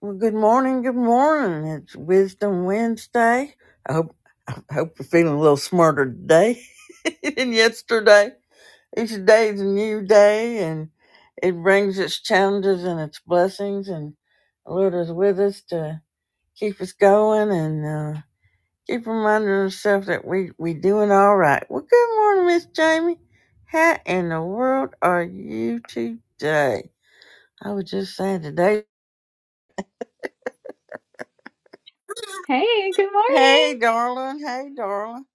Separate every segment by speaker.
Speaker 1: Well, good morning. Good morning. It's Wisdom Wednesday. I hope I hope you're feeling a little smarter today than yesterday. Each day is a new day, and it brings its challenges and its blessings. And the Lord is with us to keep us going and uh, keep reminding ourselves that we we doing all right. Well, good morning, Miss Jamie. How in the world are you today? I was just saying today.
Speaker 2: Hey, good
Speaker 1: Hey,
Speaker 2: morning.
Speaker 1: darling. Hey, darling.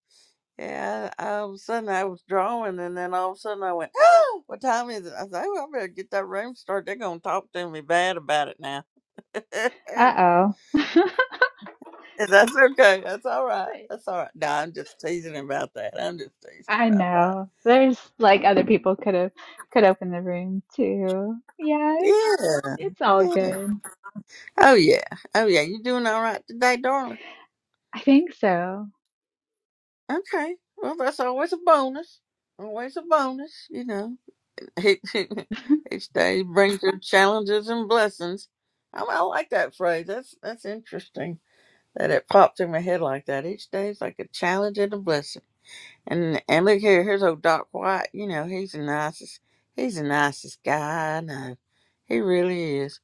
Speaker 1: Yeah, I, all of a sudden I was drawing, and then all of a sudden I went, "Oh, what time is it?" I said, "Oh, I better get that room started. They're gonna talk to me bad about it now." That's
Speaker 2: Uh-oh.
Speaker 1: okay. That's all right. That's all right. No, I'm just teasing about that. I'm just teasing
Speaker 2: I
Speaker 1: about that.
Speaker 2: know. There's like other people could have could open the room too. Yeah, it's
Speaker 1: Yeah.
Speaker 2: it's all
Speaker 1: yeah.
Speaker 2: good.
Speaker 1: Oh yeah. Oh yeah. You doing all right today, darling?
Speaker 2: I think so.
Speaker 1: Okay. Well, that's always a bonus. Always a bonus, you know. Each each day brings your challenges and blessings. I, I like that phrase. That's that's interesting that it popped in my head like that. Each day is like a challenge and a blessing. And and look here, here's old Doc White. You know he's the nicest. He's the nicest guy I know. He really is.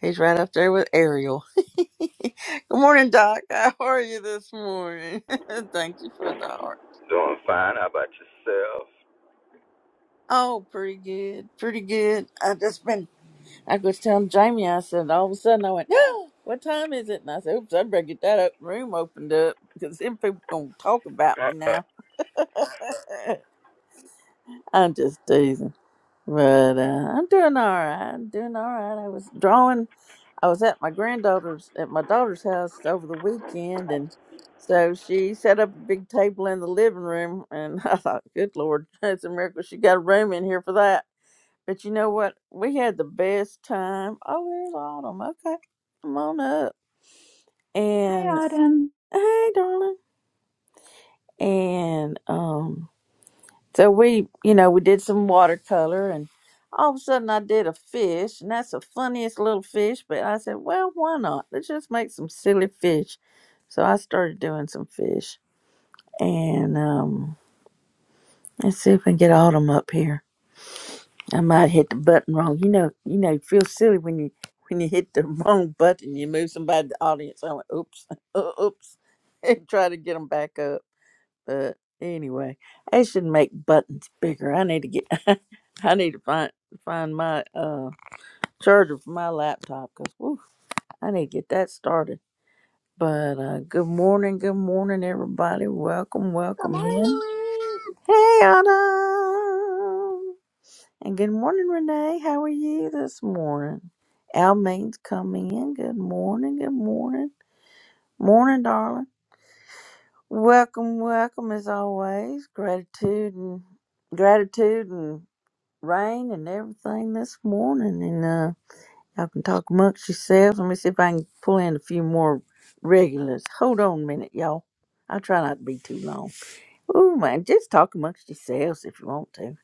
Speaker 1: He's right up there with Ariel. Good morning, Doc. How are you this morning? Thank you for the heart.
Speaker 3: Doing fine. How about yourself?
Speaker 1: Oh, pretty good. Pretty good. I have just been I was telling Jamie, I said, all of a sudden I went, "Ah, what time is it? And I said, oops, I better get that up, room opened up because then people going to talk about me now. I'm just teasing. But uh, I'm doing all right. I'm doing all right. I was drawing, I was at my granddaughter's, at my daughter's house over the weekend. And so she set up a big table in the living room. And I thought, good Lord, it's a miracle she got a room in here for that but you know what? We had the best time. Oh, there's Autumn. Okay. Come on up.
Speaker 2: Hi,
Speaker 1: And
Speaker 2: Autumn.
Speaker 1: hey, darling. And um so we, you know, we did some watercolor and all of a sudden I did a fish and that's the funniest little fish, but I said, Well, why not? Let's just make some silly fish. So I started doing some fish. And um let's see if we can get Autumn up here. I might hit the button wrong. You know, you know, you feel silly when you when you hit the wrong button. You move somebody to the audience. I went, oops, oops, and try to get them back up. But anyway, I should make buttons bigger. I need to get. I need to find find my uh charger for my laptop because woof, I need to get that started. But uh good morning, good morning, everybody. Welcome,
Speaker 4: Good
Speaker 1: welcome in.
Speaker 4: morning.
Speaker 1: Hey, Autumn. And good morning, Renee. How are you this morning? Almaine's coming in. Good morning. Good morning. Morning, darling. Welcome, welcome as always. Gratitude and gratitude and rain and everything this morning. And uh y'all can talk amongst yourselves. Let me see if I can pull in a few more regulars. Hold on a minute, y'all. I try not to be too long. Ooh man, just talk amongst yourselves if you want to.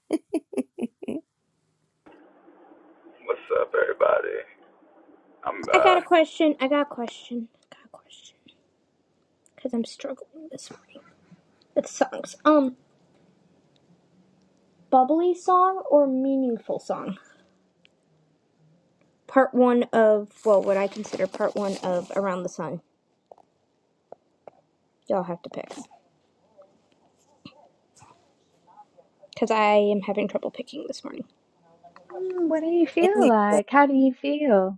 Speaker 3: What's up, everybody? I'm.
Speaker 4: I got
Speaker 3: Uh,
Speaker 4: a question. I got a question. I got a question. Because I'm struggling this morning with songs. Um, bubbly song or meaningful song? Part one of, well, what I consider part one of Around the Sun. Y'all have to pick. Because I am having trouble picking this morning.
Speaker 2: Hmm, what do you feel
Speaker 1: Anyway,
Speaker 2: like? How do you feel?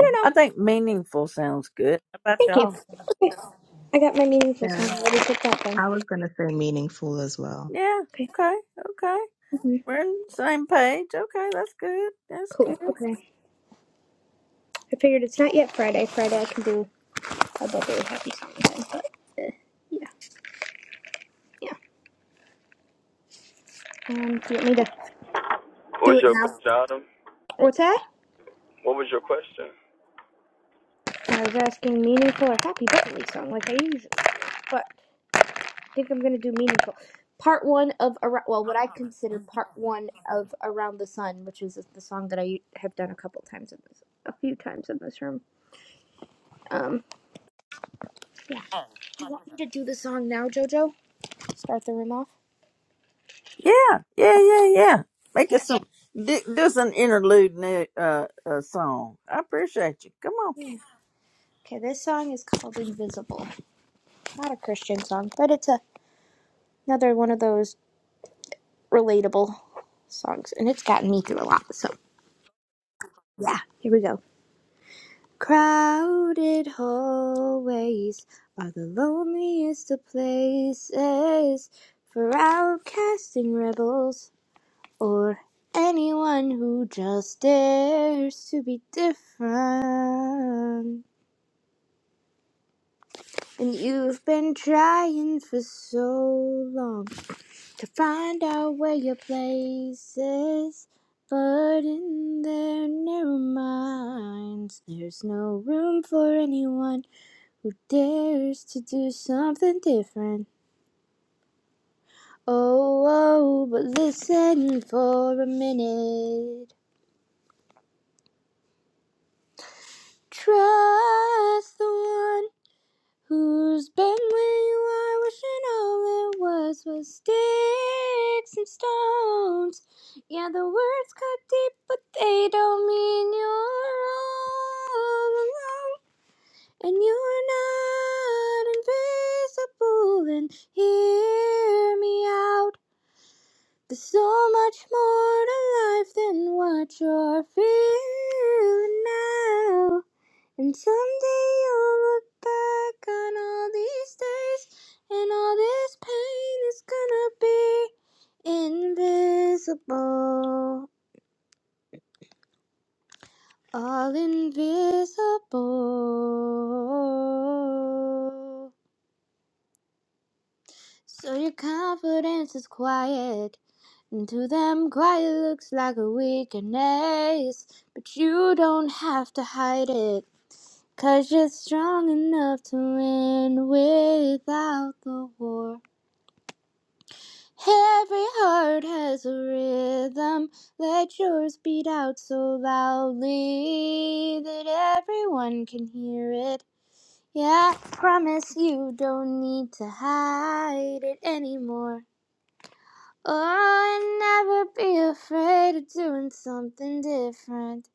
Speaker 4: I
Speaker 1: I
Speaker 4: don't know.
Speaker 1: think meaningful sounds good. How about
Speaker 4: Thank you.
Speaker 1: y'all?
Speaker 4: Okay. I got my meaningful
Speaker 5: Yeah,
Speaker 4: song. I already picked that one.
Speaker 5: I was going to say meaningful as well.
Speaker 1: Yeah.
Speaker 4: Okay.
Speaker 1: Okay. Okay.
Speaker 4: hmm
Speaker 1: We're on the same page. Okay. That's good. That's good.
Speaker 4: Cool. Okay. I figured it's not yet Friday. Friday I can do a bubbly happy song. Then, but, uh, yeah. Yeah. Um, do you want me to
Speaker 3: what
Speaker 4: do
Speaker 3: was
Speaker 4: it
Speaker 3: your
Speaker 4: now?
Speaker 3: question, Adam?
Speaker 4: What's that?
Speaker 3: What was your question?
Speaker 4: I was asking meaningful or happy birthday song, like I usually, but I think I'm gonna do meaningful. Part one of around, well, what I consider part one of Around the Sun, which is the song that I have done a couple times in this, a few times in this room. Um, yeah. Do you want me to do the song now, JoJo? Start the room off.
Speaker 1: Yeah. Yeah. Yeah. Yeah. Make
Speaker 4: Okay.
Speaker 1: us some. Do, do some interlude new, uh, uh song. I appreciate you. Come on.
Speaker 4: Yeah. Okay. This song is called Invisible. Not a Christian song, but it's a, another one of those relatable songs, and it's gotten me through a lot. So Yeah, here we go. Crowded hallways are the loneliest of places for outcasting rebels or anyone who just dares to be different. And you've been trying for so long to find out where your place is. But in their narrow minds, there's no room for anyone who dares to do something different. Oh, oh, but listen for a minute. Trust the one who's been where you are, wishing all it was was sticks and stones. Yeah, the words cut deep, but they don't mean you're all alone. And you're not invisible, and hear me out. There's so much more to life than what you're feeling now. And someday you'll look back on all these days, and all this pain is gonna be invisible. All invisible. So your confidence is quiet, and to them quiet looks like a weakness. But you don't have to hide it, you you're strong enough to win without the war. Every heart has a rhythm, let yours beat out so loudly that everyone can hear it. Yeah, I promise you don't need to hide it anymore. Oh, I'll never be afraid of doing something different.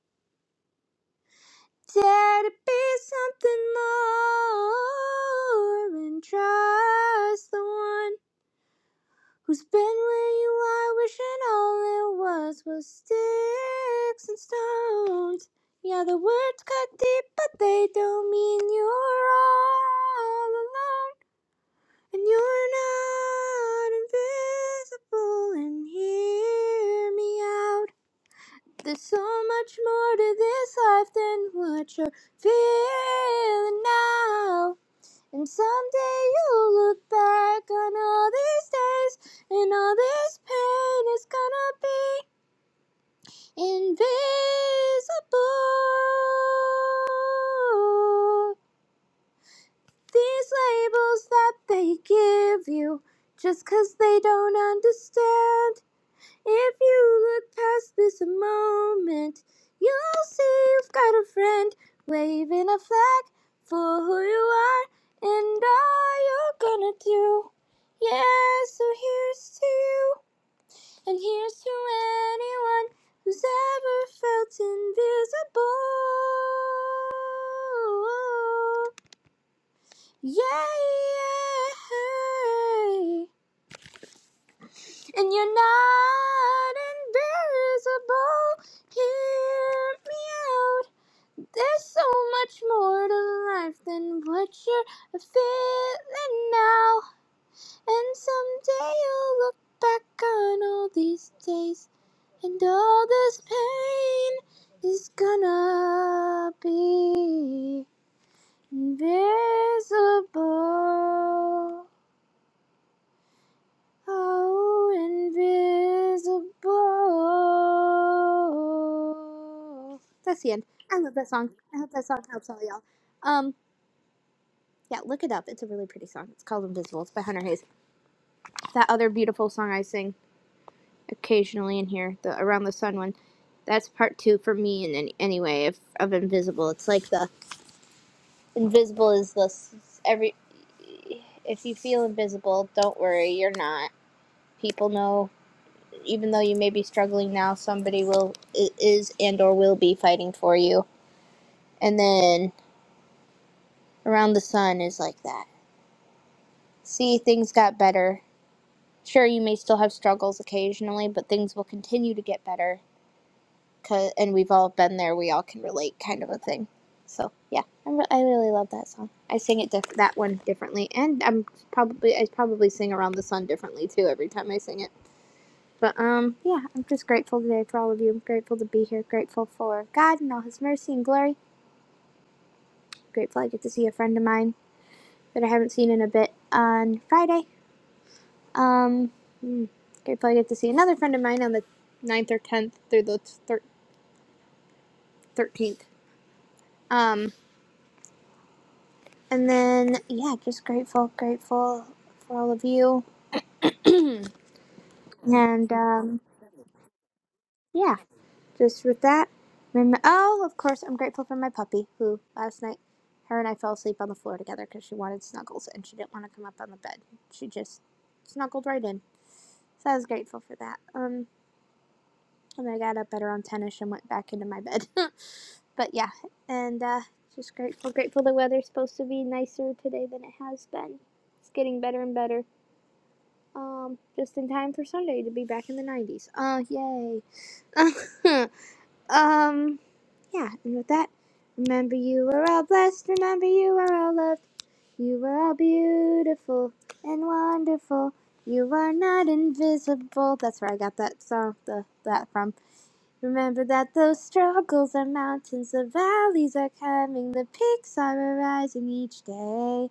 Speaker 4: Dare to be something more and trust the one who's been where you are, wishing all it was was sticks and stones. Yeah, the words cut deep, but they don't mean you're all alone. And you're not invisible, and hear me out. There's so much more to this life than what you're feeling now. And someday you'll look back on all these days, and all this pain is gonna be invisible. These labels that they give you, just 'cause they don't understand. If you look past this moment, you'll see you've got a friend waving a flag for who you are and all you're gonna do. Yeah, so here's to you, and here's to anyone who's ever felt invisible. Yeah, yeah. hey. And you're not invisible. Hear me out. There's so much more to life than what you're feeling now. And someday you'll look back on all these days. And all this pain is gonna be invisible. Oh, invisible. That's the end. I love that song. I hope that song helps all y'all. Um, yeah, look it up. It's a really pretty song. It's called Invisible. It's by Hunter Hayes. That other beautiful song I sing occasionally in here, the Around the Sun one, that's part two for me. And then anyway, if of Invisible, it's like the Invisible is the s- every. If you feel invisible, don't worry, you're not. People know. even though you may be struggling now, somebody will is and or will be fighting for you. And then around the sun is like that. See, things got better. Sure, you may still have struggles occasionally, but things will continue to get better. 'Cause, and we've all been there. We all can relate, kind of a thing. So yeah, I'm re- I really love that song. I sing it diff- that one differently, and I'm probably I probably sing around the sun differently too every time I sing it. But um, yeah, I'm just grateful today for all of you. I'm grateful to be here. Grateful for God and all His mercy and glory. Grateful I get to see a friend of mine that I haven't seen in a bit on Friday. Um, mm, grateful I get to see another friend of mine on the ninth or 10th through the thir- 13th. Um, and then yeah, just grateful, grateful for all of you. And um, yeah. just with that. And oh, of course, I'm grateful for my puppy who last night her and I fell asleep on the floor together because she wanted snuggles and she didn't want to come up on the bed. She just snuggled right in. So I was grateful for that. Um, and I got up at around 10 ish and went back into my bed. but yeah, and uh, just grateful. Grateful the weather's supposed to be nicer today than it has been. It's getting better and better. Um, just in time for Sunday to be back in the 90s. Oh, uh, yay. Um, yeah, and with that, remember you are all blessed, remember you are all loved, you are all beautiful and wonderful, you are not invisible. That's where I got that song, the, that from. Remember that those struggles are mountains, the valleys are coming, the peaks are arising each day.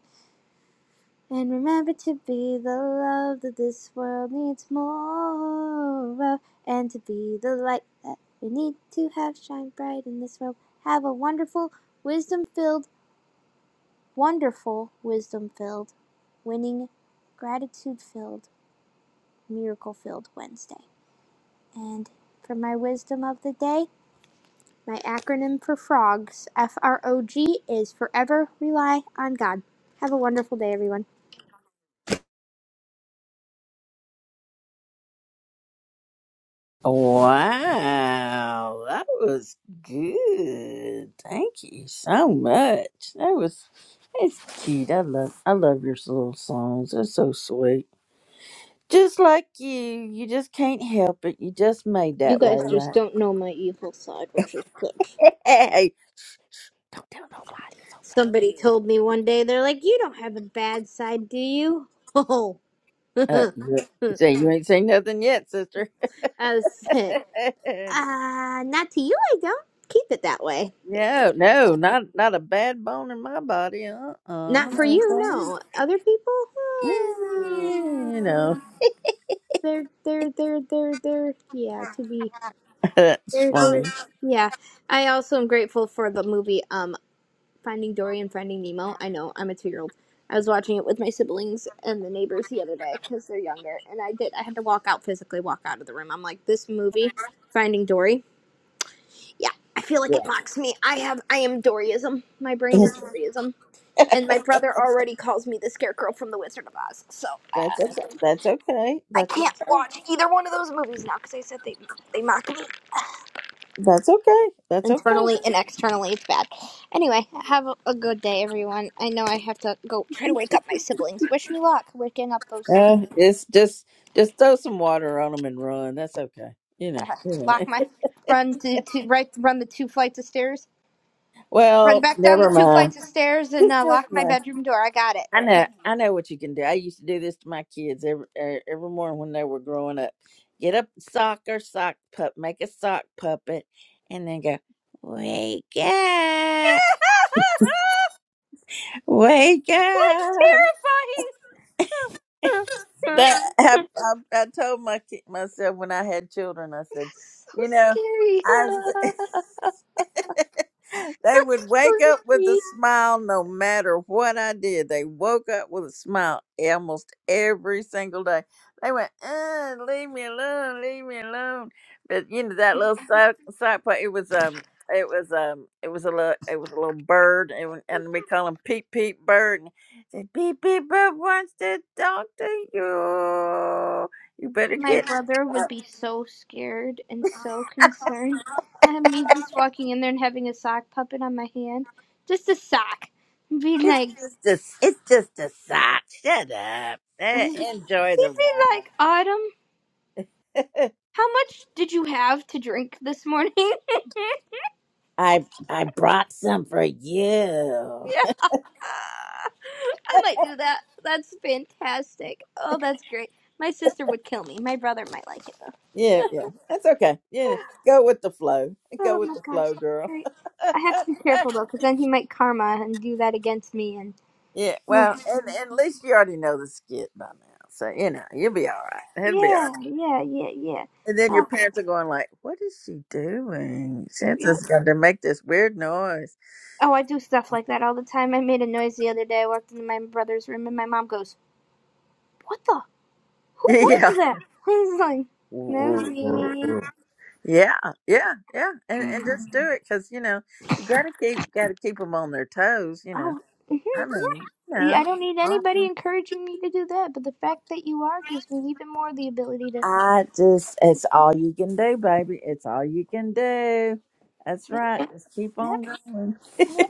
Speaker 4: And remember to be the love that this world needs more of, and to be the light that we need to have shine bright in this world. Have a wonderful, wisdom filled, wonderful, wisdom filled, winning, gratitude filled, miracle filled Wednesday. And for my wisdom of the day, my acronym for frogs, F R O G, is Forever Rely on God. Have a wonderful day, everyone.
Speaker 1: Wow, that was good. Thank you so much. That was it's cute. I love I love your little songs. They're so sweet. Just like you, you just can't help it. You just made
Speaker 4: You
Speaker 1: that way,
Speaker 4: guys just
Speaker 1: right?
Speaker 4: don't know my evil side, which is good.
Speaker 1: Hey, hey, don't tell nobody. It's okay.
Speaker 4: Somebody told me one day, they're like, You don't have a bad side, do you? Oh.
Speaker 1: Uh,
Speaker 4: I
Speaker 1: you say you ain't seen nothing yet, sister.
Speaker 4: said, Uh, not to you, I don't. Keep it that way. They just,
Speaker 1: no, no, not not a bad bone in my body. Uh, uh
Speaker 4: not for
Speaker 1: no
Speaker 4: you,
Speaker 1: bone.
Speaker 4: no. Other people,
Speaker 1: Mm, You
Speaker 4: well,
Speaker 1: know,
Speaker 4: they're, they're, they're, they're, they're, yeah, to be,
Speaker 1: that's
Speaker 4: they're,
Speaker 1: funny.
Speaker 4: they're, yeah. I also am grateful for the movie. Um, Finding Dory and Finding Nemo. I know, I'm a two year old. I was watching it with my siblings and the neighbors the other day because they're younger, and I did. I had to walk out physically, walk out of the room. I'm like, this movie, Finding Dory. Yeah, I feel like it
Speaker 1: Yeah.
Speaker 4: mocks me. I have, I am Doryism. My brain is Doryism, and my brother already calls me the Scarecrow from The Wizard of Oz. So
Speaker 1: That's
Speaker 4: uh,
Speaker 1: okay. That's okay.
Speaker 4: I
Speaker 1: That's
Speaker 4: can't
Speaker 1: okay.
Speaker 4: watch either one of those movies now because I said they they mock me.
Speaker 1: That's okay. That's okay.
Speaker 4: internally and externally it's bad anyway have a good day everyone i know i have to go try to wake up my siblings wish me luck waking up those
Speaker 1: Uh,
Speaker 4: heathens
Speaker 1: it's just just throw some water on them and run. That's okay. You know. yeah.
Speaker 4: lock my run to, to right run the two flights of stairs run
Speaker 1: Well,
Speaker 4: back down the
Speaker 1: never
Speaker 4: two
Speaker 1: mind.
Speaker 4: flights of stairs and
Speaker 1: Just
Speaker 4: uh,
Speaker 1: never
Speaker 4: lock my
Speaker 1: mind.
Speaker 4: bedroom door i got it
Speaker 1: I
Speaker 4: okay
Speaker 1: know, I know what you can do. I used to do this to my kids every er, every morning when they were growing up. Get up, sock or sock pup, make a sock puppet, and then go, wake up, wake up. That I, I, I told my ki- myself when I had children. I said, you know, I. they would wake up with a smile no matter what I did. They woke up with a smile almost every single day. They went, uh, leave me alone, leave me alone. But you know that little sock sock puppet. It was um, it was um, it was a little, it was a little bird, and, we- and we call him Peep Peep Bird. And he said Peep Peep Bird wants to talk to you. You better
Speaker 4: my
Speaker 1: get.
Speaker 4: brother would be so scared and so concerned i have me just walking in there and having a sock puppet on my hand just a sock be
Speaker 1: It's
Speaker 4: like
Speaker 1: just a, it's just a sock. Shut up.
Speaker 4: he'd
Speaker 1: Eh, Enjoy the
Speaker 4: be like autumn
Speaker 1: ride.
Speaker 4: How much did you have to drink this morning? yeah.
Speaker 1: I I brought some for you.
Speaker 4: Ah, I might do that. That's fantastic. Oh, that's great. My sister would kill me. My brother might like it though.
Speaker 1: Yeah, yeah. That's okay. Yeah. Go with the flow.
Speaker 4: Oh
Speaker 1: Go with
Speaker 4: my
Speaker 1: the
Speaker 4: gosh,
Speaker 1: flow,
Speaker 4: that's
Speaker 1: girl.
Speaker 4: great. I have to be careful though, because then he might karma and do that against me. And
Speaker 1: yeah. Well, and, and at least you already know the skit by now. So, you know, you'll be all right. It'll be all right.
Speaker 4: yeah, yeah, yeah, yeah.
Speaker 1: And then your
Speaker 4: Oh,
Speaker 1: parents are going like, what is she doing?
Speaker 4: yeah.
Speaker 1: Santa's going to make this weird noise.
Speaker 4: oh, I do stuff like that all the time. I made a noise the other day. I walked into my brother's room, and my mom goes, "What the? Who was
Speaker 1: yeah.
Speaker 4: that?" He's like, "That was me."
Speaker 1: Yeah, yeah, yeah, and and just do it because you know you gotta keep gotta keep them on their toes. You know,
Speaker 4: Oh, mhm,
Speaker 1: I mean,
Speaker 4: yeah.
Speaker 1: you
Speaker 4: Yeah, I
Speaker 1: know,
Speaker 4: don't need anybody
Speaker 1: um,
Speaker 4: encouraging me to do that, but the fact that you are gives me even more the ability to.
Speaker 1: I just it's all you can do, baby. It's all you can do. That's
Speaker 4: Yep,
Speaker 1: right. Just keep
Speaker 4: yep,
Speaker 1: on going.
Speaker 4: yep.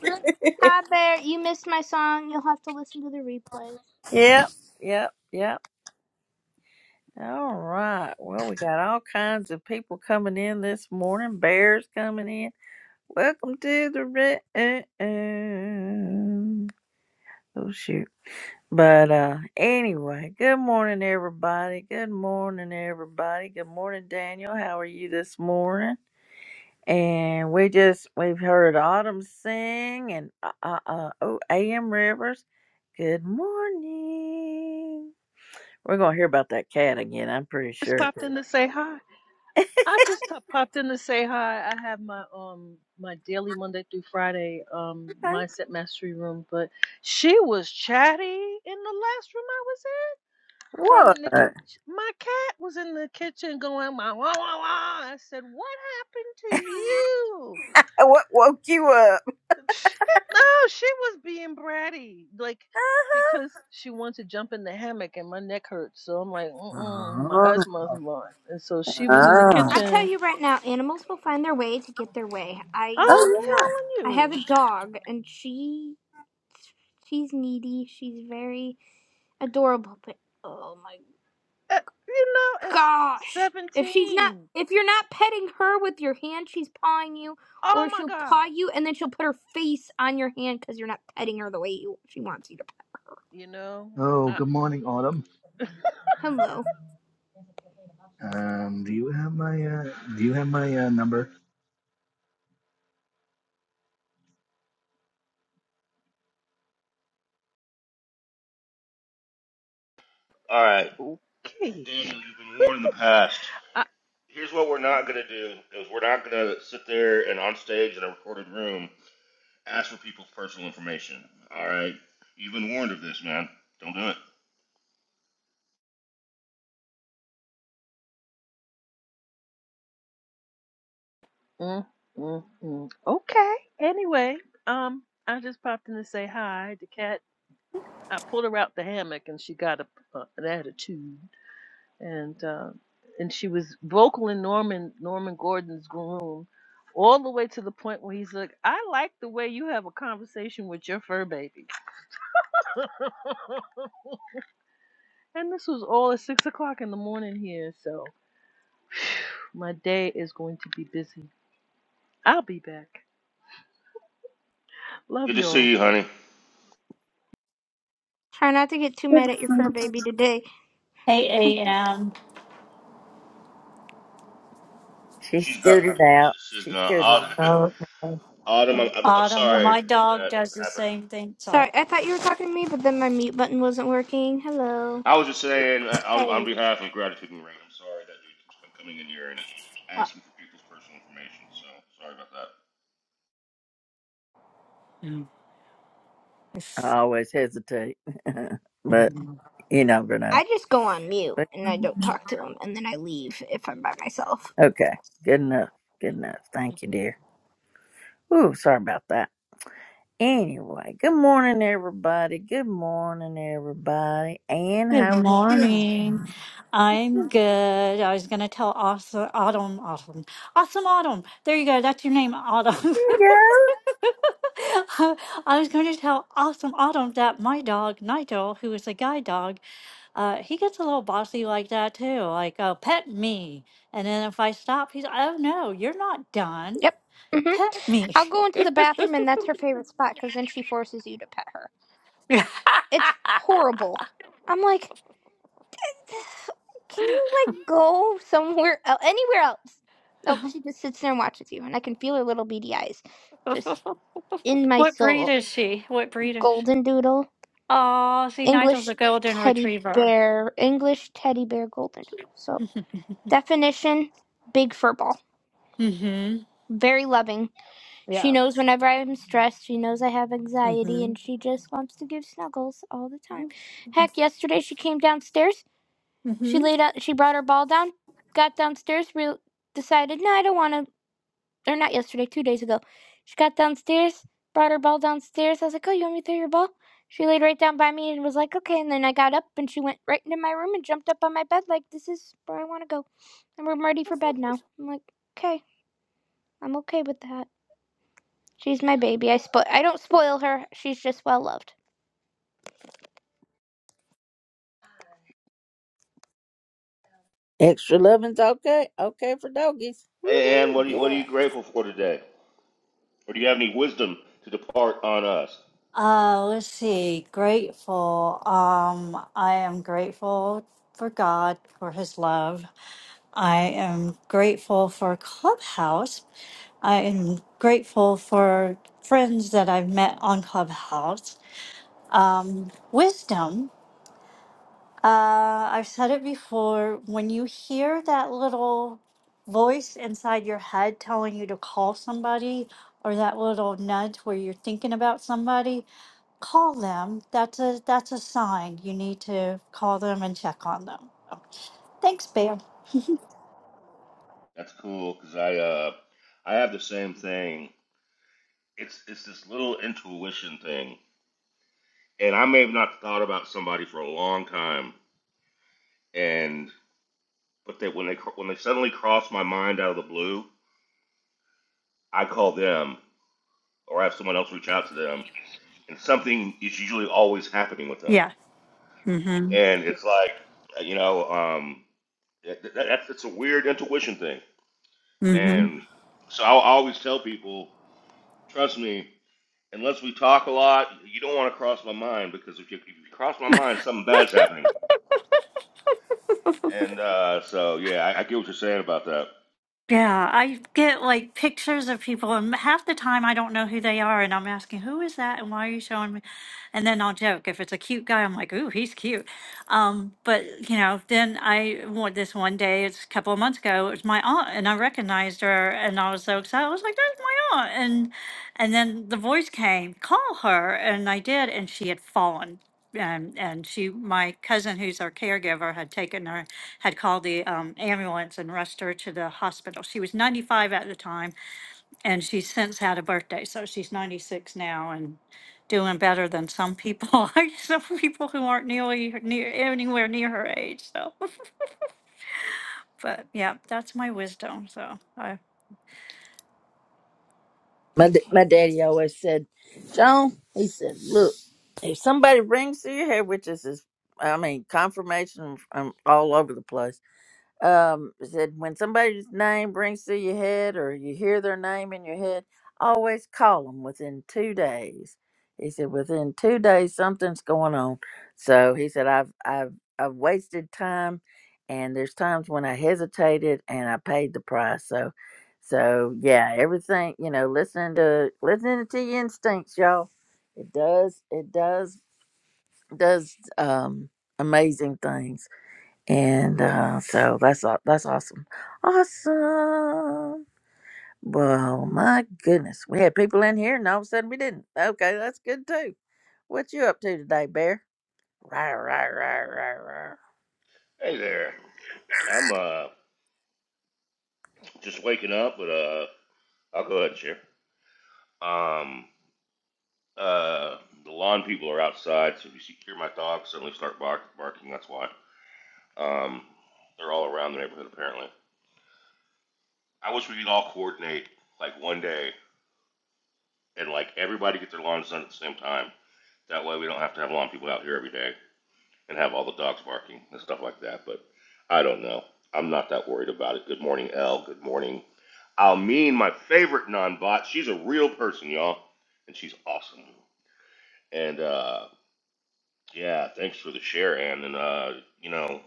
Speaker 4: Hi, Bear. You missed my song. You'll have to listen to the replay.
Speaker 1: yep, yep, yep. All right. Well, we got all kinds of people coming in this morning. Bears coming in. Welcome to the room. Oh shoot. But uh anyway, good morning everybody. Good morning everybody. Good morning Daniel. How are you this morning? And we just we've heard Autumn sing and uh uh, uh oh AM Rivers. Good morning. We're gonna hear about that cat again, I'm pretty
Speaker 6: just
Speaker 1: sure.
Speaker 6: popped in to say hi. I just t- popped in to say hi. I have my um my daily Monday through Friday um
Speaker 1: Okay.
Speaker 6: mindset mastery room, but she was chatty in the last room I was in. From
Speaker 1: What?
Speaker 6: in the ki-
Speaker 1: Uh,
Speaker 6: my cat was in the kitchen going wah wah wah wah. I said, "What happened to you?"
Speaker 1: What woke you up?
Speaker 6: no, she was being bratty, like because
Speaker 1: Uh-huh.
Speaker 6: she wanted to jump in the hammock and my neck hurts. So I'm like, mm mm, my asthma's on. And so she
Speaker 1: Oh,
Speaker 6: was in the
Speaker 1: oh,
Speaker 4: I tell
Speaker 6: kitchen
Speaker 4: you right now, animals will find their way to get their way. I
Speaker 6: I'm
Speaker 1: oh
Speaker 6: telling
Speaker 4: I have a
Speaker 6: you,
Speaker 4: dog, and she she's needy. She's very adorable, but oh my
Speaker 6: at, you know, it's
Speaker 4: gosh. If she's not
Speaker 6: 17.
Speaker 4: if you're not petting her with your hand, she's pawing you
Speaker 6: Oh
Speaker 4: or
Speaker 6: my
Speaker 4: she'll paw
Speaker 6: God.
Speaker 4: you and then she'll put her face on your hand cuz you're not petting her the way you she wants you to.
Speaker 6: You know,
Speaker 7: Oh,
Speaker 6: I,
Speaker 7: good morning, Autumn.
Speaker 4: Hello.
Speaker 7: Um, do you have my uh, do you have my uh, number?
Speaker 8: All right,
Speaker 6: okay.
Speaker 8: Daniel, you've been warned in the past.
Speaker 6: I,
Speaker 8: Here's what we're not gonna do: is we're not gonna sit there and on stage in a recorded room ask for people's personal information. All right, you've been warned of this, man. Don't do it.
Speaker 6: mm, mm, mm. Okay. Anyway, um, I just popped in to say hi. The cat, I pulled her out the hammock and she got a, uh, an attitude. And, uh, and she was vocal in Norman, Norman Gordon's room all the way to the point where he's like, I like the way you have a conversation with your fur baby. And this was all at six o'clock in the morning here, so my day is going to be busy. I'll be back. Love
Speaker 8: Good to
Speaker 6: y'all.
Speaker 8: see you, honey.
Speaker 4: Try not to get too mad at your fur
Speaker 1: yeah.
Speaker 4: baby today.
Speaker 9: Hey, AM,
Speaker 1: She
Speaker 8: She's gone.
Speaker 1: scooted out.
Speaker 8: She's
Speaker 1: She
Speaker 8: gone.
Speaker 1: scooted.
Speaker 8: Autumn,
Speaker 9: Oh, okay.
Speaker 8: Autumn I'm, I'm, I'm
Speaker 9: Autumn.
Speaker 8: sorry
Speaker 9: My dog
Speaker 8: that
Speaker 9: does the
Speaker 8: happened.
Speaker 9: same thing.
Speaker 4: So
Speaker 9: Sorry.
Speaker 4: hello.
Speaker 8: I was just saying, uh, on, on
Speaker 9: Hey.
Speaker 8: behalf of Gratitude and Rain, I'm sorry that dude keeps coming in here and
Speaker 9: Uh,
Speaker 8: asking for people's personal information. So sorry about that.
Speaker 1: I always hesitate, but you never know.
Speaker 4: I just go on mute
Speaker 1: But
Speaker 4: and I don't do them and then off.
Speaker 1: okay, good enough. Good enough. Thank you, dear. Ooh, sorry about that. Anyway, good morning, everybody. Good morning, everybody. And
Speaker 9: Good
Speaker 1: how are you? doing?
Speaker 9: morning. I'm good. I was going to tell awesome, Autumn, Autumn, Awesome Autumn. There you go. That's your name,
Speaker 1: Here
Speaker 9: Autumn.
Speaker 1: you
Speaker 9: I was going to tell Awesome Autumn that my dog, Nigel, who is a guide dog, uh, he gets a little bossy like that too. Like, oh, pet me. And then if I stop, he's, oh, no, you're not done.
Speaker 4: Yep. Mhm.
Speaker 9: Pet me.
Speaker 4: I'll go into the bathroom and that's her favorite spot cuz then she forces you to pet her. It's horrible. I'm like Can you like go somewhere else, anywhere else? Nope, she just sits there and watches you, and I can feel her little beady eyes, just in my
Speaker 9: what breed
Speaker 4: soul.
Speaker 9: is she? What breed is? she?
Speaker 4: Golden doodle,
Speaker 9: Oh, see, Nigel's a
Speaker 4: English
Speaker 9: golden
Speaker 4: teddy
Speaker 9: retriever.
Speaker 4: bear, English teddy bear, golden doodle. So definition: big fur ball,
Speaker 9: hmm
Speaker 4: very loving. She
Speaker 9: Yeah.
Speaker 4: knows whenever I am stressed. She knows I have anxiety,
Speaker 9: hmm
Speaker 4: and she just wants to give snuggles all the time. Heck, yesterday she came downstairs She
Speaker 9: hmm
Speaker 4: laid out. She brought her ball down, got downstairs, re- decided, no, I don't want to. Or not yesterday, two days ago. She got downstairs, brought her ball downstairs. I was like, oh, you want me to throw your ball? She laid right down by me and was like, okay. And then I got up and she went right into my room and jumped up on my bed like, this is where I want to go. And we're ready for bed now. I'm like, okay, I'm okay with that. She's my baby. I spo- I don't spoil her. She's just well loved.
Speaker 1: go. Extra loving's okay. Okay for doggies.
Speaker 8: Hey, Ann,
Speaker 1: Woohoo!
Speaker 8: what are you, what are you
Speaker 1: Yeah.
Speaker 8: grateful for today? or do you have any wisdom to depart on us?
Speaker 9: Uh, let's see. Grateful. Um, I am grateful for God for His love. I am grateful for Clubhouse. I am grateful for friends that I've met on Clubhouse. Um, wisdom. Uh, I've said it before. When you hear that little voice inside your head telling you to call somebody, or that little nudge where you're thinking about somebody, call them. That's a that's a sign. You need to call them and check on them. Thanks, Bear.
Speaker 8: That's cool because I uh, I have the same thing. It's it's this little intuition thing, and I may have not thought about somebody for a long time, and but that when they when they suddenly cross my mind out of the blue, I call them or I have someone else reach out to them, and something is usually always happening with them,
Speaker 9: Yeah. Mm-hmm.
Speaker 8: and it's like you know um, that, that, that's it's a weird intuition thing, and so I always tell people, trust me, unless we talk a lot, you don't want to cross my mind because if you, if you cross my mind, something bad's happening. And uh, so, yeah, I, I get what you're saying about that.
Speaker 9: Yeah, I get like pictures of people, and half the time I don't know who they are, and I'm asking, "Who is that?" and "Why are you showing me?" And then I'll joke if it's a cute guy, I'm like, "Ooh, he's cute." Um, but you know, then I want this one day. It's a couple of months ago. It was my aunt, and I recognized her, and I was so excited. I was like, "That's my aunt!" And and then the voice came, "Call her," and I did, and she had fallen and and she my cousin who's our caregiver had taken her had called the um, ambulance and rushed her to the hospital she was 95 at the time and she's since had a birthday so she's 96 now and doing better than some people some people who aren't nearly near anywhere near her age so but yeah that's my wisdom so i
Speaker 1: My d- my daddy always said, John. He said, look, if somebody rings to your head, which is his, I mean, confirmation from all over the place um said when somebody's name brings to your head or you hear their name in your head always call them within two days he said within two days something's going on so he said i've i've i've wasted time and there's times when i hesitated and i paid the price so so yeah everything you know listening to listening to your instincts y'all it does it does does um amazing things and uh, so that's aw- that's awesome, awesome. Well, my goodness, we had people in here, and all of a sudden we didn't. Okay, that's good too. What you up to today, Bear? Rah rah rah rah rah.
Speaker 8: Hey there, I'm uh, just waking up, but uh, I'll go ahead and share. Um, uh, the lawn people are outside, so if you see, hear my dogs suddenly start bark, barking, that's why. Um, they're all around the neighborhood apparently. I wish we could all coordinate like one day and like everybody get their lawns done at the same time. That way, we don't have to have lawn people out here every day and have all the dogs barking and stuff like that. But I don't know. I'm not that worried about it. Good morning, Elle. Good morning. Almeen, my favorite non-bot. She's a real person, y'all, and she's awesome. And uh, yeah, thanks for the share, Ann. And uh, you know,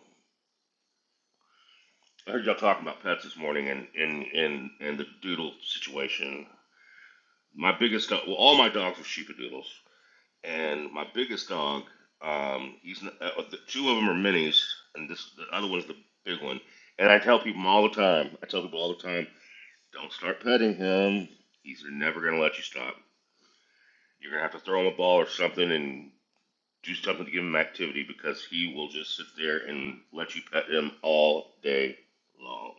Speaker 8: I heard y'all talking about pets this morning and and and, and the doodle situation. My biggest dog, well, all my dogs are sheepadoodles. and my biggest dog, um, he's n- uh, the two of them are minis, and this the other one's the big one. And I tell people all the time, I tell people all the time, don't start petting him. He's never gonna let you stop. You're gonna have to throw him a ball or something and do something to give him activity because he will just sit there and let you pet him all day long.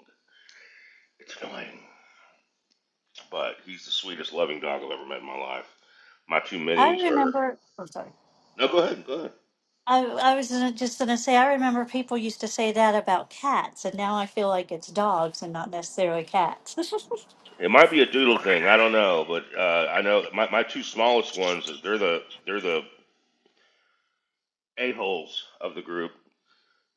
Speaker 8: It's annoying, but he's the sweetest, loving dog I've ever met in my life. My two
Speaker 9: i
Speaker 8: minis are.
Speaker 9: remember oh sorry
Speaker 8: No, go ahead, go ahead.
Speaker 9: I, I was gonna- just going to say, I remember people used to say that about cats, and now I feel like it's dogs and not necessarily cats.
Speaker 8: It might be a doodle thing. I don't know, but uh, I know that my, my two smallest ones is they're the they're the a holes of the group,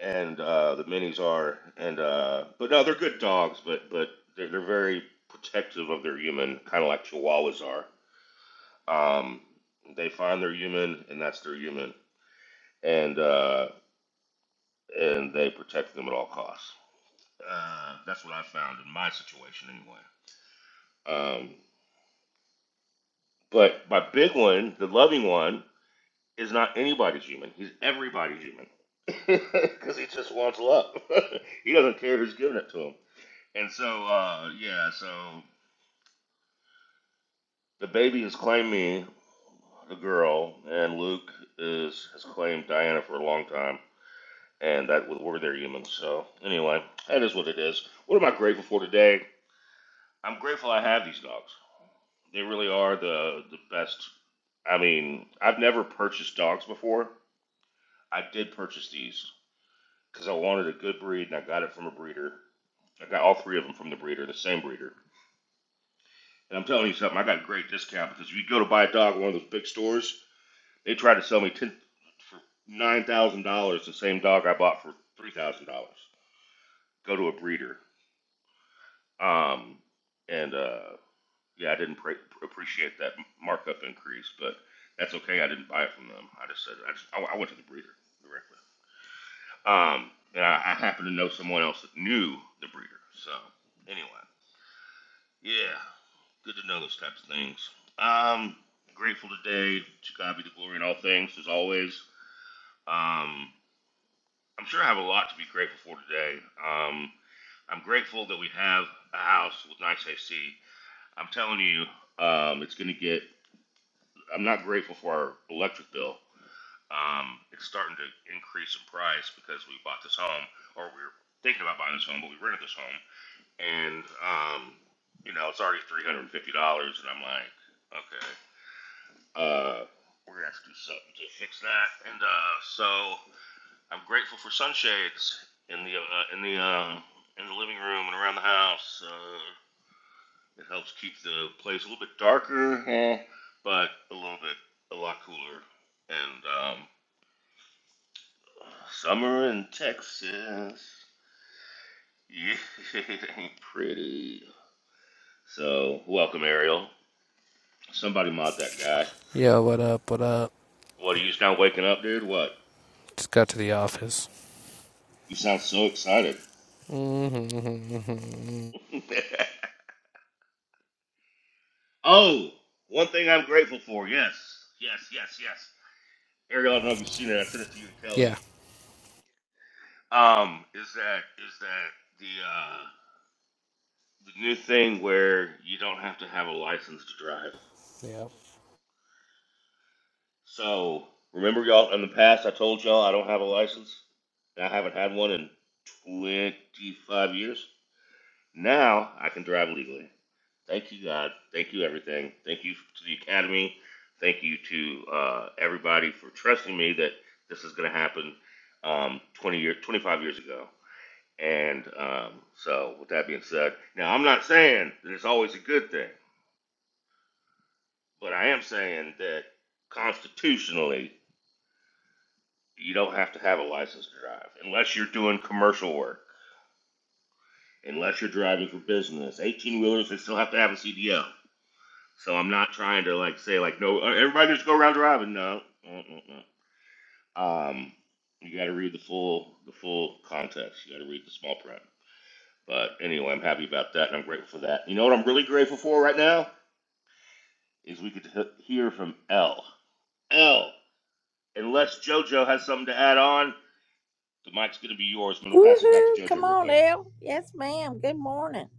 Speaker 8: and uh, the minis are. And uh, but no, they're good dogs, but but they're, they're very protective of their human, kind of like Chihuahuas are. Um, they find their human, and that's their human, and uh, and they protect them at all costs. Uh, that's what I found in my situation, anyway. Um, but my big one, the loving one, is not anybody's human. He's everybody's human. Because he just wants love. he doesn't care who's giving it to him. And so, uh, yeah, so the baby has claimed me, the girl, and Luke is has claimed Diana for a long time. And that we're their humans. So, anyway, that is what it is. What am I grateful for today? I'm grateful I have these dogs. They really are the, the best. I mean, I've never purchased dogs before. I did purchase these because I wanted a good breed and I got it from a breeder. I got all three of them from the breeder, the same breeder. And I'm telling you something, I got a great discount because if you go to buy a dog at one of those big stores, they try to sell me ten for nine thousand dollars the same dog I bought for three thousand dollars. Go to a breeder, um, and uh, yeah, I didn't pre- appreciate that markup increase, but that's okay. I didn't buy it from them. I just said I just I, I went to the breeder directly. Um, and I, I happened to know someone else that knew the breeder, so anyway. Yeah, good to know those types of things. Um, grateful today to God be the glory in all things, as always. Um, I'm sure I have a lot to be grateful for today. Um, I'm grateful that we have a house with nice AC. I'm telling you, um, it's going to get. I'm not grateful for our electric bill. Um, it's starting to increase in price because we bought this home, or we were thinking about buying this home, but we rented this home, and um, you know it's already three hundred and fifty dollars, and I'm like, okay. Uh, we're gonna have to do something to fix that. And uh, so I'm grateful for sunshades in the uh, in the um, in the living room and around the house. Uh, it helps keep the place a little bit darker, eh, but a little bit a lot cooler. And um, summer in Texas, yeah, it ain't pretty. So welcome, Ariel. Somebody mod that guy.
Speaker 10: Yo, what up? What up?
Speaker 8: What are you just now waking up, dude? What?
Speaker 10: Just got to the office.
Speaker 8: You sound so excited.
Speaker 10: Mm-hmm. mhm.
Speaker 8: Oh, one thing I'm grateful for. Yes, yes, yes, yes. Ariel, I don't know if you've seen it. I sent it to you and Kelly.
Speaker 10: Yeah.
Speaker 8: Um, is that is that the uh, the new thing where you don't have to have a license to drive?
Speaker 10: Yep.
Speaker 8: So remember, y'all, in the past, I told y'all I don't have a license, and I haven't had one in 25 years. Now I can drive legally. Thank you, God. Thank you, everything. Thank you to the Academy. Thank you to uh, everybody for trusting me that this is going to happen um, 20 years, 25 years ago. And um, so, with that being said, now I'm not saying that it's always a good thing, but I am saying that constitutionally, you don't have to have a license to drive unless you're doing commercial work, unless you're driving for business. 18 wheelers, they still have to have a CDL. So I'm not trying to like say like no, uh, everybody just go round robin. No, no, no, no. Um, you got to read the full the full context. You got to read the small print. But anyway, I'm happy about that, and I'm grateful for that. You know what I'm really grateful for right now is we could he- hear from L. L. Unless JoJo has something to add on, the mic's gonna be yours. I'm gonna pass it back
Speaker 1: Woohoo!
Speaker 8: to JoJo
Speaker 1: Come
Speaker 8: real
Speaker 1: on,
Speaker 8: quick.
Speaker 1: El. Yes, ma'am. Good morning.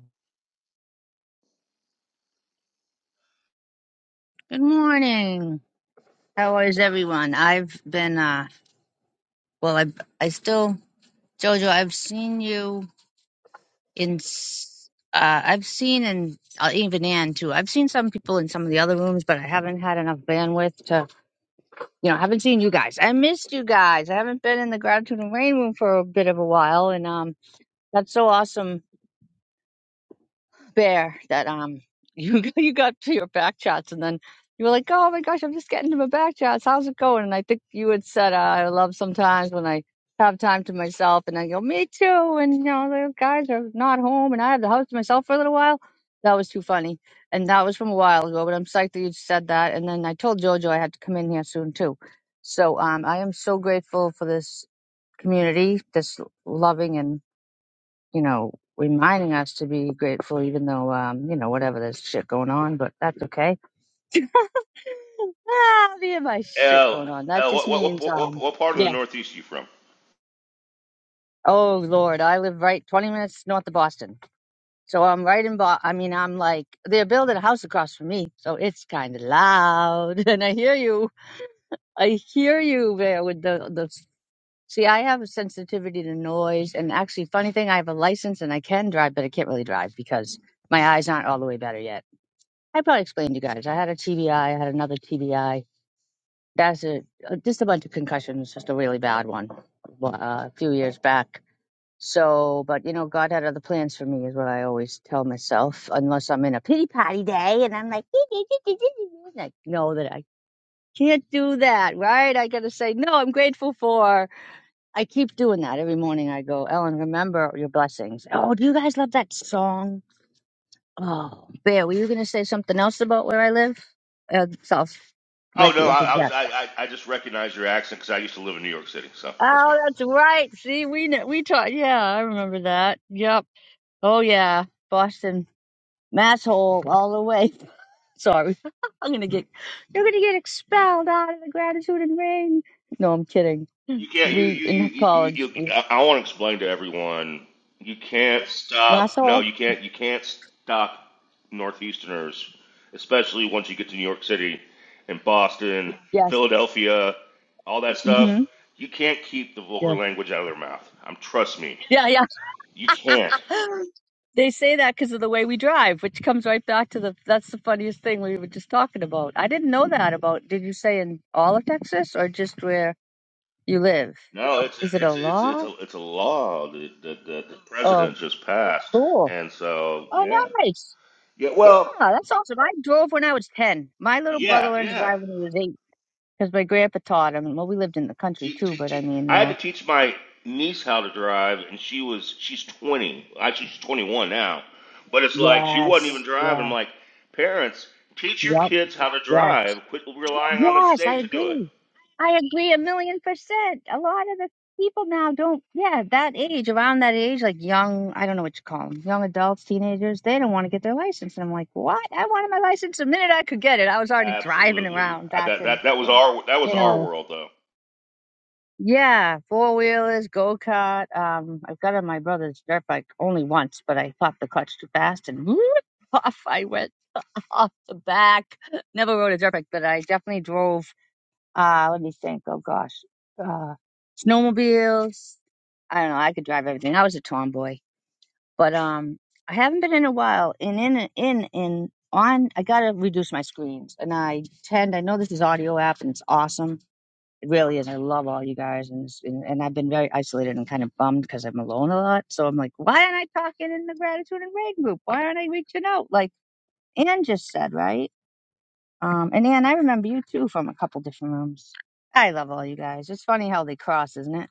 Speaker 11: Good morning. How is everyone? I've been uh well I I still Jojo, I've seen you in s- uh I've seen and uh, even Ann too. I've seen some people in some of the other rooms, but I haven't had enough bandwidth to you know, I haven't seen you guys. I missed you guys. I haven't been in the gratitude and rain room for a bit of a while and um that's so awesome bear that um you you got to your back chats and then you were like, oh my gosh, I'm just getting to my back chats. How's it going? And I think you had said, uh, I love sometimes when I have time to myself, and I go, me too. And you know, the guys are not home, and I have the house to myself for a little while. That was too funny, and that was from a while ago. But I'm psyched that you said that. And then I told Jojo I had to come in here soon too. So um, I am so grateful for this community, this loving and you know, reminding us to be grateful, even though, um, you know, whatever, there's shit going on, but that's okay. Ah, me and my shit
Speaker 8: L.
Speaker 11: going on. That
Speaker 8: L.
Speaker 11: just
Speaker 8: What what
Speaker 11: means,
Speaker 8: what what,
Speaker 11: um,
Speaker 8: what part of the
Speaker 11: yeah.
Speaker 8: Northeast are you from?
Speaker 11: Oh Lord, I live right 20 minutes north of Boston. So I'm right in Bo- I mean, I'm like, they're building a house across from me. So it's kind of loud. And I hear you. I hear you there with the, the, see, I have a sensitivity to noise. And actually, funny thing, I have a license and I can drive, but I can't really drive because my eyes aren't all the way better yet. I probably explained to you guys. I had a TBI. I I had another TBI. That's a uh, just a bunch of concussions, just a really bad one uh, a few years back. So, but you know, God had other plans for me, is what I always tell myself. Unless I'm in a pity party day and I'm like, and I know that I can't do that, right? I gotta say, no, I'm grateful for. I keep doing that every morning. I go, Ellen, remember your blessings. Oh, do you guys love that song? Oh, Bear, were you going to say something else about where I live? Uh, so I'll
Speaker 8: Oh
Speaker 11: let you
Speaker 8: no,
Speaker 11: into
Speaker 8: I, I was
Speaker 11: that.
Speaker 8: I, I I just recognized your accent because I used to live in New York City, so that's why.
Speaker 11: Oh, that's right. See, we kn- we taught. Yeah, I remember that. Yep. Oh yeah, Boston, masshole, all the way. Sorry, I'm gonna get. You're gonna get expelled out of the gratitude and rain. No, I'm kidding.
Speaker 8: You can't. You
Speaker 11: We
Speaker 8: you
Speaker 11: in
Speaker 8: you you. you,
Speaker 11: college, we
Speaker 8: I, I want to explain to everyone. You can't stop. No,
Speaker 11: masshole.
Speaker 8: you can't. You can't stop Northeasterners, especially once you get to New York City and Boston,
Speaker 11: Yes.
Speaker 8: Philadelphia, all that stuff.
Speaker 11: Mm-hmm.
Speaker 8: You can't keep the vulgar
Speaker 11: Yeah.
Speaker 8: language out of their mouth. Um, trust me,
Speaker 11: Yeah. Yeah.
Speaker 8: you can't.
Speaker 11: They say that because of the way we drive, which comes right back to the that's the funniest thing we were just talking about. I didn't know that about, did you say in all of Texas or just where you live?
Speaker 8: No, it's
Speaker 11: Is it a
Speaker 8: it's it's it's
Speaker 11: law?
Speaker 8: a it's a law that, that, that the
Speaker 11: Oh,
Speaker 8: president just passed,
Speaker 11: cool.
Speaker 8: and so
Speaker 11: Oh,
Speaker 8: yeah,
Speaker 11: nice.
Speaker 8: yeah.
Speaker 11: Yeah,
Speaker 8: Well,
Speaker 11: that's awesome. I drove when I was 10. My little brother
Speaker 8: yeah,
Speaker 11: learned to
Speaker 8: yeah.
Speaker 11: drive when he was eight because my grandpa taught him. Well, we lived in the country
Speaker 8: She,
Speaker 11: too,
Speaker 8: she,
Speaker 11: but I
Speaker 8: she,
Speaker 11: mean,
Speaker 8: I had to
Speaker 11: no.
Speaker 8: teach my niece how to drive, and she was she's 20. Actually, she's 21 now, but it's like she wasn't even
Speaker 11: Yes.
Speaker 8: driving. I'm
Speaker 11: Yeah.
Speaker 8: like, parents, teach your
Speaker 11: Yep.
Speaker 8: kids how to
Speaker 11: Yes.
Speaker 8: drive. Quit relying on the
Speaker 11: Yes, I
Speaker 8: state to do it.
Speaker 11: agree. I agree a million percent. A lot of the people now don't, yeah, that age, around that age, like young, I don't know what you call them, young adults, teenagers, they don't want to get their license. And I'm like, what? I wanted my license the minute I could get it. I was already driving
Speaker 8: Absolutely.
Speaker 11: around
Speaker 8: I,
Speaker 11: back
Speaker 8: that that
Speaker 11: in,
Speaker 8: that was our that was
Speaker 11: you
Speaker 8: our
Speaker 11: know,
Speaker 8: world though.
Speaker 11: yeah, four wheelers, go kart. Um, I've got on my brother's dirt bike only once, but I popped the clutch too fast and off I went off the back. Never rode a dirt bike, but I definitely drove uh, let me think. Oh gosh. Uh, snowmobiles. I don't know. I could drive everything. I was a tomboy, but um, I haven't been in a while. And in in in on, I gotta reduce my screens. And I tend. I know this is audio app, and it's awesome. It really is. I love all you guys, and it's- and, and I've been very isolated and kind of bummed because I'm alone a lot. So I'm like, why aren't I talking in the gratitude and rain group? Why aren't I reaching out like Ann just said, right? Um, and Ann, I remember you too from a couple different rooms. I love all you guys. It's funny how they cross, isn't it?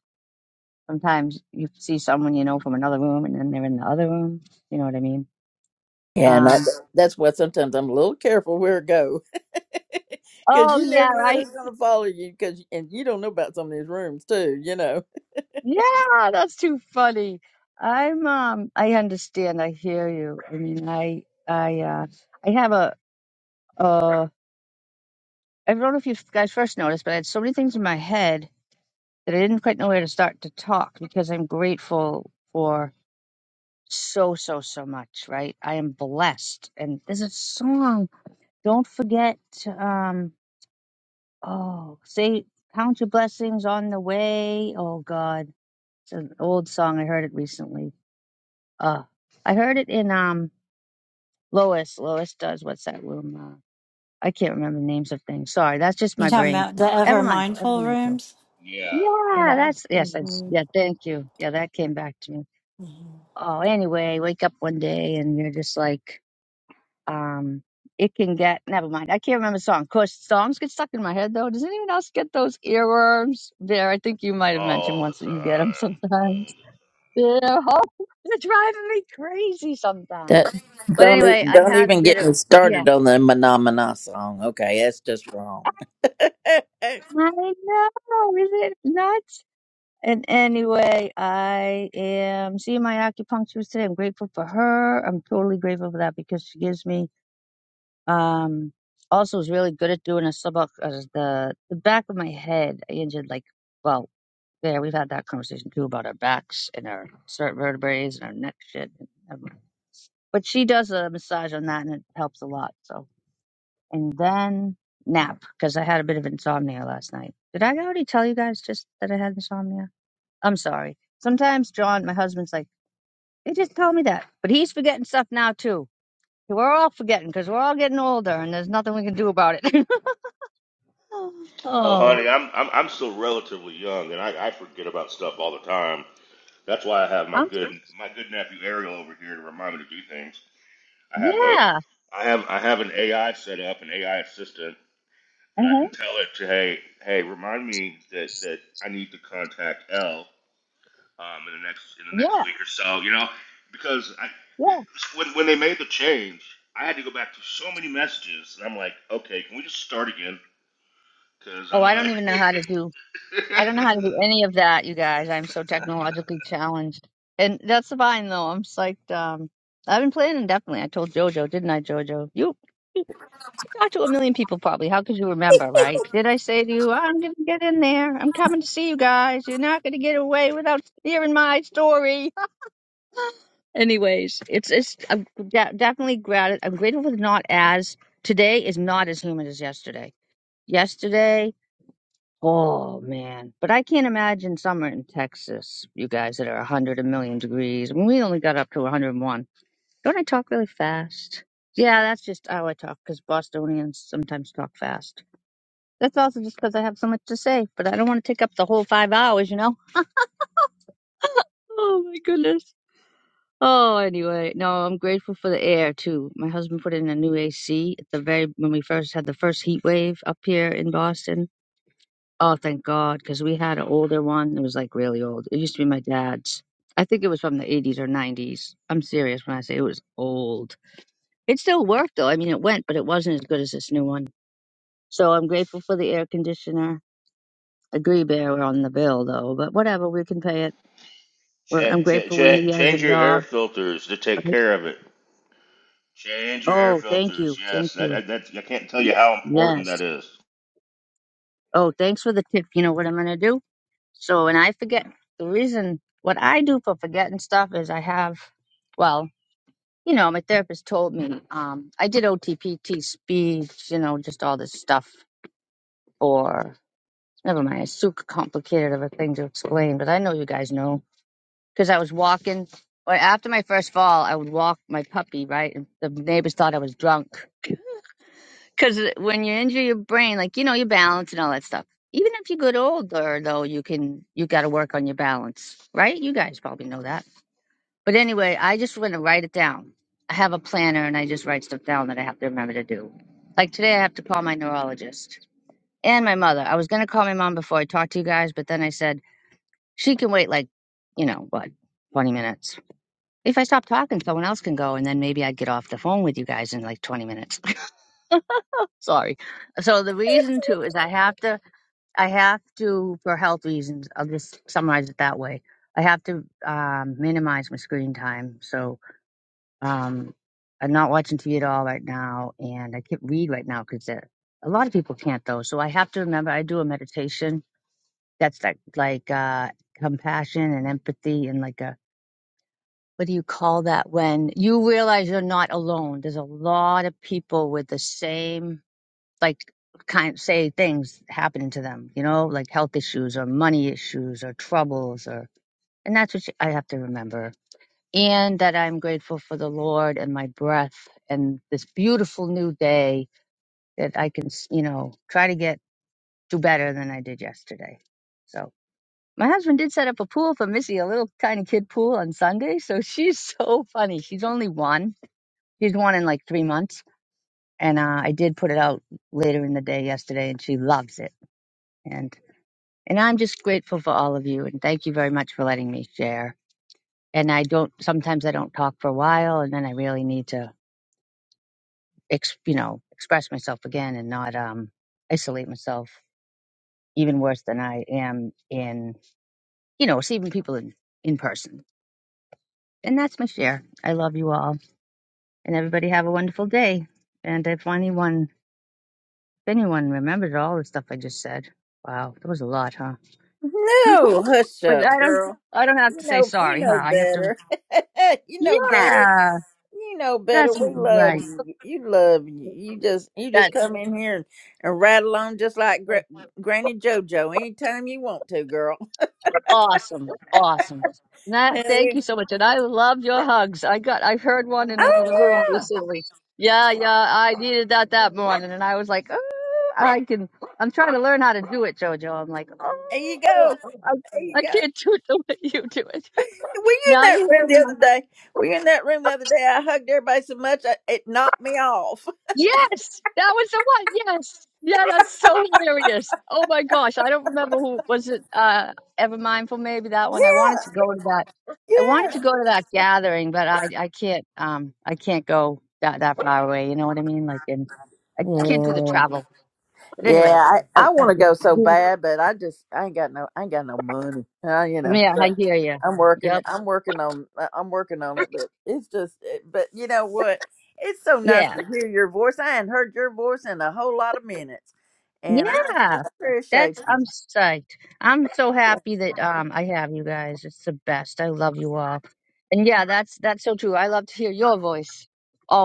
Speaker 11: Sometimes you see someone you know from another room and then they're in the other room. You know what I mean?
Speaker 1: Yeah, and that,
Speaker 11: Um,
Speaker 1: that's why sometimes I'm a little careful where I go, because
Speaker 11: oh
Speaker 1: you
Speaker 11: yeah,
Speaker 1: never know
Speaker 11: right?
Speaker 1: who's gonna follow you. Because and you don't know about some of these rooms too, you know.
Speaker 11: Yeah, that's too funny. I'm um I understand, I hear you. I mean I I uh I have a uh I don't know if you guys first noticed, but I had so many things in my head that I didn't quite know where to start to talk because I'm grateful for. so so so much right i am blessed and there's a song don't forget um oh say count your blessings on the way oh god it's an old song i heard it recently uh i heard it in um lois lois does what's that room uh, i can't remember the names of things sorry that's just
Speaker 9: You
Speaker 11: my
Speaker 9: talking
Speaker 11: brain
Speaker 9: about the ever
Speaker 11: ever mindful ever
Speaker 9: mindful
Speaker 11: mindful
Speaker 9: rooms?
Speaker 8: Yeah,
Speaker 11: yeah
Speaker 8: yeah,
Speaker 9: Yeah.
Speaker 11: that's yes that's yeah
Speaker 9: hmm
Speaker 11: thank you yeah that came back to me oh anyway wake up one day and you're just like um it can get never mind i can't remember the song of course songs get stuck in my head though does anyone else get those earworms there i think you might have mentioned
Speaker 8: all the time.
Speaker 11: once that you get them
Speaker 8: All the-
Speaker 11: sometimes yeah oh, they're driving me crazy
Speaker 1: That
Speaker 11: sometimes but
Speaker 1: don't e-
Speaker 11: anyway i
Speaker 1: don't
Speaker 11: had a
Speaker 1: even
Speaker 11: bit
Speaker 1: get me
Speaker 11: of yeah
Speaker 1: started on the Manamana song. Okay, that's just wrong. no,
Speaker 11: i know is it nuts and anyway, I am seeing my acupuncturist today. I'm grateful for her. I'm totally grateful for that because she gives me Um, also was really good at doing a sub out the the back of my head. I injured like well, yeah, we've had that conversation too about our backs and our certain vertebrae and our neck shit. and never But she does a massage on that and it helps a lot. So and then nap because I had a bit of insomnia last night. Did I already tell you guys just that I had insomnia? I'm sorry. Sometimes John, my husband's like, they just told me that, but he's forgetting stuff now too. We're all forgetting because we're all getting older and there's nothing we can do about it.
Speaker 8: Oh,
Speaker 11: Oh,
Speaker 8: honey, I'm I'm I'm still relatively young, and I, I forget about stuff all the time. That's why I have my
Speaker 11: I'm,
Speaker 8: good my good nephew Ariel over here to remind me to do things. I have a
Speaker 11: yeah.
Speaker 8: I have I have an AI set up, an AI assistant that I
Speaker 11: Uh-huh.
Speaker 8: can tell it to hey hey remind me that that I need to contact L um, in the next in the next
Speaker 11: Yeah.
Speaker 8: week or so. You know because I it,
Speaker 11: Yeah.
Speaker 8: when when they made the change, I had to go back to so many messages, and I'm like, okay, can we just start again? Because
Speaker 11: Oh,
Speaker 8: I'm
Speaker 11: I don't
Speaker 8: like,
Speaker 11: even know how to do, I don't know how to do any of that, you guys. I'm so technologically challenged. And that's fine though. I'm psyched. Um, I've been playing indefinitely. I told JoJo, didn't I, JoJo? You talked to a million people probably. How could you remember, right? Did I say to you, I'm going to get in there. I'm coming to see you guys. You're not going to get away without hearing my story. Anyways, it's it's I'm de- definitely grat. I'm grateful for not as today is not as humid as yesterday. Yesterday, oh man! But I can't imagine summer in Texas. You guys that are a hundred a million degrees. we only got up to 101. Don't I talk really fast? Yeah, that's just how I talk because Bostonians sometimes talk fast. That's also just because I have so much to say, but I don't want to take up the whole five hours, you know. Oh my goodness. Oh, anyway, no, I'm grateful for the air too. My husband put in a new AC at the very when we first had the first heat wave up here in Boston. Oh, thank God, because we had an older one. It was like really old. It used to be my dad's. I think it was from the 80s or 90s. I'm serious when I say it was old. It still worked though. I mean, it went, but it wasn't as good as this new one. So I'm grateful for the air conditioner. Agree, Bear, we're on the bill though, but whatever, we can pay it. We're,
Speaker 8: Ch-
Speaker 11: I'm
Speaker 8: ch-
Speaker 11: grateful we,
Speaker 8: ch-
Speaker 11: he has a
Speaker 8: change your air
Speaker 11: job.
Speaker 8: filters to take
Speaker 11: right?
Speaker 8: care of it. Change your air
Speaker 11: Oh, thank you.
Speaker 8: filters.
Speaker 11: Thank
Speaker 8: Yes, that,
Speaker 11: you.
Speaker 8: that, that I can't tell you how important that
Speaker 11: Yes.
Speaker 8: is.
Speaker 11: Oh, thanks for the tip. You know what I'm going to do? So, and I forget the reason what I do for forgetting stuff is I have, well, you know, my therapist told me um, I did OTPT speech, you know, just all this stuff for, never mind, it's super complicated of a thing to explain, but I know you guys know because I was walking, or after my first fall, I would walk my puppy, right? And the neighbors thought I was drunk. Because when you injure your brain, like you know your balance and all that stuff. Even if you get older, though, you can you got to work on your balance, right? You guys probably know that. But anyway, I just want to write it down. I have a planner, and I just write stuff down that I have to remember to do. Like today, I have to call my neurologist and my mother. I was gonna call my mom before I talked to you guys, but then I said she can wait like, you know, what, twenty minutes. If I stop talking, someone else can go, and then maybe I'd get off the phone with you guys in like twenty minutes. Sorry. So the reason too is I have to, I have to, for health reasons, I'll just summarize it that way. I have to um, minimize my screen time. So um, I'm not watching TV at all right now, and I can't read right now because a lot of people can't though. So I have to remember I do a meditation that's like like uh, compassion and empathy and like a what do you call that when you realize you're not alone? There's a lot of people with the same like kind say things happening to them, you know, like health issues or money issues or troubles or and that's what I have to remember. And that I'm grateful for the Lord and my breath and this beautiful new day that I can, s- you know, try to get do better than I did yesterday. So my husband did set up a pool for Missy, a little tiny kid pool on Sunday. So she's so funny. She's only one. She's one in like three months. And uh, I did put it out later in the day yesterday, and she loves it. And And I'm just grateful for all of you and thank you very much for letting me share. And I don't sometimes I don't talk for a while and then I really need to ex, you know, express myself again and not um isolate myself even worse than I am in, you know, receiving people in in person. And that's my share. I love you all and everybody have a wonderful day. And if anyone if anyone remembered all the stuff I just said, wow, that was a lot, huh?
Speaker 1: hush
Speaker 11: But I
Speaker 1: up,
Speaker 11: don't
Speaker 1: girl.
Speaker 11: I don't have
Speaker 1: You
Speaker 11: to say
Speaker 1: know you
Speaker 11: sorry, huh?
Speaker 1: know
Speaker 11: I have to
Speaker 1: better. you know better.
Speaker 11: Yeah.
Speaker 1: You know better.
Speaker 11: That's
Speaker 1: We love
Speaker 11: right.
Speaker 1: you. You love you. You just you just
Speaker 11: That's
Speaker 1: come in here and, and rattle on just like Gra- Granny JoJo anytime you want to, girl.
Speaker 11: awesome. Awesome. That,
Speaker 1: And
Speaker 11: thank
Speaker 1: we,
Speaker 11: you so much. And I love your hugs. I got, I heard one in
Speaker 1: oh
Speaker 11: another room
Speaker 1: yeah.
Speaker 11: recently. Yeah, yeah. I needed that that morning. And I was like, oh, I can, I'm trying to learn how to do it, JoJo. I'm like, oh,
Speaker 1: There you
Speaker 11: oh,
Speaker 1: go. There you
Speaker 11: I, I
Speaker 1: go.
Speaker 11: can't do it the way you do it.
Speaker 1: Were you
Speaker 11: Now
Speaker 1: in that
Speaker 11: you hear
Speaker 1: room the
Speaker 11: me.
Speaker 1: other day? Were you in that room the other day? I hugged everybody so much I, it knocked me off.
Speaker 11: Yes, that was the one. Yes, yeah, that's so hilarious. Oh my gosh, I don't remember who was it. Uh, Ever Mindful, maybe that one. I wanted to
Speaker 1: Yeah,
Speaker 11: go to that. I wanted to
Speaker 1: yeah,
Speaker 11: go to that gathering, but I I can't um I can't go that that far away. You know what I mean? Like, and I can't do the
Speaker 1: yeah.
Speaker 11: travel. But anyway,
Speaker 1: Yeah, I,
Speaker 11: I,
Speaker 1: I want to go so bad, but I just I ain't got no I ain't got no money. Uh, you know,
Speaker 11: yeah, I
Speaker 1: but
Speaker 11: hear you.
Speaker 1: I'm working
Speaker 11: Yep.
Speaker 1: I'm working on I- I'm working on it, but it's just it, but you know what? It's so nice
Speaker 11: Yeah.
Speaker 1: to hear your voice. I hadn't heard your voice in a whole lot of minutes, and I, I
Speaker 11: Yeah,
Speaker 1: appreciate
Speaker 11: that's
Speaker 1: you.
Speaker 11: I'm psyched. I'm so happy that um I have you guys. It's the best. I love you all. And yeah, that's that's so true. I love to hear your voice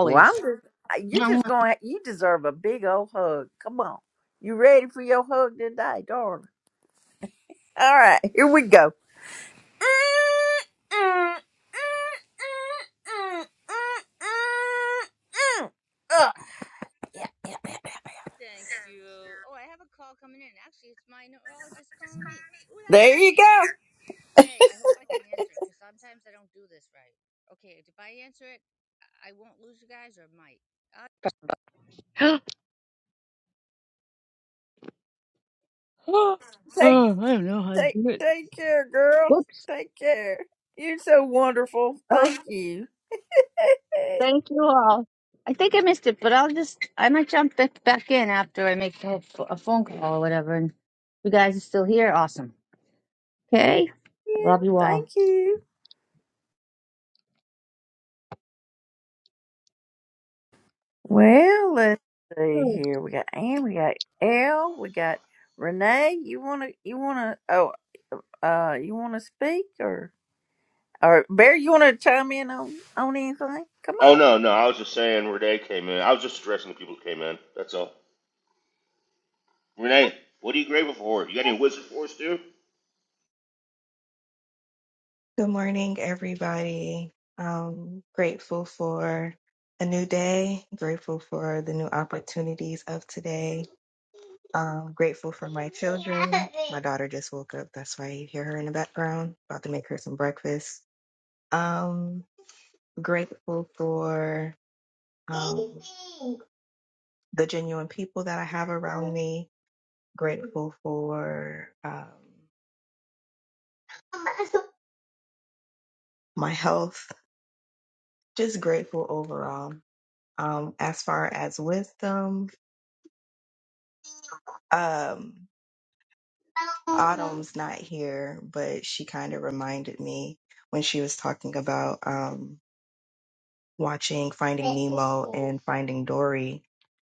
Speaker 1: Well, I'm just uh, you just
Speaker 11: Mwah.
Speaker 1: going to you deserve a big old hug. Come on. You ready for your hug today, darling? All right, here we go. Ugh. Yeah, yeah, yeah, yeah.
Speaker 11: Thank you. Oh, I have a call coming in. Actually, it's my neurologist calling me. Ooh, that's
Speaker 1: There you
Speaker 11: easier.
Speaker 1: go.
Speaker 11: Okay, I hope I can answer it because sometimes I don't do this right. Okay, if I answer it, I I won't lose you guys or I might. Uh- oh,
Speaker 1: Take
Speaker 11: I don't know how to
Speaker 1: take
Speaker 11: do it.
Speaker 1: take care, girl.
Speaker 11: Whoops.
Speaker 1: Take care. You're so wonderful. Thank you. Thank
Speaker 11: Thank you all. I think I missed it, but I'll just, I might jump back back in after I make a, ph- a phone call or whatever. And if you guys are still here. Awesome. Okay. I
Speaker 1: You.
Speaker 11: love you
Speaker 1: thank
Speaker 11: all.
Speaker 1: you. Well, let's see here. We got Anne, we got L, we got Renee. You wanna you wanna oh uh you wanna speak or or Bear, you wanna chime in on on anything? Come
Speaker 8: Oh
Speaker 1: on.
Speaker 8: no, no. I was just saying Renee came in. I was just addressing the people who came in. That's all. Renee, what are you grateful for? You got any wisdom for us, dude?
Speaker 5: Good morning, everybody. Um, grateful for a new day, grateful for the new opportunities of today. Um, grateful for my children. My daughter just woke up. That's why you hear her in the background. About to make her some breakfast. Um, grateful for um, the genuine people that I have around me. Grateful for um, my health Just grateful overall. Um, as far as wisdom, um, Autumn's not here, but she kind of reminded me when she was talking about um, watching Finding Nemo and Finding Dory,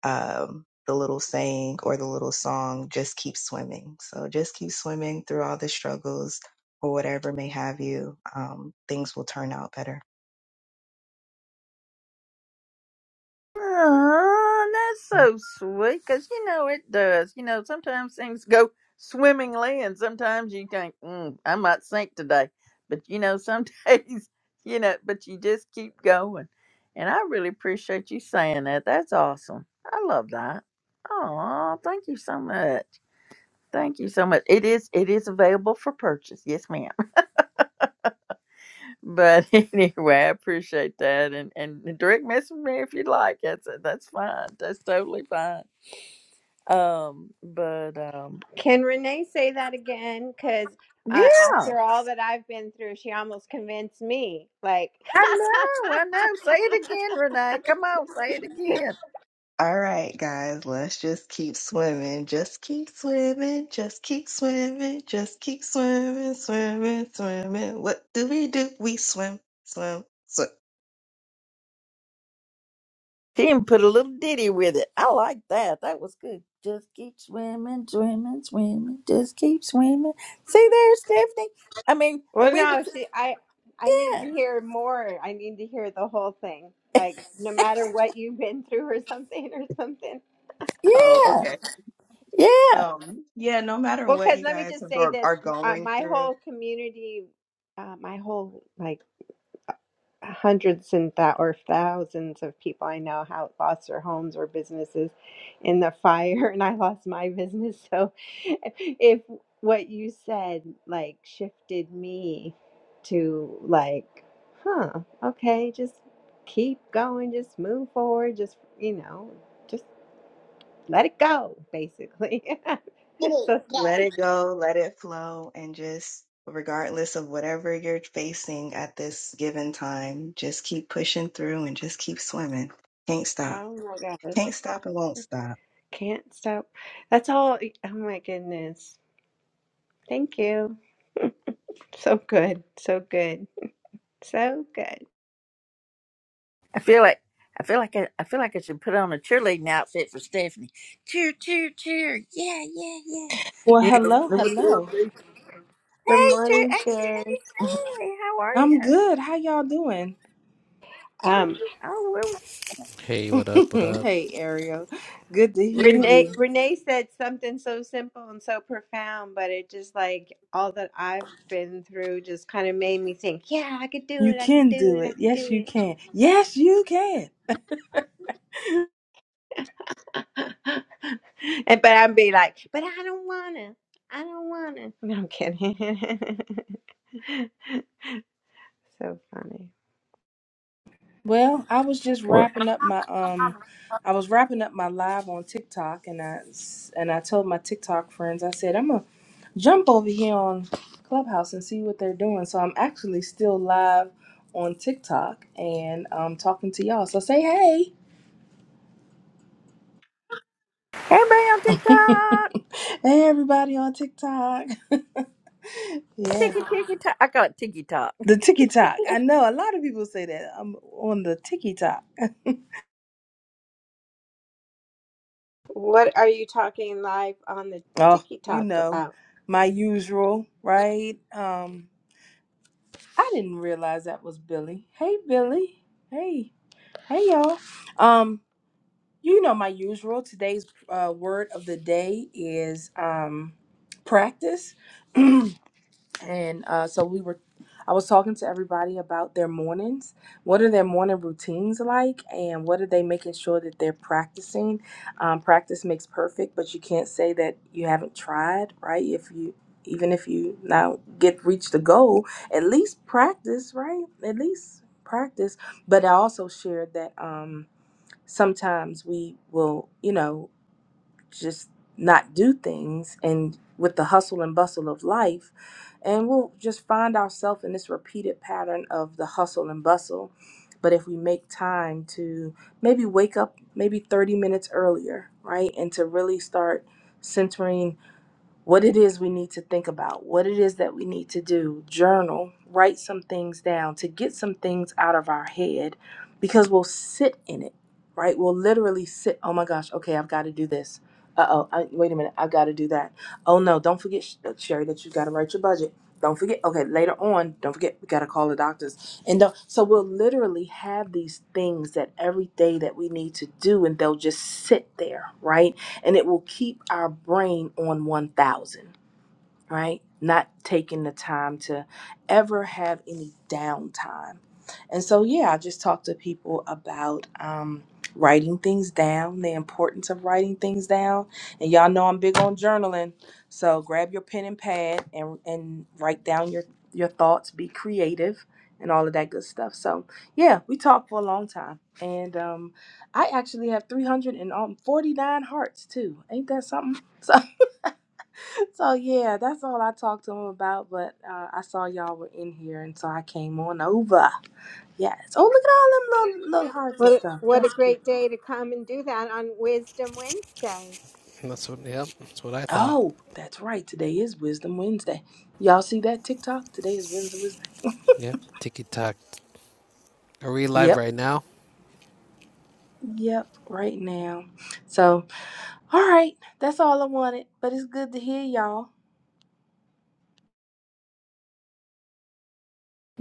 Speaker 5: um, the little saying or the little song, just keep swimming. So just keep swimming through all the struggles or whatever may have you. Um, things will turn out better.
Speaker 1: Oh, that's so sweet because you know it does. You know, sometimes things go swimmingly, and sometimes you think, mm, I might sink today. But you know, some days, you know, but you just keep going. And I really appreciate you saying that. That's awesome. I love that. Oh, thank you so much. Thank you so much. It is it is available for purchase. Yes, ma'am. But anyway, I appreciate that. And and direct message me if you'd like. That's that's fine. That's totally fine. Um, but um,
Speaker 12: Can Renee say that again? Because
Speaker 1: yeah,
Speaker 12: uh, after all that I've been through, she almost convinced me. Like,
Speaker 1: I know, I know. Say it again, Renee. Come on, say it again.
Speaker 5: All right, guys, let's just keep swimming. Just keep swimming. Just keep swimming. Just keep swimming, swimming, swimming. What do we do? We swim, swim, swim.
Speaker 1: She even put a little ditty with it. I like that. That was good. Just keep swimming, swimming, swimming. Just keep swimming. See there, Stephanie. I mean,
Speaker 12: well,
Speaker 1: we.
Speaker 12: no, she. I I need
Speaker 1: Yeah,
Speaker 12: to hear more. I need to hear the whole thing. Like, no matter what you've been through, or something, or something.
Speaker 5: Oh,
Speaker 1: yeah,
Speaker 5: okay.
Speaker 1: yeah.
Speaker 5: Um, yeah, no matter
Speaker 12: Well,
Speaker 5: what
Speaker 12: because
Speaker 5: you
Speaker 12: let me
Speaker 5: guys
Speaker 12: just
Speaker 5: have-
Speaker 12: say
Speaker 5: are,
Speaker 12: this:
Speaker 5: are
Speaker 12: M- uh,
Speaker 5: going
Speaker 12: my
Speaker 5: through,
Speaker 12: whole community, uh, my whole like hundreds and thou or thousands of people I know how lost their homes or businesses in the fire, and I lost my business. So, if what you said like shifted me to like, huh, okay, just keep going, just move forward, just you know, just let it go, basically. so,
Speaker 5: let it go, let it flow, and just regardless of whatever you're facing at this given time, just keep pushing through and just keep swimming. Can't stop.
Speaker 12: oh my god,
Speaker 5: Can't stop and won't stop.
Speaker 12: can't stop. That's all. Oh my goodness. Thank you. So good. So good. So good.
Speaker 1: I feel like. I feel like I, I feel like I should put on a cheerleading outfit for Stephanie. Cheer, cheer, cheer! Yeah, yeah,
Speaker 13: Well,
Speaker 1: yeah. You
Speaker 13: hello, hello.
Speaker 1: know,
Speaker 12: Good
Speaker 1: Hey, Ju-
Speaker 12: morning,
Speaker 1: hey,
Speaker 12: Sherry.
Speaker 1: Judy. Hey, how are you?
Speaker 13: I'm good. How y'all doing?
Speaker 12: Um,
Speaker 1: Oh, we're
Speaker 10: Hey, what up? What up?
Speaker 13: hey, Ariel. Good to hear
Speaker 12: Renee
Speaker 13: you.
Speaker 12: Renee said something so simple and so profound, but it just like all that I've been through just kind of made me think, yeah, I could do
Speaker 13: You
Speaker 12: it, I could
Speaker 13: can
Speaker 12: do
Speaker 13: do
Speaker 12: it, I
Speaker 13: it.
Speaker 12: could
Speaker 13: Yes, you
Speaker 12: do
Speaker 13: can. Yes, you can.
Speaker 12: it. and but I'd be like, but I don't wanna, I don't wanna. No, I'm kidding. so funny.
Speaker 13: Well, I was just
Speaker 1: We're
Speaker 13: wrapping up my um I was wrapping up my live on TikTok and I s- and I told my TikTok friends. I said, "I'm gonna jump over here on Clubhouse and see what they're doing." So I'm actually still live on TikTok and um talking to y'all. So say hey.
Speaker 1: everybody on TikTok.
Speaker 13: Hey everybody on TikTok. Yeah.
Speaker 1: Tiki Tiki Tok. I call it Tiki Tok.
Speaker 13: The ticky tock. I know a lot of people say that. I'm on the ticky tock.
Speaker 12: What are you talking live on the
Speaker 13: Oh, you
Speaker 12: TikTok
Speaker 13: know,
Speaker 12: about?
Speaker 13: my usual, right? Um, I didn't realize that was Billy. Hey, Billy. Hey, hey, y'all. Um, you know, my usual. Today's uh, word of the day is um, practice. and uh, so we were i was talking to everybody about their mornings what are their morning routines like and what are they making sure that they're practicing um, practice makes perfect but you can't say that you haven't tried right if you even if you now get reach the goal at least practice right at least practice but i also shared that um, sometimes we will you know just not do things and with the hustle and bustle of life and we'll just find ourselves in this repeated pattern of the hustle and bustle but if we make time to maybe wake up maybe 30 minutes earlier right and to really start centering what it is we need to think about, what it is that we need to do, journal, write some things down to get some things out of our head because we'll sit in it, right? We'll literally sit, oh my gosh, okay, I've got to do this. Uh oh, I, wait a minute, I've got to do that. Oh no, don't forget, Sh- uh, Sherry, that you've got to write your budget. Don't forget, okay, later on, don't forget, we got to call the doctors. And don't- so we'll literally have these things that every day that we need to do, and they'll just sit there, right? and it will keep our brain on 1000 right? Not taking the time to ever have any downtime. And so, yeah, I just talk to people about um, writing things down, the importance of writing things down. And y'all know I'm big on journaling. So grab your pen and pad and, and write down your, your thoughts, be creative, and all of that good stuff. So, yeah, we talked for a long time. And um, I actually have 349 hearts, too. Ain't that something? So So yeah, that's all I talked to him about. But uh, I saw y'all were in here, and so I came on over. Yes. Oh, look at all them little, little hearts and
Speaker 12: What a,
Speaker 13: stuff.
Speaker 12: what a
Speaker 13: That's cute.
Speaker 12: great day to come and do that on Wisdom Wednesday.
Speaker 10: That's what. Yep. That's what I thought.
Speaker 13: Oh, that's right. Today is Wisdom Wednesday. Y'all see that TikTok? Today is Wednesday Wisdom.
Speaker 10: Yep. TikTok. Are we live
Speaker 13: Yep.
Speaker 10: right now?
Speaker 13: Yep. Right now. So, all right. That's all I wanted. But it's good to hear y'all.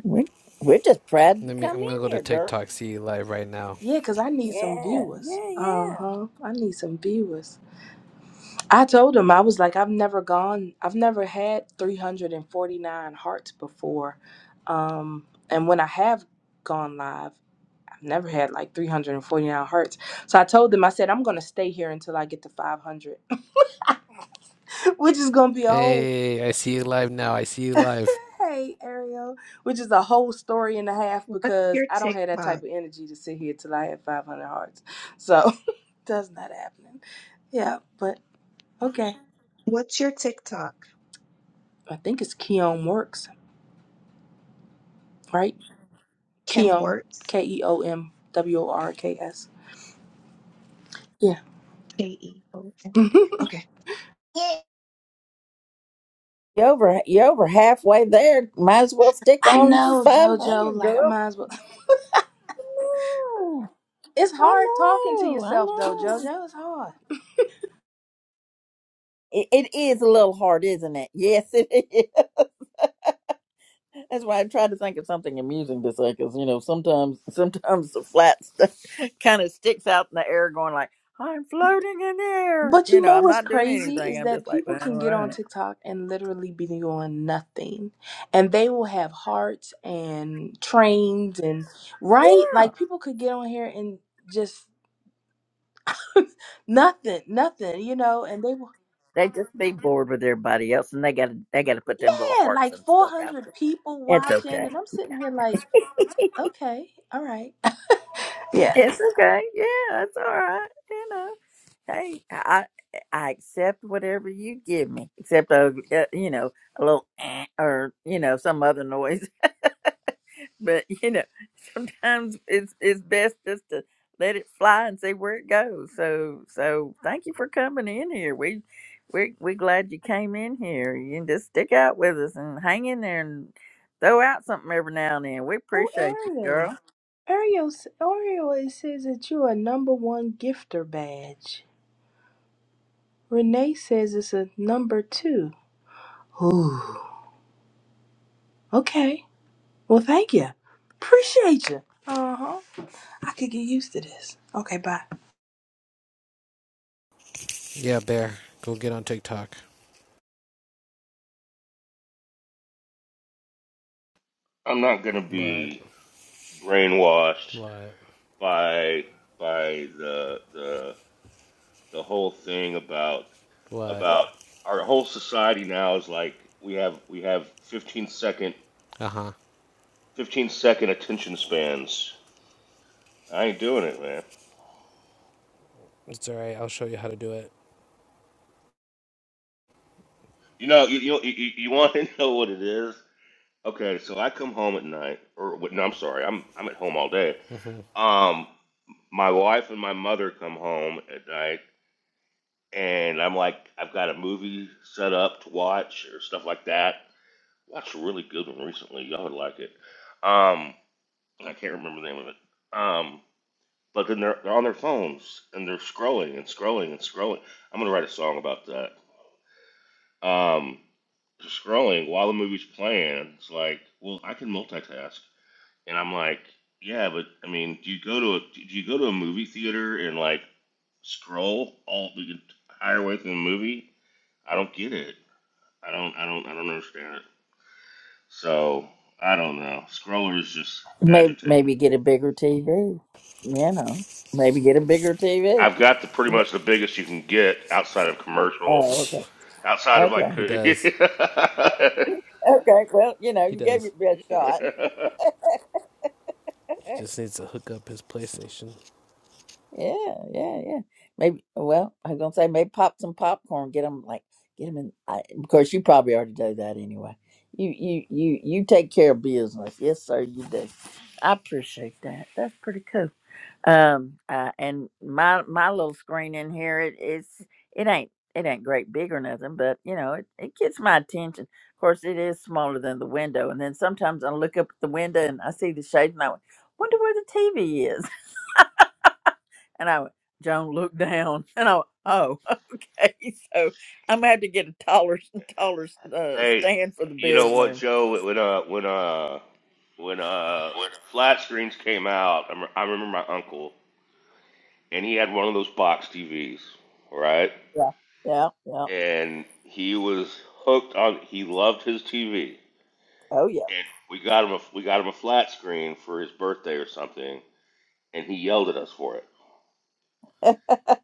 Speaker 1: we're, we're just proud you
Speaker 10: Let me.
Speaker 1: come
Speaker 10: I'm gonna go
Speaker 1: in
Speaker 10: to
Speaker 1: here, girl.
Speaker 10: TikTok. See you live right now.
Speaker 13: Yeah, cause I need some
Speaker 1: Yeah,
Speaker 13: viewers.
Speaker 1: yeah,
Speaker 13: Uh
Speaker 1: yeah.
Speaker 13: huh. I need some viewers. I told him, I was like, I've never gone, I've never had 349 hearts before. Um, and when I have gone live, I've never had like 349 hearts. So I told them, I said, I'm going to stay here until I get to 500, which is going to be a whole,
Speaker 10: Hey, I see you live now. I see you live.
Speaker 13: hey, Ariel, which is a whole story and a half
Speaker 5: What's
Speaker 13: because
Speaker 5: your
Speaker 13: I don't have that
Speaker 5: TikTok?
Speaker 13: type of energy to sit here till I have 500 hearts. So that's not happening. Yeah, but okay.
Speaker 5: What's your TikTok?
Speaker 13: I think it's Keon Works, right?
Speaker 5: Kem
Speaker 13: Keon,
Speaker 5: Works.
Speaker 13: K E O M W O R K S. Yeah.
Speaker 5: K E O M. Okay.
Speaker 1: You over you over halfway there. Might as well stick
Speaker 13: I
Speaker 1: on to
Speaker 13: know,
Speaker 1: five
Speaker 13: JoJo.
Speaker 1: hundred,
Speaker 13: Like, I
Speaker 1: girl.
Speaker 13: might as well.
Speaker 1: know.
Speaker 13: It's hard talking
Speaker 1: I
Speaker 13: to
Speaker 1: know, I
Speaker 13: yourself, though,
Speaker 1: know.
Speaker 13: JoJo. It's hard.
Speaker 1: It, it is a little hard, isn't it? Yes, it is. That's why I'm trying to think of something amusing to say, because you know sometimes sometimes the flat stuff kind of sticks out in the air, going like, "I'm floating in the air."
Speaker 13: But
Speaker 1: You
Speaker 13: you
Speaker 1: know,
Speaker 13: know
Speaker 1: I'm
Speaker 13: what's
Speaker 1: not doing
Speaker 13: crazy
Speaker 1: anything.
Speaker 13: is
Speaker 1: I'm
Speaker 13: that
Speaker 1: just like,
Speaker 13: people
Speaker 1: well,
Speaker 13: can
Speaker 1: all
Speaker 13: get on
Speaker 1: right.
Speaker 13: TikTok and literally be doing nothing. And they will have hearts and trains and, right?
Speaker 1: Yeah.
Speaker 13: Like, people could get on here and just nothing, nothing, you know? And they will,
Speaker 1: They just be bored with everybody else, and they got to they got to put them little
Speaker 13: yeah,
Speaker 1: hearts
Speaker 13: like
Speaker 1: and stuff out
Speaker 13: 400
Speaker 1: there.
Speaker 13: people
Speaker 1: It's
Speaker 13: watching.
Speaker 1: okay.
Speaker 13: And I'm sitting here like, okay, all right. Yeah.
Speaker 1: It's okay. Yeah, it's all right. You know, hey, I I accept whatever you give me, except a uh, you know a little eh, or you know some other noise But you know, sometimes it's it's best just to let it fly and see where it goes. So so thank you for coming in here. We we we glad you came in here. You can just stick out with us and hang in there and throw out something every now and then. We
Speaker 13: Oh,
Speaker 1: appreciate you,
Speaker 13: Ariel.
Speaker 1: girl.
Speaker 13: Ariel, s- Ariel, it says that you're a number one gifter badge. Renee says it's a number two. Ooh. Okay. Well, thank you. Appreciate you. Uh huh. I could get used to this. Okay, bye.
Speaker 10: Yeah, bear. Go get on TikTok.
Speaker 8: I'm not gonna
Speaker 10: What?
Speaker 8: be brainwashed
Speaker 10: What?
Speaker 8: by by the the the whole thing about
Speaker 10: What?
Speaker 8: about our whole society now is like we have we have 15 second
Speaker 10: Uh huh.
Speaker 8: 15 second attention spans. I ain't doing it, man.
Speaker 10: It's alright. I'll show you how to do it.
Speaker 8: You know, you you you, you want to know what it is? Okay, so I come home at night, or wait, no, I'm sorry, I'm I'm at home all day.
Speaker 10: hmm
Speaker 8: Um, my wife and my mother come home at night, and I'm like, I've got a movie set up to watch or stuff like that. Watched a really good one recently. Y'all would like it. Um, and I can't remember the name of it. Um, but then they're they're on their phones and they're scrolling and scrolling and scrolling. I'm gonna write a song about that. Um, scrolling while the movie's playing. It's like, well, I can multitask. And I'm like, yeah, but I mean, do you go to a do you go to a movie theater and like scroll all the entire way through the movie? I don't get it. I don't I don't I don't understand it. So I don't know. Scrollers just
Speaker 1: Maybe
Speaker 8: agitate me.
Speaker 1: maybe get a bigger TV. You know, maybe get a bigger TV.
Speaker 8: I've got the pretty much the biggest you can get outside of commercial,
Speaker 1: Oh, okay,
Speaker 8: outside of like.
Speaker 1: okay,
Speaker 10: He does.
Speaker 1: okay. Well, you know,
Speaker 10: He
Speaker 1: you gave
Speaker 10: does.
Speaker 1: it your best shot.
Speaker 10: He just needs to hook up his PlayStation.
Speaker 1: Yeah, yeah, yeah. Maybe. Well, I'm gonna say maybe pop some popcorn. Get them like get them in. I, of course, you probably already do that anyway. You you you you take care of business. Yes, sir. You do. I appreciate that. That's pretty cool. Um, uh, and my my little screen in here, it, it's it ain't it ain't great big or nothing, but you know it it gets my attention. Of course, it is smaller than the window, and then sometimes I look up at the window and I see the shades, and I wonder where the TV is. And I went, Joan looked down and I went, oh, okay. So I'm going to have to get a taller, taller uh,
Speaker 8: hey,
Speaker 1: stand for the
Speaker 8: you know what,
Speaker 1: bedroom.
Speaker 8: Joe? When uh when uh when uh flat screens came out, I, rem- I remember my uncle and he had one of those box TVs, right?
Speaker 1: Yeah. Yeah. Yeah.
Speaker 8: And he was hooked on. He loved his TV,
Speaker 1: Oh, yeah.
Speaker 8: and we got him a we got him a flat screen for his birthday or something, and he yelled at us for it.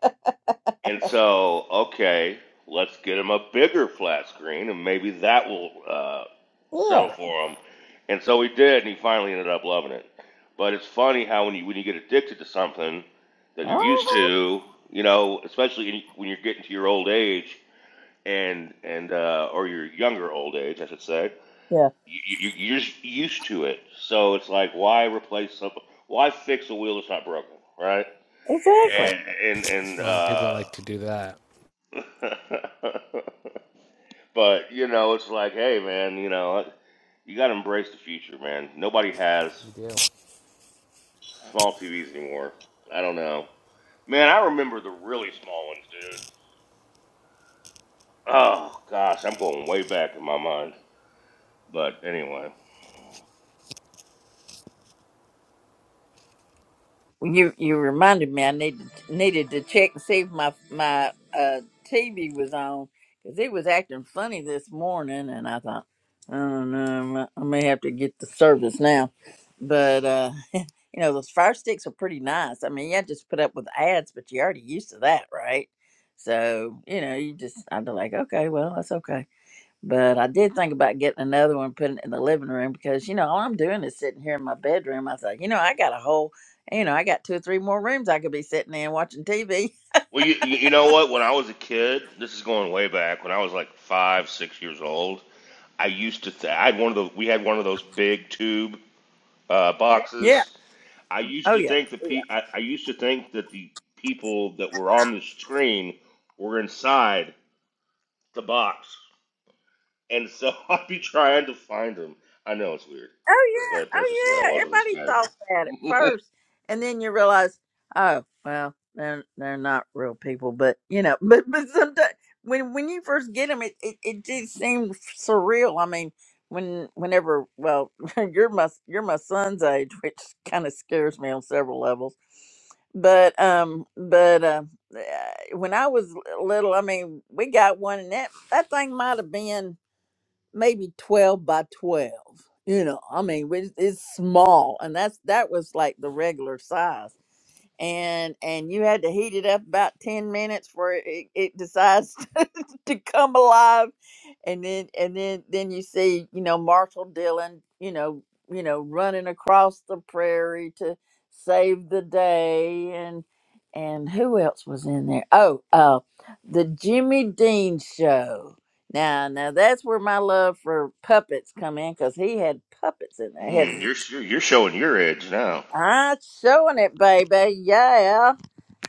Speaker 8: And so, okay, let's get him a bigger flat screen, and maybe that will uh,
Speaker 1: Yeah.
Speaker 8: settle for him. And so we did, and he finally ended up loving it. But it's funny how when you when you get addicted to something that you're used
Speaker 1: Uh-huh.
Speaker 8: to, you know, especially when you're getting to your old age, and and uh, or your younger old age, I should say,
Speaker 1: Yeah.
Speaker 8: you, you, you're just used to it. So it's like, why replace something? Why fix a wheel that's not broken, right?
Speaker 1: Exactly.
Speaker 8: And and and
Speaker 10: Well, people
Speaker 8: uh,
Speaker 10: like to do that.
Speaker 8: but you know, it's like, hey, man, you know, you got to embrace the future, man. Nobody has
Speaker 10: You do.
Speaker 8: small TVs anymore. I don't know, man. I remember the really small ones, dude. Oh gosh, I'm going way back in my mind. But anyway.
Speaker 1: You you reminded me I needed needed to check and see if my my uh TV was on because it was acting funny this morning, and I thought, oh no, I may have to get the service now. But uh, you know those fire sticks are pretty nice. I mean, yeah, just put up with ads, but you're already used to that, right? So you know, you just I'm like, okay, well, that's okay. But I did think about getting another one, putting it in the living room because you know all I'm doing is sitting here in my bedroom. I thought, you know, I got a whole, you know, I got two or three more rooms I could be sitting in watching TV.
Speaker 8: Well, you you you know what? When I was a kid, this is going way back. When I was like five, six years old, I used to th- I had one of the we had one of those big tube uh,
Speaker 1: Yeah.
Speaker 8: boxes. I used
Speaker 1: Oh
Speaker 8: to think the
Speaker 1: yeah.
Speaker 8: pe- I, I used to think that the people that were on the screen were inside the box, and so I'd be trying to find them. I know it's weird,
Speaker 1: Oh yeah,
Speaker 8: but that's just the way
Speaker 1: oh
Speaker 8: I
Speaker 1: yeah.
Speaker 8: was when I was a
Speaker 1: Everybody
Speaker 8: kid.
Speaker 1: thought that at first, and then you realize, oh well, they're they're not real people. But you know, but but sometimes when when you first get them, it it, it just seems surreal. I mean, when whenever well, you're my you're my son's age, which kind of scares me on several levels. But um, but uh, uh, when I was little, I mean, we got one, and that that thing might have been maybe 12 by 12 you know i mean it's, it's small and that's that was like the regular size and and you had to heat it up about 10 minutes for it, it it decides to come alive and then and then then you see you know marshall dillon you know you know running across the prairie to save the day and and who else was in there oh uh the jimmy dean show now, now that's where my love for puppets come in, cause he had puppets in there. He
Speaker 8: Mm,
Speaker 1: had
Speaker 8: you're you're you're showing your age now.
Speaker 1: I showing it, baby, yeah.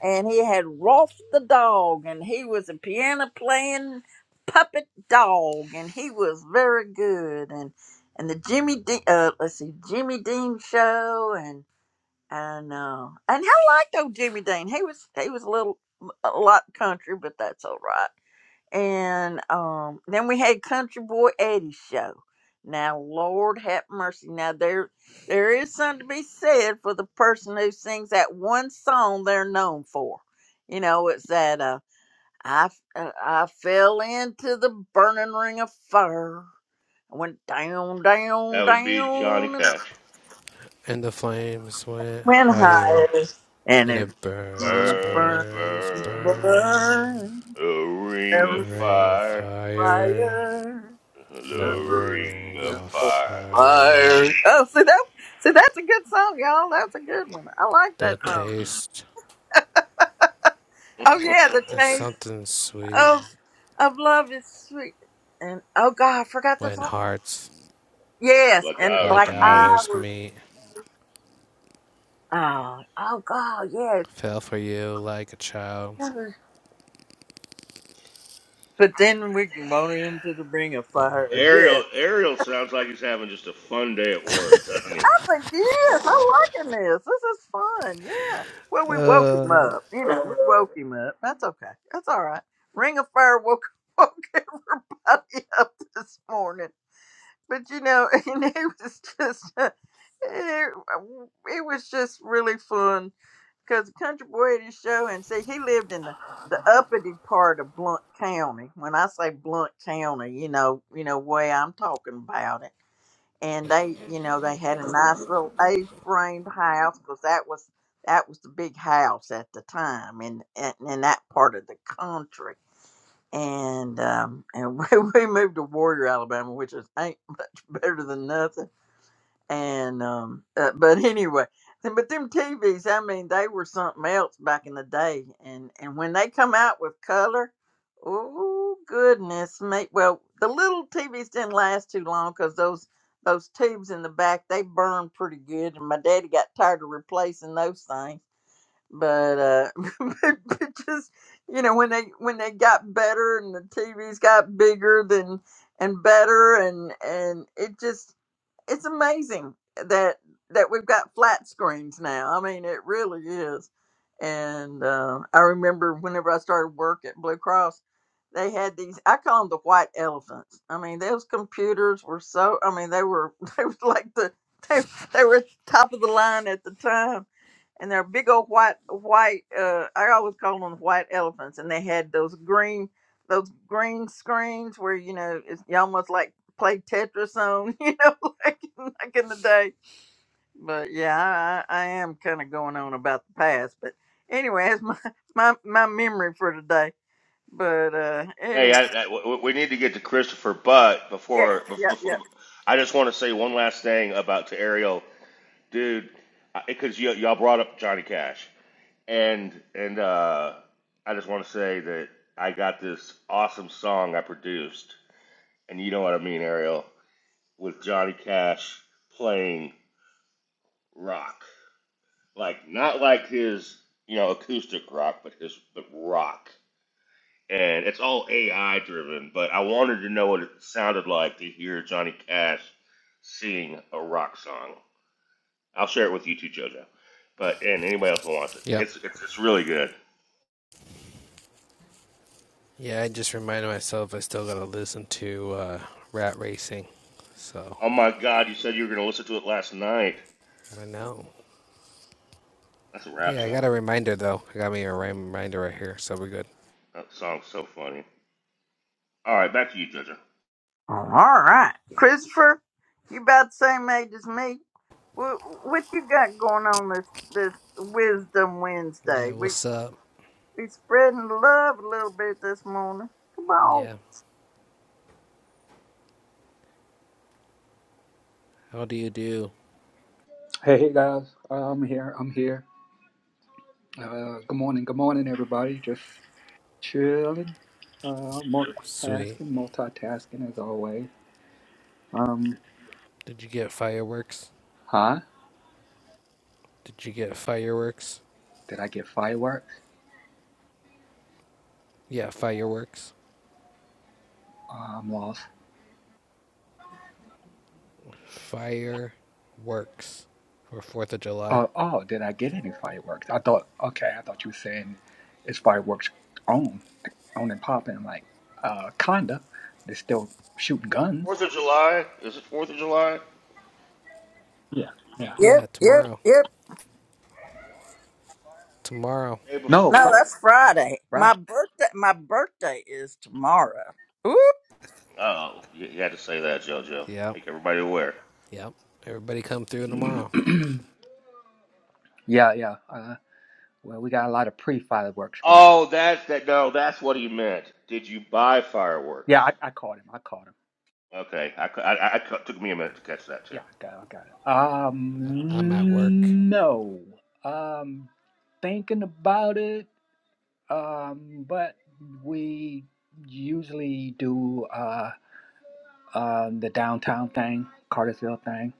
Speaker 1: And he had Rolf the dog, and he was a piano playing puppet dog, and he was very good. And and the Jimmy Dean, uh, let's see, Jimmy Dean show, and and uh, and I liked old Jimmy Dean. He was he was a little a lot country, but that's all right and um, then we had Country Boy Eddie's show. Now, Lord have mercy. Now there, there is something to be said for the person who sings that one song they're known for. You know, it's that uh, I f- uh, I fell into the burning ring of fire. I went down,
Speaker 8: That
Speaker 1: down,
Speaker 8: would be Johnny
Speaker 1: down, and
Speaker 8: Cash.
Speaker 10: And the flames went
Speaker 1: went
Speaker 10: higher,
Speaker 1: higher, and
Speaker 10: and
Speaker 1: it
Speaker 10: it burns,
Speaker 1: burned,
Speaker 8: burns,
Speaker 1: burned,
Speaker 10: burns,
Speaker 8: burns.
Speaker 10: burns.
Speaker 1: burned
Speaker 8: The ring
Speaker 1: every
Speaker 8: of
Speaker 10: Ring of
Speaker 8: fire,
Speaker 10: fire,
Speaker 1: fire.
Speaker 8: the
Speaker 1: Fire.
Speaker 10: the
Speaker 8: ring
Speaker 10: ring
Speaker 8: of
Speaker 10: of
Speaker 8: fire.
Speaker 10: fire.
Speaker 1: Oh, see that? See, that's a good song, y'all. That's a good one. I like that
Speaker 10: The
Speaker 1: song.
Speaker 10: taste
Speaker 1: Oh yeah, the
Speaker 10: is
Speaker 1: taste
Speaker 10: something sweet
Speaker 1: of of love is sweet. And oh God, I forgot the
Speaker 10: when
Speaker 1: song.
Speaker 10: hearts
Speaker 1: Yes,
Speaker 8: like
Speaker 1: and
Speaker 8: I
Speaker 10: like
Speaker 8: was
Speaker 1: like I
Speaker 8: neat.
Speaker 10: ours
Speaker 1: was.
Speaker 10: meet.
Speaker 1: Oh, oh God, yeah.
Speaker 10: Fell for you like a child.
Speaker 1: But then we can run into the ring of fire. Yeah.
Speaker 8: Ariel, Ariel sounds like he's having just a fun day at work, doesn't he?
Speaker 1: I was like yes, I'm liking this. This is fun. Yeah. Well, we woke him
Speaker 10: Uh,
Speaker 1: up. You know, we woke him up. That's okay. That's all right. Ring of fire woke woke. got me up this morning. But you know, and it was just, uh, it, it was just really fun because the Country Boy had his show, and see, he lived in the, the uppity part of Blunt County. When I say Blunt County, you know, you know, way I'm talking about it. And they, you know, they had a nice little A-framed house because that was that was the big house at the time in, in in that part of the country and um, and we, we moved to Warrior, Alabama, which is ain't much better than nothing. And um, uh, but anyway, then- but them TVs, I mean, they were something else back in the day. And and when they come out with color, oh goodness me! Well, the little TVs didn't last too long because those those tubes in the back they burned pretty good, and my daddy got tired of replacing those things but uh but, but just you know when they when they got better and the tvs got bigger than and better and and it just it's amazing that that we've got flat screens now i mean it really is and uh, i remember whenever i started work at blue cross they had these i call them the white elephants i mean those computers were so i mean they were they were like the they, they were top of the line at the time and they're big old white white uh i always call them white elephants and they had those green those green screens where you know it's you almost like play tetris on you know like, like in the day but yeah i i am kind of going on about the past but anyway that's my my, my memory for today but uh anyway
Speaker 8: Hey, I, I- w- w- we need to get to Christopher, but
Speaker 1: yeah
Speaker 8: before,
Speaker 1: yeah
Speaker 8: before
Speaker 1: yeah
Speaker 8: I just want to say one last thing about to Ariel. dude, because y- y'all brought up Johnny Cash, and and uh, I just want to say that I got this awesome song I produced, and you know what I mean, Ariel, with Johnny Cash playing rock, like not like his you know acoustic rock, but his but rock, and it's all AI driven. But I wanted to know what it sounded like to hear Johnny Cash sing a rock song. I'll share it with you too, JoJo. But and anybody else who wants it,
Speaker 10: Yep.
Speaker 8: it's it's it's really good.
Speaker 10: Yeah, I just reminded myself I still gotta listen to uh, Rat Racing. So
Speaker 8: Oh my God, you said you were going to listen to it last night.
Speaker 10: I know.
Speaker 8: That's a
Speaker 10: Hey,
Speaker 8: rap
Speaker 10: I
Speaker 8: song.
Speaker 10: got a reminder though. I got me a reminder right here, so we're good.
Speaker 8: That song's so funny. All right, back to you, JoJo.
Speaker 1: all right christopher you about the same age as me What, what you got going on this this Wisdom
Speaker 10: Yeah,
Speaker 1: Wednesday? We
Speaker 10: what's up?
Speaker 1: we spreading love a little bit this morning. Come on.
Speaker 10: Yeah, how do you do?
Speaker 14: Hey, hey guys, Uh, I'm here. I'm here. Uh, good morning. Good morning, everybody. Just chilling, uh,
Speaker 10: Sweet.
Speaker 14: multitasking, multitasking as always. Um,
Speaker 10: Did you get fireworks?
Speaker 14: huh?
Speaker 10: Did you get fireworks?
Speaker 14: Did I get fireworks?
Speaker 10: Yeah, fireworks.
Speaker 14: Uh, I'm lost.
Speaker 10: Fireworks for 4th of July.
Speaker 14: Oh, oh, did I get any fireworks? I thought. Okay, I thought you were saying it's fireworks on, on and popping. Like, uh, kinda. They're still shooting guns.
Speaker 8: Fourth of July? Is it Fourth of July?
Speaker 14: Yeah, yeah.
Speaker 10: Yeah,
Speaker 1: Yep, yep,
Speaker 10: tomorrow.
Speaker 1: yep.
Speaker 10: Tomorrow.
Speaker 8: The Day
Speaker 14: No,
Speaker 1: No,
Speaker 14: Friday,
Speaker 8: before.
Speaker 1: that's Friday. My
Speaker 14: Friday.
Speaker 1: birthday my birthday is tomorrow. Ooh,
Speaker 8: Oh, you, you had to say that, JoJo.
Speaker 10: Yep.
Speaker 8: Make everybody aware.
Speaker 10: Yep. Everybody come through tomorrow.
Speaker 14: yeah, yeah. Uh, well, we got a lot of pre-fireworks going.
Speaker 8: Oh, that's that. No, that's what he meant. Did you buy fireworks?
Speaker 14: Yeah, I, I caught him. I caught him.
Speaker 8: Okay, I, I, I- I took me a minute to catch that too.
Speaker 14: Yeah, I got, I got it.
Speaker 10: I'm at work.
Speaker 14: Um, no. Um, thinking about it. Um, but we usually do uh, uh, the downtown thing, Cartersville thing.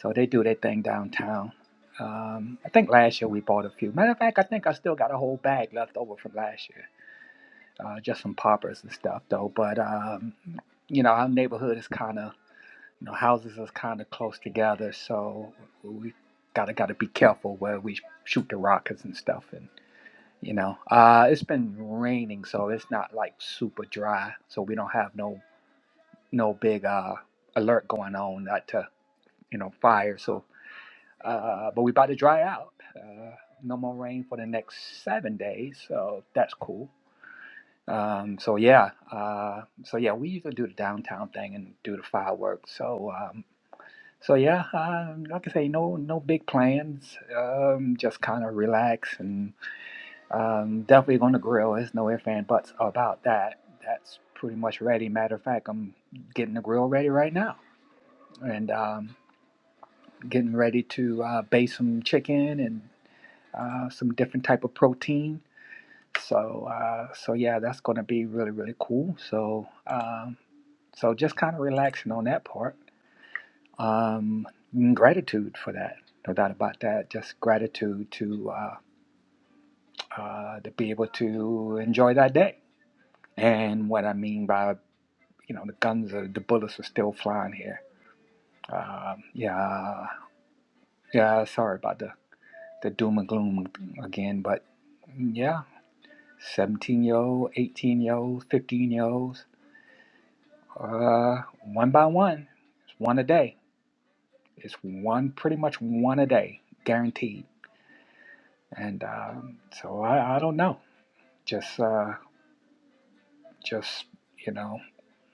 Speaker 14: So they do their thing downtown. Um, I think last year we bought a few. Matter of fact, I think I still got a whole bag left over from last year. Uh, just some poppers and stuff, though. But um, you know, our neighborhood is kind of You know, houses is kind of close together, so we gotta gotta be careful where we shoot the rockets and stuff. And you know, uh, it's been raining, so it's not like super dry, so we don't have no no big uh alert going on not to you know fire. So, uh, but we about to dry out. Uh, no more rain for the next seven days, so that's cool. Um, so yeah, uh, so yeah, we used to do the downtown thing and do the fireworks. So um, So yeah, um, like I say, no no big plans. Um, just kind of relax and um, definitely going to grill. There's no ifs and buts about that. That's pretty much ready. Matter of fact, I'm getting the grill ready right now and um, getting ready to uh, bake some chicken and uh, some different type of protein. So uh, so yeah, that's going to be really really cool. So um, so just kind of relaxing on that part. um, gratitude for that. No doubt about that. Just gratitude to uh, uh, to be able to enjoy that day. And what I mean by you know the guns are the bullets are still flying here. Um, yeah, yeah. Sorry about the the doom and gloom again, but yeah, seventeen year old, eighteen year olds, fifteen year olds, uh, one by one, it's one a day. It's one pretty much one a day, guaranteed and um, so I, I don't know. Just uh, just you know,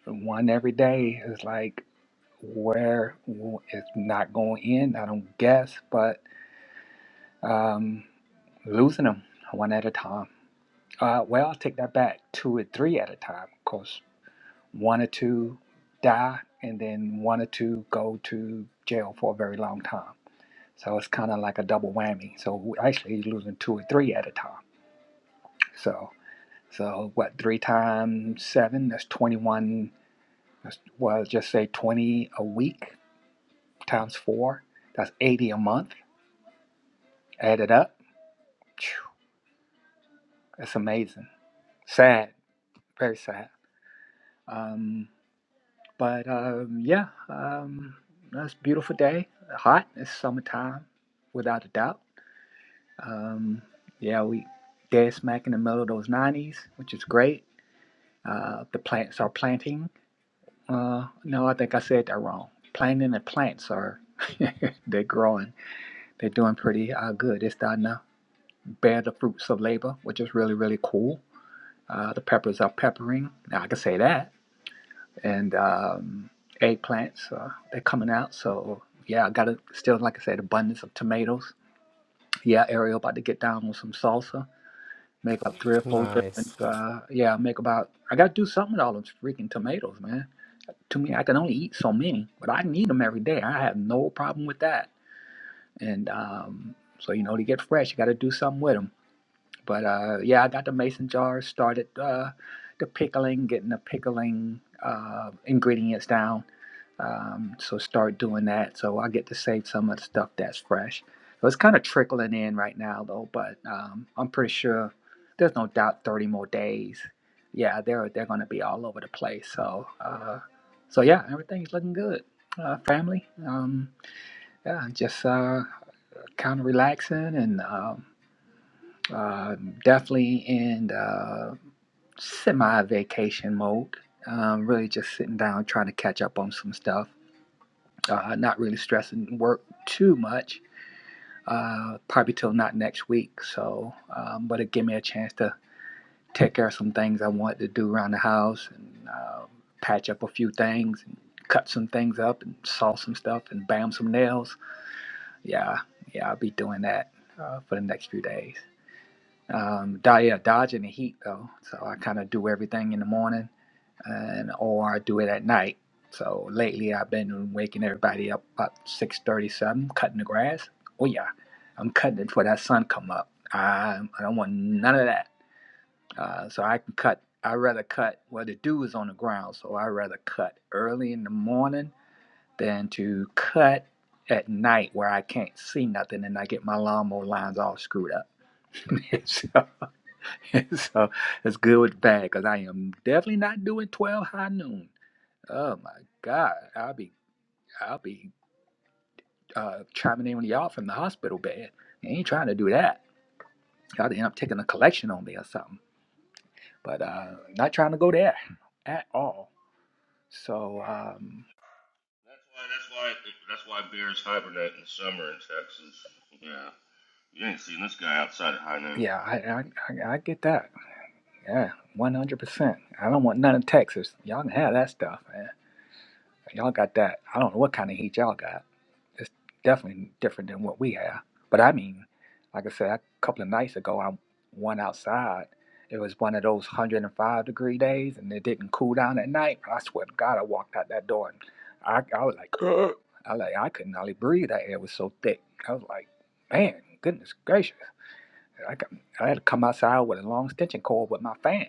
Speaker 14: one every day is like where w- it's not going in. I don't guess, but um, losing them one at a time. Uh, well, I'll take that back. Two or three at a time, because one or two die, and then one or two go to jail for a very long time. So it's kind of like a double whammy. So actually, you're losing two or three at a time. So. So what, three times seven? That's 21. That's, well, just say 20 a week times four. That's 80 a month. Add it up. It's amazing. Sad, very sad. Um, but um, yeah, um, that's a beautiful day. Hot. It's summertime, without a doubt. Um, yeah, we dead smack in the middle of those 90s, which is great. Uh, the plants are planting Uh, no, I think I said that wrong. Planting and plants are they're growing. They're doing pretty uh, good. They're starting to bear the fruits of labor, which is really really cool. Uh, the peppers are peppering. Now I can say that. And um, eggplants uh, they're coming out. So yeah, I got to still like I said, abundance of tomatoes. Yeah, Ariel about to get down on some salsa. Make about three or four
Speaker 10: Nice.
Speaker 14: different. Uh, yeah, make about. I got to do something with all those freaking tomatoes, man. to me, I can only eat so many, but I can eat them every day. I have no problem with that. And um, so, you know, to get fresh, you got to do something with them. But uh, yeah, I got the mason jars, started uh, the pickling, getting the pickling uh, ingredients down um, so start doing that. So I get to save some of the stuff that's fresh. So it's kind of trickling in right now though, but um, I'm pretty sure there's no doubt 30 more days. Yeah, they're they're gonna be all over the place. So uh, so yeah, everything's looking good. Uh, family, um, yeah, just uh, kind of relaxing and um, uh, definitely in uh, semi vacation mode. Um, really just sitting down trying to catch up on some stuff uh, not really stressing work too much, uh, probably till not next week. So, um, but it gave me a chance to take care of some things I wanted to do around the house and uh, patch up a few things and cut some things up and saw some stuff and bam some nails. Yeah, yeah, I'll be doing that uh, for the next few days. Um, yeah, dodging the heat though, so I kind of do everything in the morning and or do it at night. So lately, I've been waking everybody up about six thirty seven, cutting the grass. Oh yeah, I'm cutting it before that sun come up. I I don't want none of that. Uh, so I can cut. I rather cut. Well, the dew is on the ground, so I rather cut early in the morning than to cut at night where I can't see nothing and I get my lawnmower lines all screwed up. so, so it's good with bad because I am definitely not doing twelve high noon. Oh my God, I'll be I'll be uh, chiming in with y'all from the hospital bed. I ain't trying to do that. Y'all end up taking a collection on me or something. But uh, not trying to go there at all. So um,
Speaker 8: That's why. That's why. That's why bears hibernate in the summer in Texas. Yeah, you ain't seen this guy outside at high noon.
Speaker 14: yeah, I, I I I get that. Yeah, one hundred percent. I don't want none of Texas. Y'all can have that stuff, man. Y'all got that. I don't know what kind of heat y'all got. It's definitely different than what we have. But I mean, like I said, a couple of nights ago, I went outside. It was one of those 105 degree days, and it didn't cool down at night. I swear to God, I walked out that door, and I, I was like, "Ugh." I like I couldn't hardly breathe. That air was so thick. I was like, man, goodness gracious! I got, I had to come outside with a long extension cord with my fan.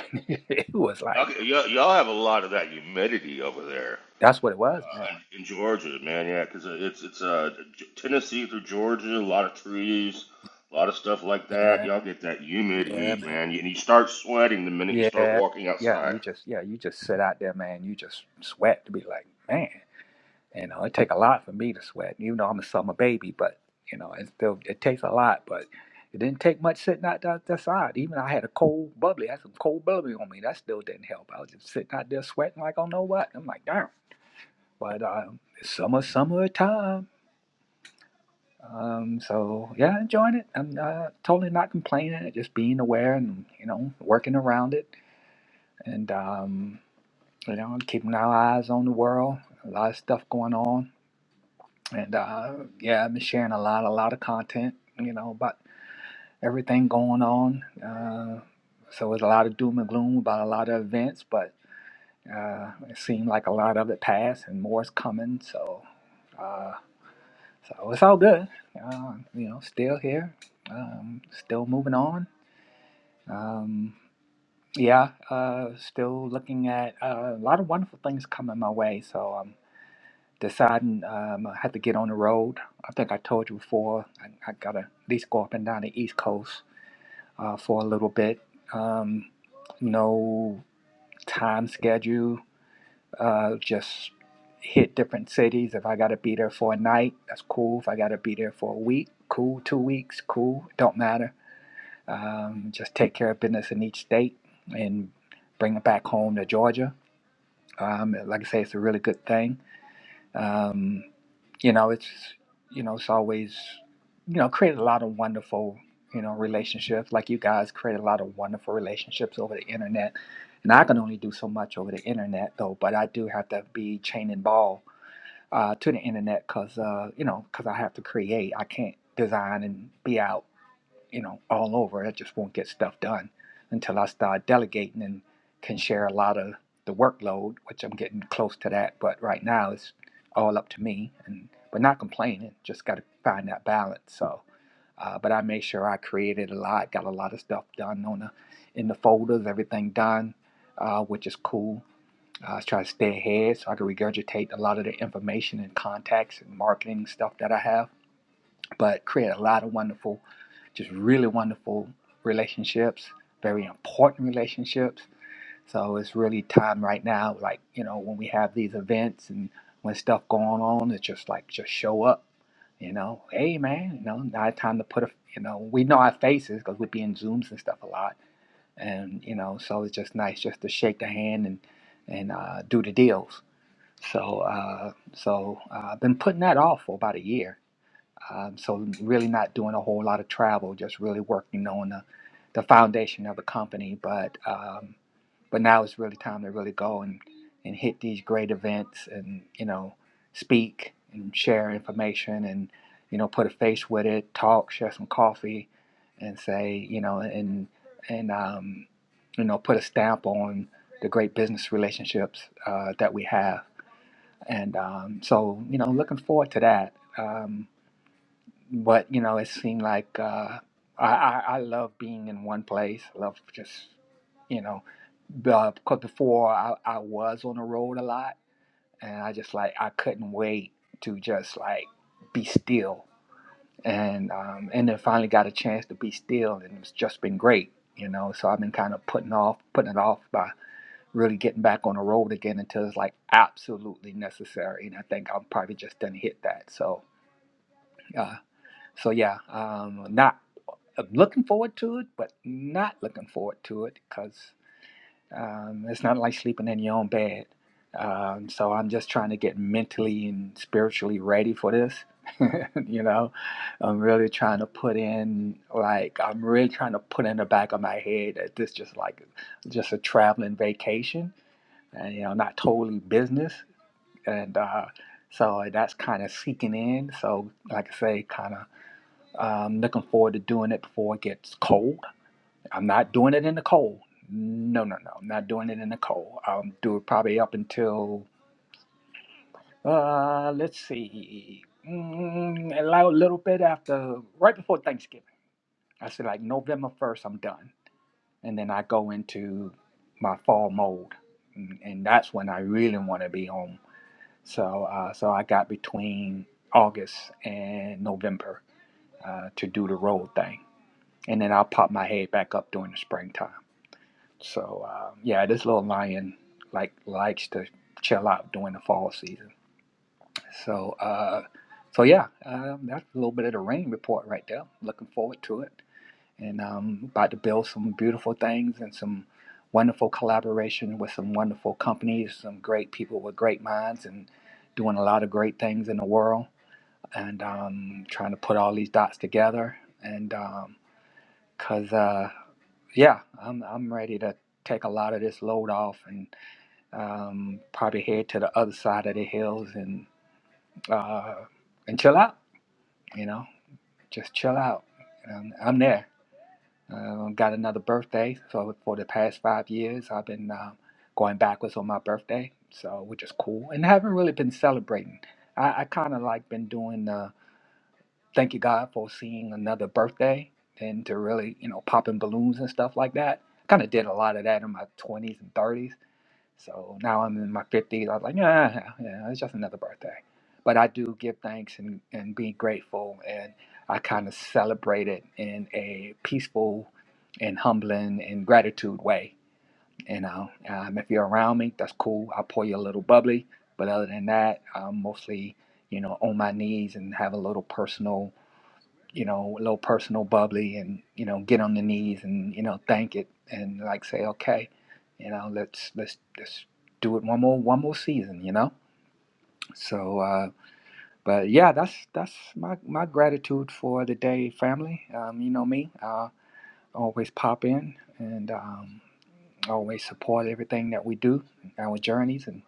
Speaker 14: it was
Speaker 8: Y'all,
Speaker 14: like
Speaker 8: y'all, y'all have a lot of that humidity over there
Speaker 14: that's what it was,
Speaker 8: uh, in, in Georgia, man. Yeah, because it's it's uh, Tennessee through Georgia, a lot of trees, a lot of stuff like that.
Speaker 14: man.
Speaker 8: Y'all get that
Speaker 14: Yeah,
Speaker 8: humid
Speaker 14: yeah,
Speaker 8: heat,
Speaker 14: man.
Speaker 8: man, and you start sweating the minute you start
Speaker 14: Yeah,
Speaker 8: walking
Speaker 14: yeah,
Speaker 8: outside.
Speaker 14: you just yeah, you just sit out there, man. You just sweat to be like, man, you know, it take a lot for me to sweat. Even though I'm a summer baby, but you know, it still it takes a lot. But it didn't take much sitting out that, that side. Even I had a cold bubbly, I had some cold bubbly on me. That still didn't help. I was just sitting out there sweating like, I don't know what? I'm like, damn. But um, it's summer, summer time. Um, so yeah, enjoying it. I'm uh, totally not complaining. Just being aware and you know working around it and. um you know, keeping our eyes on the world. A lot of stuff going on, and uh, yeah, I've been sharing a lot, a lot of content, you know, about everything going on. Uh, so it's a lot of doom and gloom about a lot of events, but uh, it seemed like a lot of it passed, and more is coming. So, uh, so it's all good. Uh, you know, still here, um, still moving on. Um, yeah, uh, still looking at uh, a lot of wonderful things coming my way. So um, deciding um, I had to get on the road. I think I told you before, I, I got to at least go up and down the East Coast uh, for a little bit. Um, no time schedule, uh, just hit different cities. If I got to be there for a night, that's cool. If I got to be there for a week, cool. Two weeks, cool. Don't matter. Um, just take care of business in each state and bring it back home to Georgia. Um, like I say, it's a really good thing. Um, you know, it's you know, it's always you know, created a lot of wonderful, you know, relationships. Like you guys created a lot of wonderful relationships over the internet. And I can only do so much over the internet though, but I do have to be chain and ball uh, to the internet because uh, you know, because I have to create. I can't design and be out you know, all over. I just won't get stuff done until I start delegating and can share a lot of the workload, which I'm getting close to that. But right now, it's all up to me, and but not complaining. Just got to find that balance. So, uh, but I made sure I created a lot, got a lot of stuff done on the in the folders, everything done, uh, which is cool. Uh, I try to stay ahead so I can regurgitate a lot of the information and contacts and marketing stuff that I have but create a lot of wonderful, just really wonderful relationships, very important relationships. So it's really time right now, like, you know, when we have these events and when stuff going on, it's just like, just show up, you know, hey man, you know, now it's time to put a, you know, we know our faces because we be in Zooms and stuff a lot. And, you know, so it's just nice just to shake the hand and, and uh, do the deals. So, uh, so uh, I've been putting that off for about a year um, so really not doing a whole lot of travel, just really working on the, the foundation of the company. But um, but now it's really time to really go and, and hit these great events and you know speak and share information and you know put a face with it, talk, share some coffee, and say you know and and um, you know put a stamp on the great business relationships uh, that we have. And um, so you know looking forward to that. Um, but you know, it seemed like uh, I, I I love being in one place. I love just you know, because before I, I was on the road a lot, and I just like I couldn't wait to just like be still, and um, and then finally got a chance to be still, and it's just been great, you know. So I've been kind of putting off, putting it off by really getting back on the road again until it's like absolutely necessary, and I think I'm probably just done hit that. So, uh, so yeah, um, not I'm looking forward to it, but not looking forward to it because um, it's not like sleeping in your own bed. Um, so I'm just trying to get mentally and spiritually ready for this. you know, I'm really trying to put in like I'm really trying to put in the back of my head that this just like just a traveling vacation, and you know, not totally business. And uh, so that's kind of seeking in. So like I say, kind of um, looking forward to doing it before it gets cold I'm not doing it in the cold. No, no, no. I'm not doing it in the cold. I'll do it probably up until, uh, let's see, mm, a li- little bit after, right before Thanksgiving. I say like November 1st, I'm done. And then I go into my fall mode. And and that's when I really want to be home. So, uh, so I got between August and November uh, to do the road thing. And then I'll pop my head back up during the springtime. So uh, yeah, this little lion like likes to chill out during the fall season. So uh, so yeah, um, that's a little bit of the rain report right there. Looking forward to it, and um, about to build some beautiful things and some wonderful collaboration with some wonderful companies, some great people with great minds, and doing a lot of great things in the world. And um, trying to put all these dots together, and um, Cause uh, yeah, I'm I'm ready to take a lot of this load off and um, probably head to the other side of the hills and uh, and chill out. You know, just chill out. Um, I'm there. Um, got another birthday, so for the past five years, I've been um, going backwards on my birthday, so which is cool, and haven't really been celebrating. I, I kind of like been doing. Thank you, God, for seeing another birthday and to really, you know, popping balloons and stuff like that. Kind of did a lot of that in my 20s and 30s. So now I'm in my 50s. I was like, yeah, yeah, it's just another birthday. But I do give thanks and, and be grateful. And I kind of celebrate it in a peaceful and humbling and gratitude way. You know, um, if you're around me, that's cool. I'll pour you a little bubbly. But other than that, I'm mostly, you know, on my knees and have a little personal you know, a little personal bubbly and, you know, get on the knees and, you know, thank it and like say, okay, you know, let's, let's, let's do it one more, one more season, you know? So, uh, but yeah, that's, that's my, my gratitude for the day, family. Um, you know me, uh, always pop in and, um, always support everything that we do, our journeys and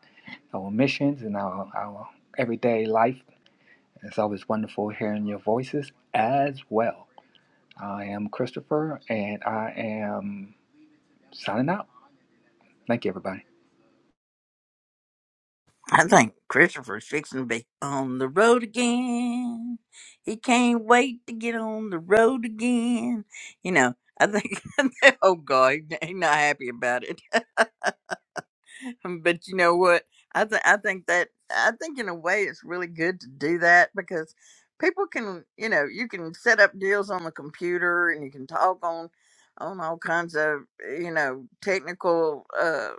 Speaker 14: our missions and our, our everyday life. It's always wonderful hearing your voices as well. I am Christopher, and I am signing out. Thank you, everybody.
Speaker 1: I think Christopher's fixing to be on the road again. He can't wait to get on the road again. You know, I think oh god, he- he not happy about it. but you know what? I think I think that I think in a way it's really good to do that because people can, you know, you can set up deals on the computer and you can talk on on all kinds of you know technical uh,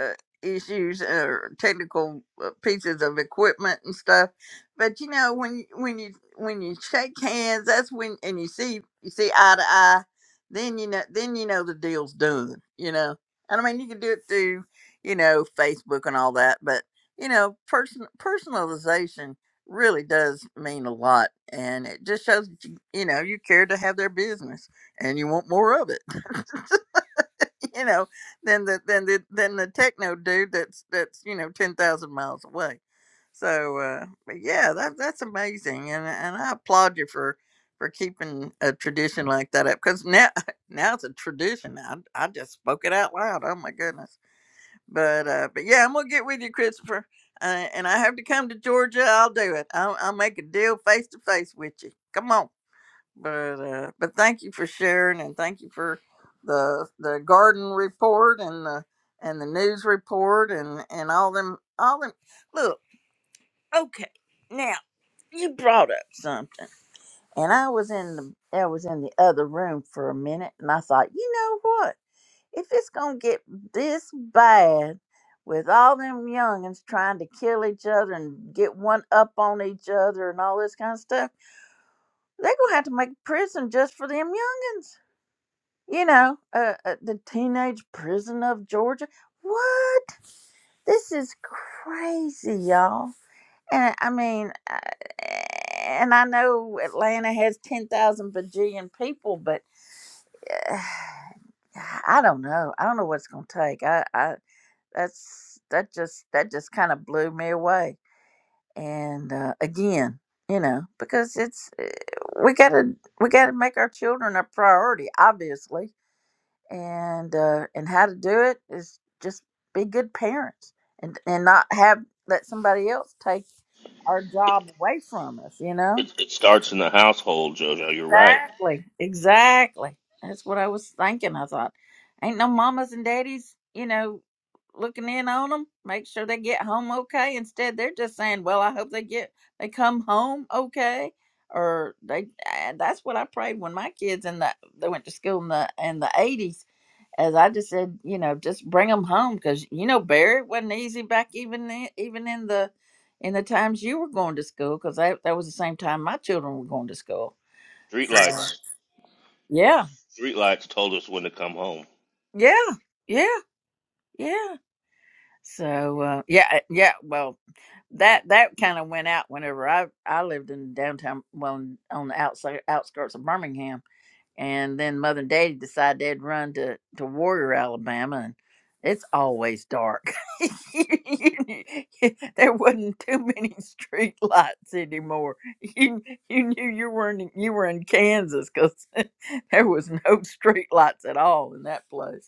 Speaker 1: uh, issues or technical uh, pieces of equipment and stuff. But you know when you- when you when you shake hands, that's when and you see you see eye to eye. Then you know then you know the deal's done. You know. And I mean, you can do it through you know, Facebook and all that. But you know, person personalization really does mean a lot, and it just shows that you, you know you care to have their business and you want more of it. you know, than the than the than the techno dude that's that's you know ten thousand miles away. So, uh, but yeah, that that's amazing, and and I applaud you for for keeping a tradition like that up because now now it's a tradition. I I just spoke it out loud. Oh my goodness but uh, but yeah, I'm gonna get with you, Christopher. Uh, and I have to come to Georgia. I'll do it. I'll, I'll make a deal face to face with you. Come on. But uh, but thank you for sharing, and thank you for the the garden report and the and the news report and and all them all them. Look, okay, now you brought up something, and I was in the I was in the other room for a minute, and I thought, you know what? If it's gonna get this bad with all them youngins trying to kill each other and get one up on each other and all this kind of stuff, they're gonna have to make a prison just for them youngins. You know, uh, uh, the teenage prison of Georgia. What? This is crazy, y'all. And I mean, uh, and I know Atlanta has ten thousand bajillion people, but. Uh, I don't know. I don't know what it's gonna take. I, I, that's that just that just kind of blew me away and uh, again you know because it's eh, we gotta we gotta make our children a priority obviously and uh and how to do it is just be good parents and and not have let somebody else take our
Speaker 8: It,
Speaker 1: job away from us you know
Speaker 8: it, it starts in the household, Jojo. You're right.
Speaker 1: Exactly. Exactly. That's what I was thinking. I thought, ain't no mamas and daddies, you know, looking in on them, make sure they get home okay. Instead, they're just saying, well, I hope they get, they come home okay. Or they, and that's what I prayed when my kids in the, they went to school in the, in the 80s. As I just said, you know, just bring them home because, you know, Barry, it wasn't easy back even, in- even in the, in the times you were going to school because that, that was the same time my children were going to school. So, Right.
Speaker 8: Streetlights.
Speaker 1: Yeah,
Speaker 8: Streetlights told us when to come home.
Speaker 1: yeah, yeah, yeah. So uh, yeah, eh, yeah. Well, that that kind of went out whenever I I lived in downtown, well, in- on the outside outskirts of Birmingham, and then Mother and Daddy decided they'd run to to Warrior, Alabama, and it's always dark. there wasn't too many street lights anymore. You you knew you were in you were in Kansas because there was no street lights at all in that place.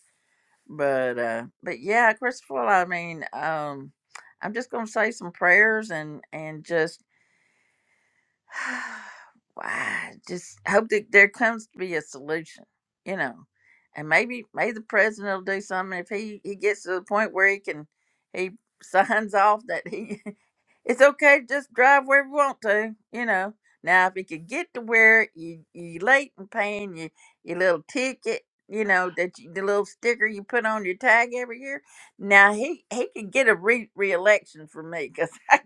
Speaker 1: but uh but yeah christopher i mean um i'm just gonna say some prayers and and just Wow, I just hope that there comes to be a solution, you know, and maybe maybe the president will do something if he he gets to the point where he can he signs off that he it's okay to just drive where you want to, you know. Now if he could get to where you you late and paying your your little ticket, you know that you, the little sticker you put on your tag every year. Now he he could get a re reelection for me because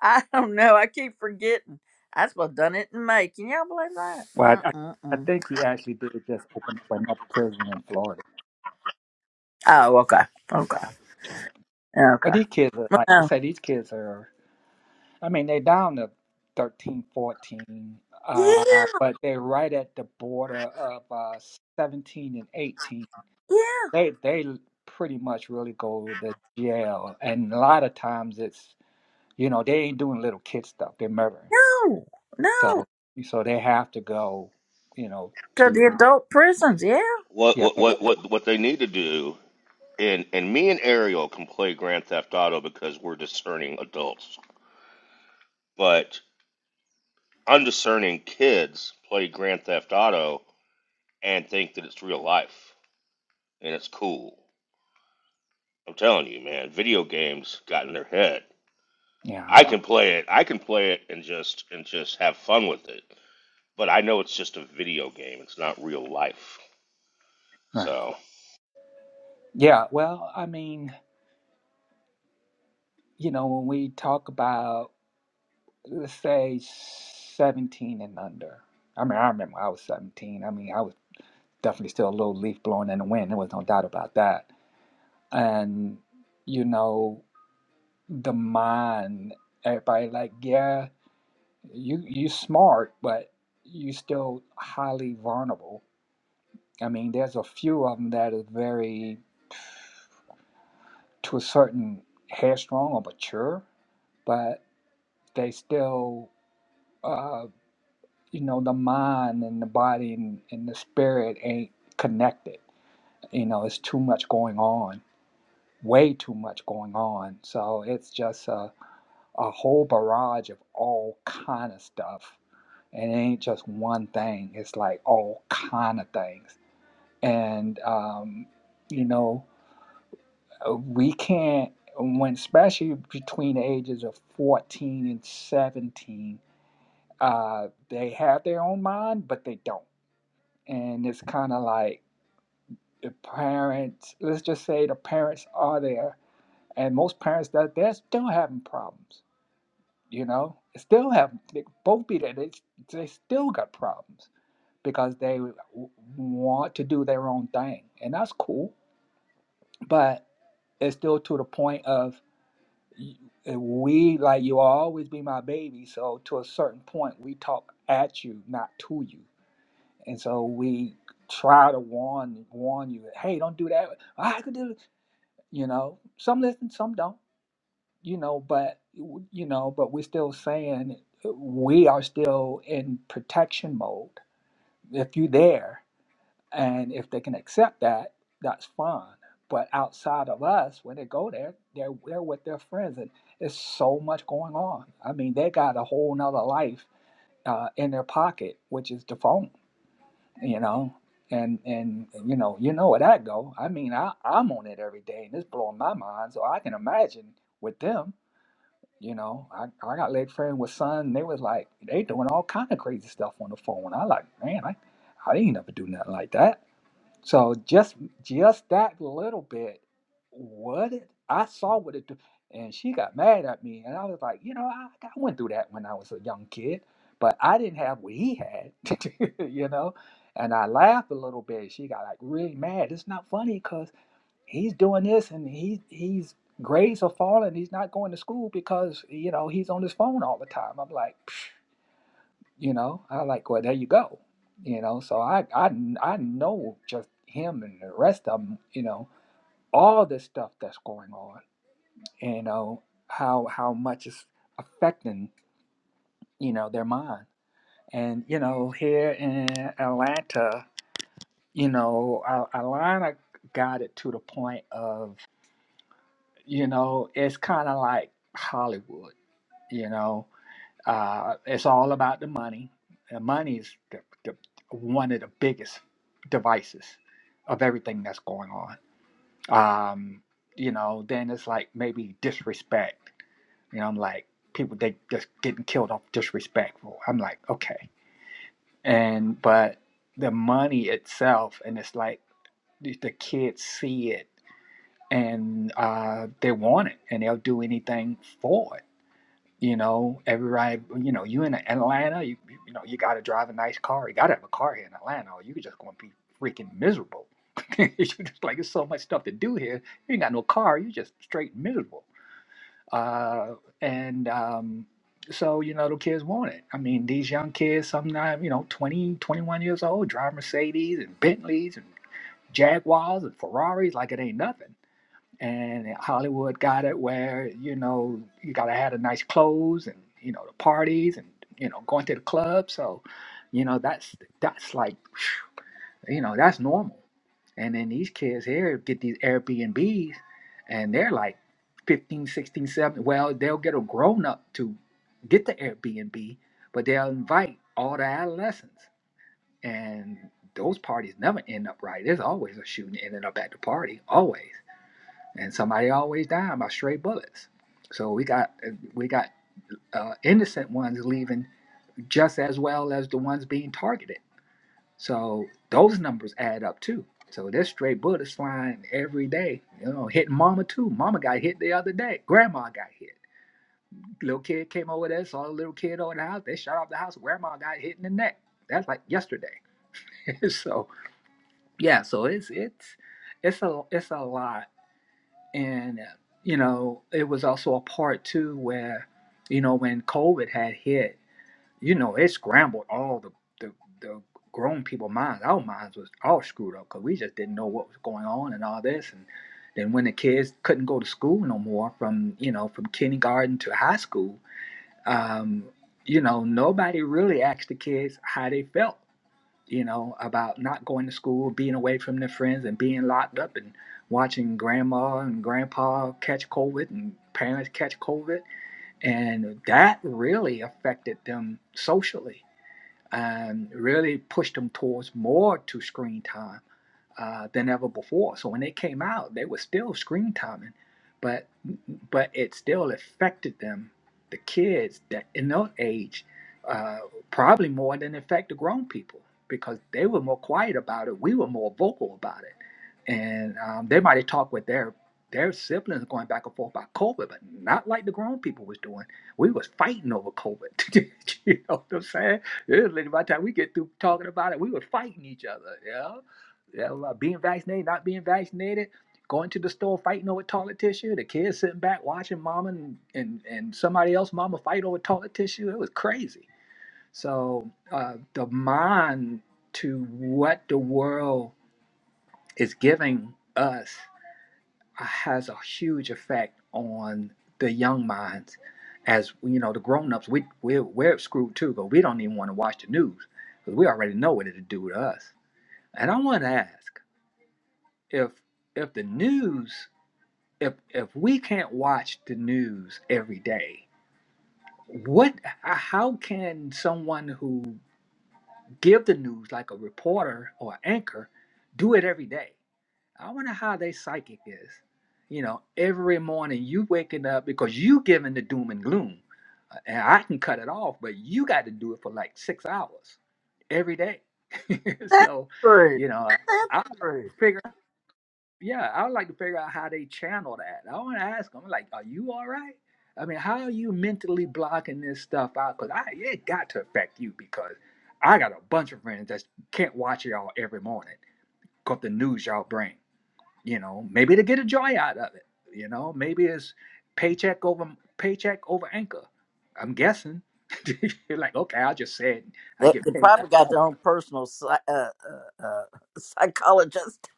Speaker 1: I don't know. I keep forgetting. I suppose done it in May. Can y'all believe that?
Speaker 14: Well, I, I
Speaker 1: Mm-mm-mm.
Speaker 14: think he actually did just open up another prison in Florida.
Speaker 1: Oh, okay.
Speaker 14: Yeah,
Speaker 1: Okay.
Speaker 14: I think he just opened. But
Speaker 1: Okay.
Speaker 14: these kids are like to
Speaker 1: Oh.
Speaker 14: say these kids are. I mean, they're down to 13, 14, uh,
Speaker 1: Yeah.
Speaker 14: but they're right at the border of uh, seventeen and eighteen.
Speaker 1: Yeah.
Speaker 14: They they pretty much really go to jail, and a lot of times it's you know they ain't doing little kid stuff. They're murdering.
Speaker 1: No. No.
Speaker 14: So so they have to go, you know,
Speaker 1: Because
Speaker 14: to
Speaker 1: the adult prisons. Yeah.
Speaker 8: What
Speaker 14: yeah,
Speaker 8: what what
Speaker 14: it-
Speaker 8: what what they need to do and and me and Ariel can play Grand Theft Auto because we're discerning adults. But undiscerning kids play Grand Theft Auto and think that it's real life and it's cool. I'm telling you, man, video games got in their head. I
Speaker 14: yeah,
Speaker 8: can play it. I can play it and just and just have fun with it. But I know it's just a video game. It's not real life.
Speaker 14: right.
Speaker 8: So
Speaker 14: Yeah, well, I mean, you know, when we talk about let's say 17 and under. I mean, I remember I was 17. I mean, I was definitely still a little leaf blowing in the wind. There was no doubt about that. And you know, the mind, everybody like, yeah, you you smart, but you still highly vulnerable I mean, there's a few of them that is very, to a certain headstrong or mature, but they still, uh, you know, the mind and the body and, and the spirit ain't connected. You know, it's too much going on, way too much going on. So it's just a, a whole barrage of all kind of stuff. And it ain't just one thing. It's like all kind of things. And, um, you know, Uh, We can't, when especially between the ages of 14 and 17, uh, they have their own mind, but they don't. And it's kind of like the parents, let's just say the parents are there, and most parents that they're still having problems, you know? Still have, they both be there, they, they still got problems because they w- want to do their own thing. And that's cool, but it's still to the point of we like you will always be my baby so to a certain point we talk at you not to you and so we try to warn warn you hey don't do that Oh, i could do it," you know some listen some don't you know but you know but we're still saying we are still in protection mode if you there and if they can accept that, that's fine. But outside of us, when they go there, they're they're with their friends, and it's so much going on. I mean, they got a whole nother life uh, in their pocket, which is the phone, you know. And and you know, you know where that go. I mean, I I'm on it every day, and it's blowing my mind. So I can imagine with them, you know. I I got a leg friend with son, and they was like they doing all kind of crazy stuff on the phone. I like, man, I I didn't ever do nothing like that. So just just that little bit, what it, I saw what it do, and she got mad at me, and I was like, you know, I, I went through that when I was a young kid, but I didn't have what he had, you know, and I laughed a little bit. She got like really mad. It's not funny because he's doing this, and he he's grades are falling. He's not going to school because you know he's on his phone all the time. I'm like. You know, I like, well, there you go. You know, so I, I, I know just him and the rest of them. You know, all this stuff that's going on. You know how how much is affecting you know their mind. And you know, here in Atlanta, you know, Al- Atlanta got it to the point of, you know, it's kind of like Hollywood. You know, Uh, it's all about the money. And money is the, the, one of the biggest devices of everything that's going on. Um, you know, then it's like maybe disrespect. You know, I'm like people they just getting killed off disrespectful. I'm like, okay. And but the money itself, and it's like the the kids see it and uh, they want it, and they'll do anything for it you know, every ride, you know, you in Atlanta, you, you know, you got to drive a nice car. You got to have a car here in Atlanta, or you're just going to be freaking miserable. It's just like, there's so much stuff to do here. You ain't got no car. You're just straight miserable. Uh, and um, so, you know, the kids want it. I mean, these young kids, sometimes, you know, 20, 21 years old, drive Mercedes and Bentleys and Jaguars and Ferraris like it ain't nothing and Hollywood got it where you know you gotta have the nice clothes and you know the parties and you know going to the club. So, you know that's that's like you know that's normal. And then these kids here get these Airbnbs and they're like 15, sixteen, seventeen. Well, they'll get a grown up to get the Airbnb, but they'll invite all the adolescents. And those parties never end up right. There's always a shooting ending up at the party, always and somebody always dying by stray bullets. So we got we got uh, innocent ones leaving just as well as the ones being targeted. So those numbers add up too. So there's stray bullets flying every day. You know, hitting mama too. Mama got hit the other day. Grandma got hit. Little kid came over there, saw a little kid over the house. They shot off the house. Grandma got hit in the neck. That's like yesterday. so yeah, so it's it's it's a it's a lot and uh, you know it was also a part too where you know when covid had hit you know it scrambled all the the, the grown people minds our minds was all screwed up because we just didn't know what was going on and all this and then when the kids couldn't go to school no more from you know from kindergarten to high school um, you know nobody really asked the kids how they felt you know, about not going to school, being away from their friends, and being locked up and watching grandma and grandpa catch COVID and parents catch COVID. And that really affected them socially and really pushed them towards more to screen time uh, than ever before. So when they came out, they were still screen timing, but but it still affected them, the kids that in their age, uh, probably more than it affected grown people because they were more quiet about it. We were more vocal about it, and um, they might have talked with their their siblings going back and forth about COVID, but not like the grown people was doing. We was fighting over COVID. you know what I'm saying? literally by the time we get through talking about it, we were fighting each other. Yeah uh, being vaccinated, not being vaccinated, going to the store fighting over toilet tissue, the kids sitting back watching mama and, and, and somebody else mama fight over toilet tissue. It was crazy. So uh, the mind to what the world is giving us uh, has a huge effect on the young minds. As you know, the grown-ups, we we're, we're screwed too, but we don't even want to watch the news because we already know what it'll do to us. And I want to ask. if if the news if if we can't watch the news every day what how can someone who give the news like a reporter or anchor do it every day i wonder how they psychic is you know every morning you waking up because you giving the doom and gloom Uh, and i can cut it off but you got to do it for like six hours every day
Speaker 1: That's
Speaker 14: so
Speaker 1: true.
Speaker 14: you know
Speaker 1: That's
Speaker 14: i would like
Speaker 1: true.
Speaker 14: to figure. yeah, I would like to figure out how they channel that. I want to ask them, like, are you all right? I mean, how are you mentally blocking this stuff out? Because I it got to affect you because I got a bunch of friends that can't watch y'all every morning because the news y'all bring. You know, maybe to get a joy out of it. You know, maybe it's paycheck over paycheck over anchor. I'm guessing. You're like, okay, I just said I
Speaker 1: They,
Speaker 14: get
Speaker 1: they
Speaker 14: paid
Speaker 1: probably
Speaker 14: after
Speaker 1: got
Speaker 14: home.
Speaker 1: their own personal psy- uh, uh, uh, psychologist.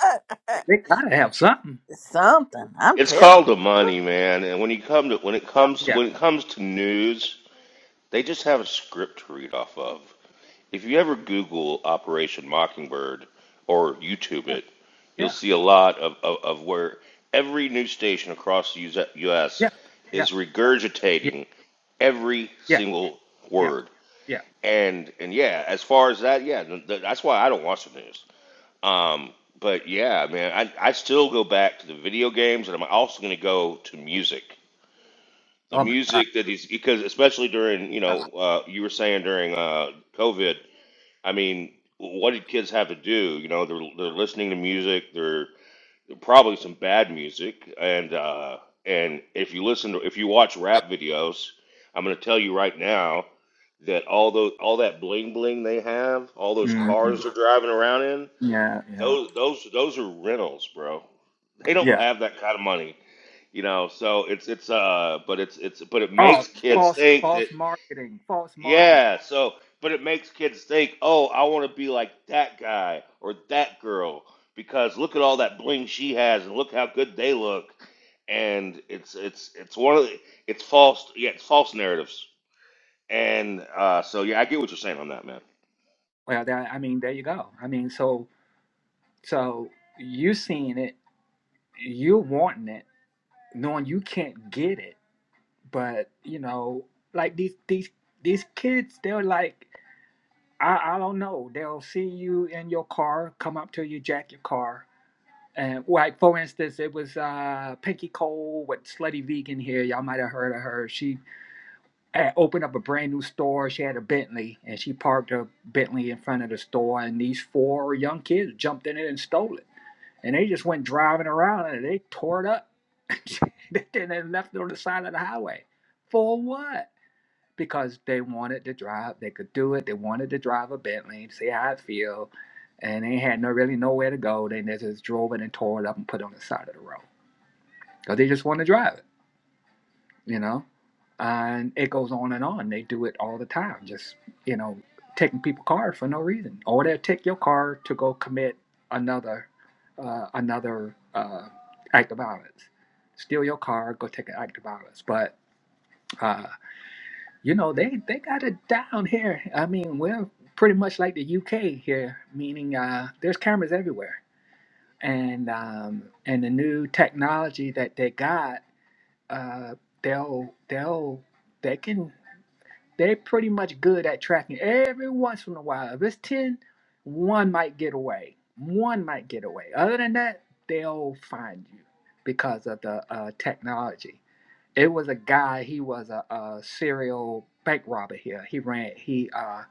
Speaker 14: They they gotta have something.
Speaker 1: Something. I'm
Speaker 8: it's
Speaker 1: telling
Speaker 8: called the
Speaker 1: you.
Speaker 8: money, man. And when you come to when it comes to
Speaker 14: Yeah,
Speaker 8: when it comes to news, they just have a script to read off of. If you ever Google Operation Mockingbird or YouTube it, you'll
Speaker 14: yeah,
Speaker 8: see a lot of, of, of where every news station across the US
Speaker 14: yeah, yeah,
Speaker 8: is
Speaker 14: yeah,
Speaker 8: regurgitating every
Speaker 14: yeah,
Speaker 8: single
Speaker 14: yeah.
Speaker 8: word.
Speaker 14: yeah.
Speaker 8: And and yeah, as far as that, yeah, that's why I don't watch the news. Um, but yeah, man, I, I still go back to the video games, and I'm also going to go to music. The
Speaker 14: Oh my god.
Speaker 8: music that is because especially during you
Speaker 14: Yeah.
Speaker 8: know uh, you were saying during uh, COVID I mean, what did kids have to do? You know, they're they're listening to music. They're, they're probably some bad music, and uh, and if you listen to if you watch rap videos, I'm going to tell you right now that all those all that bling bling they have, all those
Speaker 14: Mm-mm.
Speaker 8: cars they're driving around in,
Speaker 14: Yeah, yeah,
Speaker 8: those those those are rentals, bro. They don't
Speaker 14: yeah.
Speaker 8: have that kind of money, you know. So it's it's uh, but it's it's but it makes
Speaker 14: Oh,
Speaker 8: kids
Speaker 14: false,
Speaker 8: think that
Speaker 14: false marketing, false marketing.
Speaker 8: yeah, so but it makes kids think, "Oh, I want to be like that guy or that girl because look at all that bling she has and look how good they look." And it's it's it's one of the, it's false yeah, it's false narratives. And uh, so yeah, I get what you're saying on that, man.
Speaker 14: Well, that, I mean, there you go. I mean, so, so you seeing it, you wanting it, knowing you can't get it, but you know, like these, these, these kids, they're like, I, I don't know. They'll see you in your car, come up to you, jack your car. And like for instance, it was uh, Pinky Cole with Slutty Vegan here. Y'all might have heard of her. She had opened up a brand new store. She had a Bentley and she parked her Bentley in front of the store. And these four young kids jumped in it and stole it. And they just went driving around and they tore it up. and they left it on the side of the highway. For what? Because they wanted to drive. They could do it. They wanted to drive a Bentley, see how it feel. And they had no really nowhere to go. They just drove it and tore it up and put it on the side of the road. Because they just want to drive you know, and it goes on and on. They do it all the time, just you know, taking people's cars for no reason, or they'll take your car to go commit another uh, another uh, act of violence, steal your car, go take an act of violence. But uh, you know, they they got it down here. I mean, we're pretty much like the UK here, meaning uh, there's cameras everywhere. And um, and the new technology that they got, uh, they'll they'll they can they're pretty much good at tracking every once in a while. If it's ten, one might get away. One might get away. Other than that, they'll find you because of the uh, technology. It was a guy, he was a, a serial bank robber here. He ran, he uh,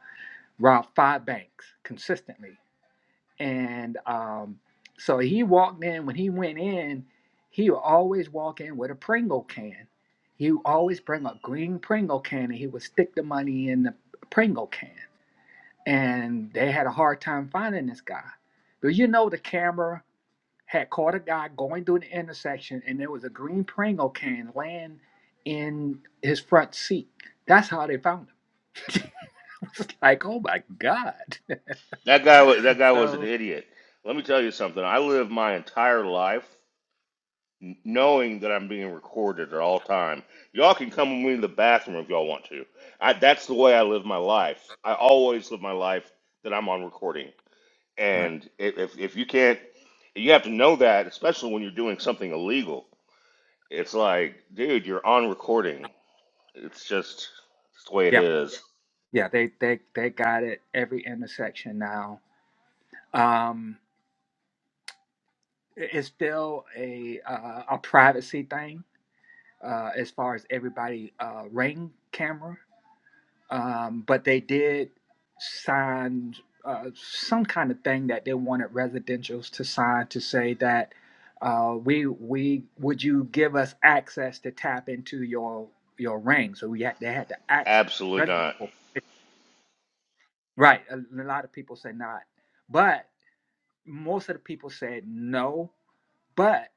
Speaker 14: robbed five banks consistently and um, so he walked in. When he went in, he would always walk in with a Pringle can. He would always bring a green Pringle can, and he would stick the money in the Pringle can. And they had a hard time finding this guy. But you know, the camera had caught a guy going through the intersection, and there was a green Pringle can laying in his front seat. That's how they found him. it's like, oh my God.
Speaker 8: That guy was that guy was an
Speaker 14: So
Speaker 8: idiot. Let me tell you something. I lived my entire life n- knowing that I'm being recorded at all time. Y'all can come with me to the bathroom if y'all want to. I, that's the way I live my life. I always live my life that I'm on recording.
Speaker 14: Right.
Speaker 8: And if, if, if you can't, you have to know that, especially when you're doing something illegal. It's like, dude, you're on recording. It's just it's the way
Speaker 14: yeah.
Speaker 8: it is.
Speaker 14: Yeah, they they they got it every intersection now. Um, it- it's still a uh, a privacy thing uh, as far as everybody uh, ring camera, um, but they did sign uh, some kind of thing that they wanted residentials to sign to say that uh, we we would you give us access to tap into your your ring? So we had they had to ask
Speaker 8: Absolutely
Speaker 14: residents,
Speaker 8: not.
Speaker 14: for- right? A, a lot of people say not, but. most of the people said no, but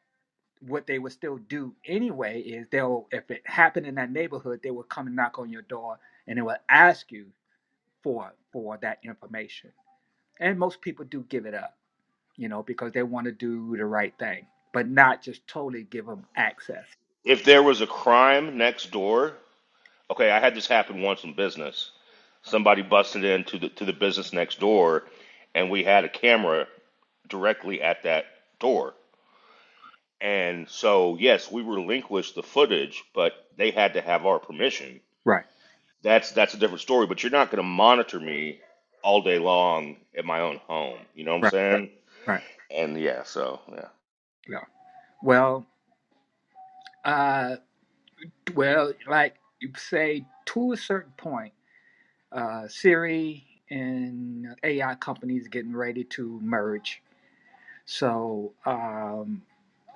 Speaker 14: what they would still do anyway is they'll if it happened in that neighborhood, they would come and knock on your door and they would ask you for for that information. And most people do give it up, you know, because they want to do the right thing, but not just totally give them access.
Speaker 8: If there was a crime next door, okay, I had this happen once in business somebody busted into the to the business next door and we had a camera directly at that door and so yes we relinquished the footage but they had to have our permission
Speaker 14: Right,
Speaker 8: that's that's a different story but you're not going to monitor me all day long at my own home you know what i'm
Speaker 14: right,
Speaker 8: saying
Speaker 14: right.
Speaker 8: and yeah so yeah
Speaker 14: Yeah. Well, uh, well, like you say, to a certain point, uh, Siri and AI companies getting ready to merge So um,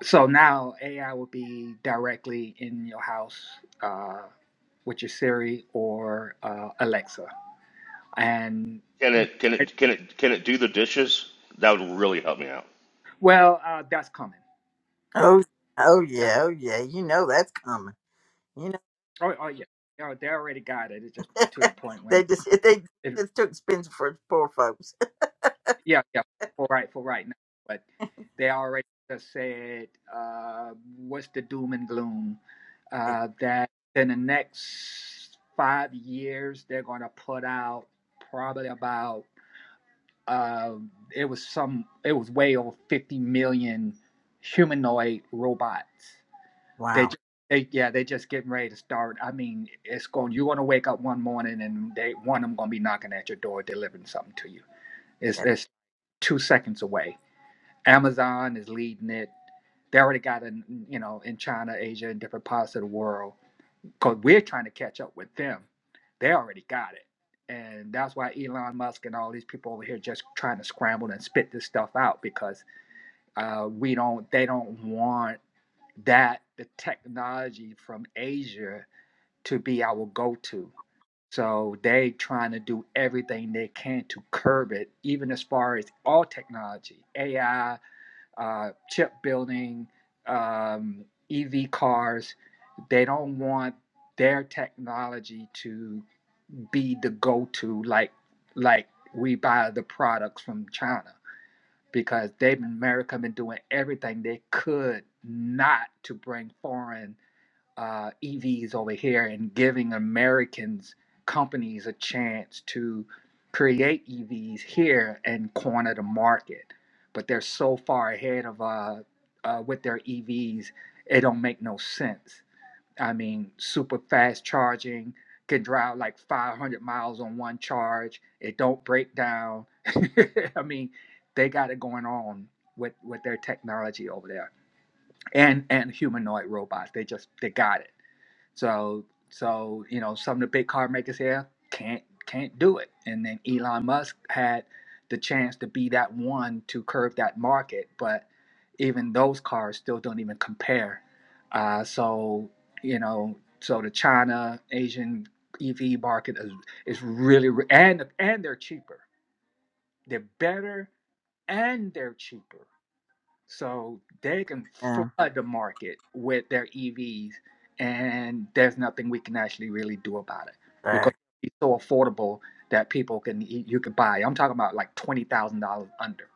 Speaker 14: so now AI will be directly in your house uh, with your Siri or uh, Alexa. And
Speaker 8: can it can it can it can it do the dishes that would really help me out
Speaker 14: well, uh, that's coming.
Speaker 1: Oh, oh
Speaker 14: That's
Speaker 1: yeah, oh yeah. You know that's coming. You
Speaker 14: oh, oh yeah, they they already got it. It's just to the
Speaker 1: know
Speaker 14: point when.
Speaker 1: they just they
Speaker 14: it
Speaker 1: just took expensive for poor folks.
Speaker 14: Yeah, yeah, for right, for right now. But they already just said uh, what's the doom and gloom
Speaker 1: It-
Speaker 14: uh, that in the next five years they're going to put out probably about uh, it was some it was way over fifty million humanoid robots. They
Speaker 1: Wow.
Speaker 14: just, they yeah they just getting ready to start. I mean, it's going you're going to wake up one morning and they one of them going to be knocking at your door delivering something to you. It's
Speaker 1: That-
Speaker 14: it's two seconds away Amazon is leading it. They already got in, you know, in China, Asia, and different parts of the world. Because we're trying to catch up with them. They already got it. And that's why Elon Musk and all these people over here just trying to scramble and spit this stuff out because uh, we don't, they don't want that, the technology from Asia to be our go to. So they trying to do everything they can to curb it, even as far as all technology, AI, uh, chip building, um, EV cars. They don't want their technology to be the go-to like like we buy the products from China because they've been America been doing everything they could not to bring foreign uh, EVs over here and giving Americans companies a chance to create EVs here and corner the market. But they're so far ahead of uh, uh, with their EVs, it don't make no sense. I mean, super fast charging can drive like 500 miles on one charge. It don't break down. I mean, they got it going on with with their technology over there and and humanoid robots. They just they got it. So so you know some of the big car makers here can't can't do it. And then Elon Musk had the chance to be that one to curve that market, but even those cars still don't even compare. Uh, so you know so the China Asian EV market is is really re- and and they're cheaper. They're better and they're cheaper. So they can
Speaker 1: yeah,
Speaker 14: flood the market with their EVs, and there's nothing we can actually really do about it because
Speaker 1: that-
Speaker 14: it's so affordable that people can e, you can buy. I'm talking about like twenty thousand dollars under,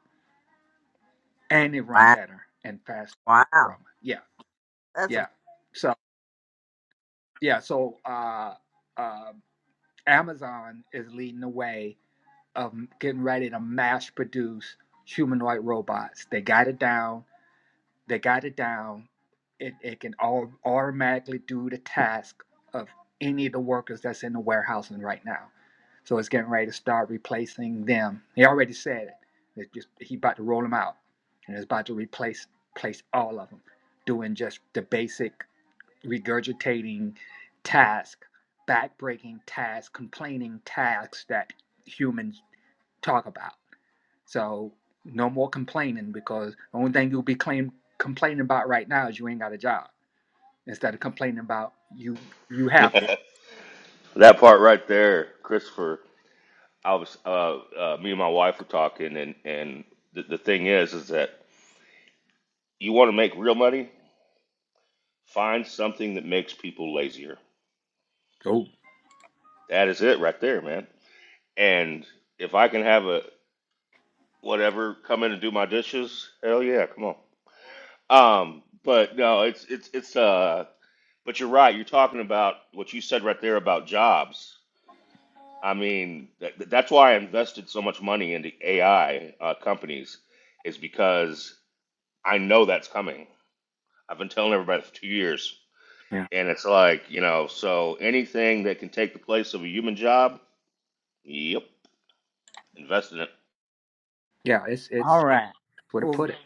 Speaker 14: and they run
Speaker 1: Wow.
Speaker 14: better and faster. From
Speaker 1: Wow.
Speaker 14: yeah,
Speaker 1: That's a,
Speaker 14: yeah. So yeah, so uh, uh, Amazon is leading the way of getting ready to mass produce humanoid robots. They got it down They got it down. It, it can all automatically do the task of any of the workers that's in the warehousing right now. So it's getting ready to start replacing them. He already said it. It's just he about to roll them out, and it's about to replace place all of them, doing just the basic regurgitating task, back breaking task, complaining tasks that humans talk about. So no more complaining because the only thing you'll be claim, complaining about right now is you ain't got a job instead of complaining about you you happy.
Speaker 8: that part right there christopher I was uh, uh, me and my wife were talking, and and the, the thing is, is that you want to make real money, find something that makes people lazier.
Speaker 14: Oh,
Speaker 8: That is it right there, man. And if I can have a whatever come in and do my dishes, hell yeah, come on. Um, but no, it's it's it's uh. But you're right. You're talking about what you said right there about jobs. I mean, that, that's why I invested so much money into AI uh, companies, is because I know that's coming I've been telling everybody for two years.
Speaker 14: yeah.
Speaker 8: And it's like, you know, so anything that can take the place of a human job, yep, invest in it.
Speaker 14: Yeah, it's it's
Speaker 1: all right.
Speaker 14: where to
Speaker 1: Well,
Speaker 14: put it.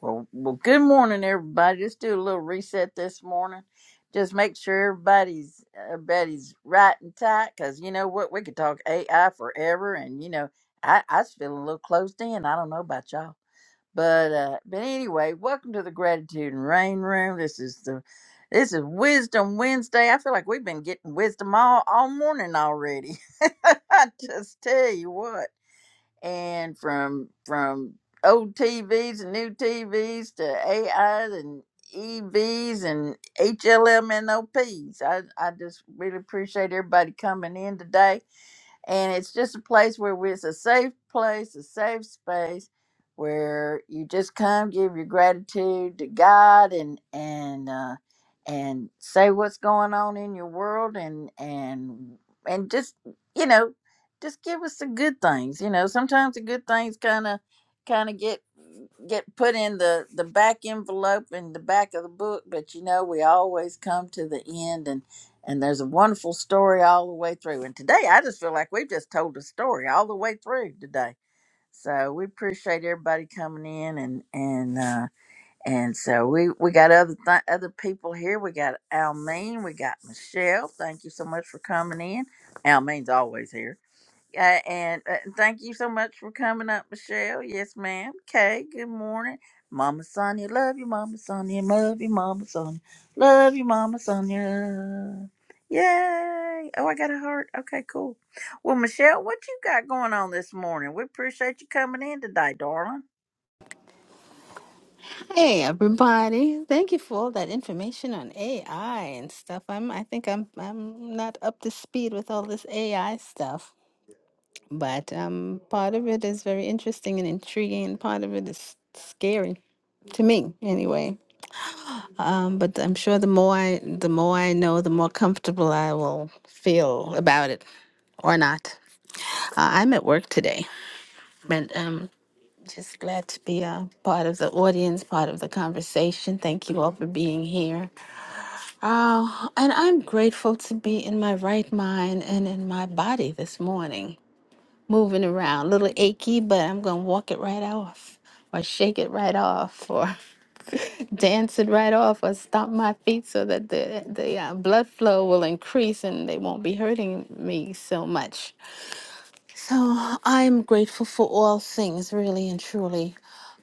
Speaker 1: well, well, good morning, everybody. Let's do a little reset this morning. Just make sure everybody's everybody's right and tight, because you know what, we could talk AI forever, and you know, I I was feeling a little closed in. I don't know about y'all. But uh, but anyway, welcome to the gratitude and rain room. This is the this is Wisdom Wednesday. I feel like we've been getting wisdom all all morning already. I just tell you what, and from from old TVs and new TVs to AIs and EVs and HLMNOPs. I I just really appreciate everybody coming in today and it's just a place where we- it's a safe place, a safe space where you just come give your gratitude to God and and uh, and say what's going on in your world and and and just you know just give us the good things. You know, sometimes the good things kind of kind of get get put in the the back envelope in the back of the book but you know we always come to the end and there's a wonderful story all the way through. And today, I just feel like we've just told a story all the way through today. So we appreciate everybody coming in, and and uh, and so we we got other th- other people here. We got Almeen, we got Michelle. Thank you so much for coming in. Almeen's always here. Uh, and uh, thank you so much for coming up, Michelle. Yes, ma'am. Kay, good morning. Mama Sonia, love you, Mama Sonia. Love you, Mama Sonia. Love you, Mama Sonia. Yay. Oh, I got a heart. Okay, cool. Well, Michelle, what you got going on this morning? We appreciate you coming in today, darling.
Speaker 15: Hey everybody. Thank you for all that information on AI and stuff. I'm I think I'm I'm not up to speed with all this AI stuff, but um part of it is very interesting and intriguing and part of it is scary to me anyway. Um but I'm sure the more I the more I know, the more comfortable I will feel about it or not. Uh, I'm at work today, but um just glad to be a part of the audience, part of the conversation. Thank you all for being here. Oh, and I'm grateful to be in my right mind and in my body this morning, moving around. A little achy, but I'm going to walk it right off, or shake it right off, or dance it right off, or stomp my feet so that the, the uh, blood flow will increase and they won't be hurting me so much. So I'm grateful for all things, really and truly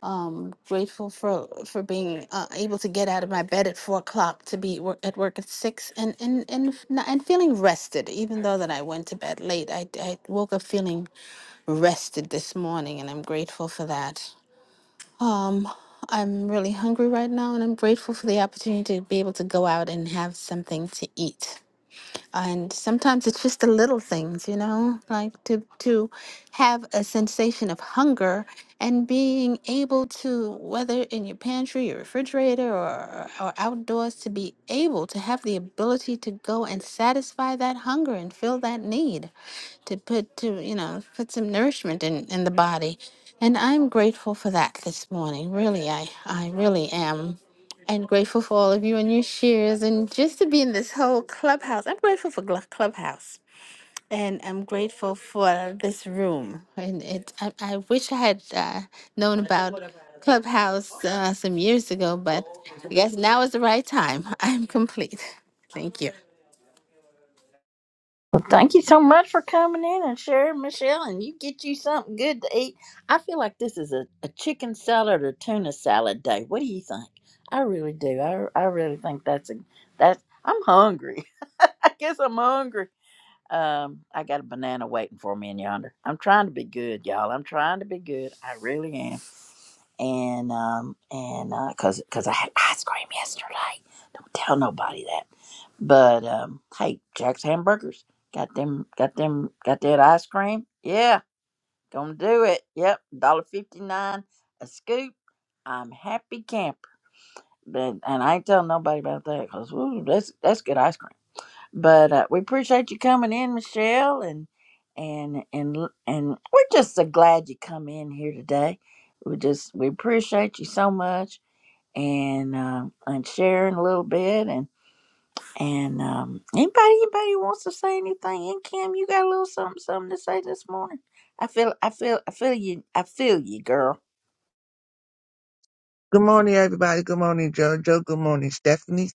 Speaker 15: um, grateful for for being uh, able to get out of my bed at four o'clock to be wor- at work at six, and and and f- n- and feeling rested. Even though that I went to bed late, I I woke up feeling rested this morning, and I'm grateful for that. Um, I'm really hungry right now, and I'm grateful for the opportunity to be able to go out and have something to eat and sometimes it's just the little things you know like to to have a sensation of hunger and being able to whether in your pantry your refrigerator or, or outdoors to be able to have the ability to go and satisfy that hunger and fill that need to put to you know put some nourishment in in the body and i'm grateful for that this morning really i i really am and grateful for all of you and your shares and just to be in this whole clubhouse i'm grateful for Glu- clubhouse and i'm grateful for this room and it i, I wish i had uh, known about clubhouse uh, some years ago but i guess now is the right time i'm complete thank you
Speaker 1: Well, thank you so much for coming in and sharing, Michelle. And you get you something good to eat. I feel like this is a, a chicken salad or tuna salad day. What do you think? I really do. I, I really think that's a that's. I'm hungry. I guess I'm hungry. Um, I got a banana waiting for me in yonder. I'm trying to be good, y'all. I'm trying to be good. I really am. And um and uh, cause cause I had ice cream yesterday. Don't tell nobody that. But um, hey, Jack's hamburgers got them, got them, got that ice cream. Yeah, gonna do it. Yep, dollar fifty nine a scoop. I'm happy camper. But, and I ain't telling nobody about that because that's that's good ice cream. But uh, we appreciate you coming in, Michelle, and and and and we're just so glad you come in here today. We just we appreciate you so much, and uh, and sharing a little bit, and. And um, anybody, anybody wants to say anything? And Kim, you got a little something, something to say this morning? I feel, I feel, I feel you, I feel you, girl.
Speaker 16: Good morning, everybody. Good morning, Jojo. Good morning, Stephanie.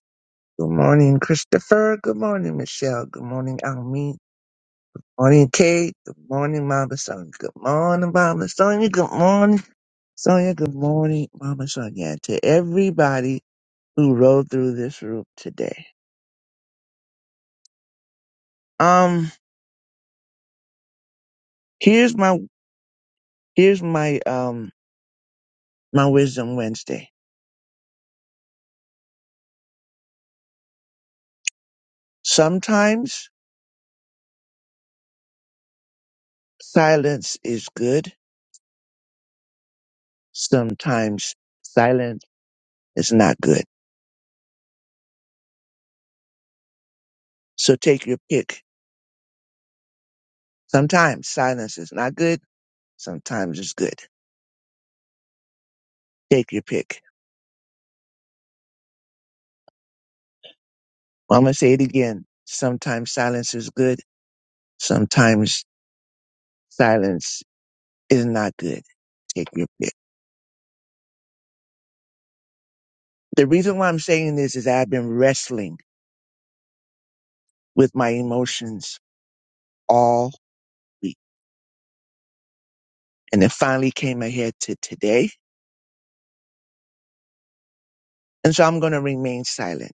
Speaker 16: Good morning, Christopher. Good morning, Michelle. Good morning, Almi. Morning, Kate. Good morning, Mama Sonia. Good morning, Mama Sonia. Good morning, Sonia. Good morning, Mama Sonia. And to everybody who rode through this room today. Um, here's my here's my um my wisdom Wednesday. Sometimes silence is good. Sometimes silence is not good. So take your pick Sometimes silence is not good. Sometimes it's good. Take your pick. Well, I'm going to say it again. Sometimes silence is good. Sometimes silence is not good. Take your pick. The reason why I'm saying this is I've been wrestling with my emotions all week and it finally came ahead to today. And so I'm going to remain silent,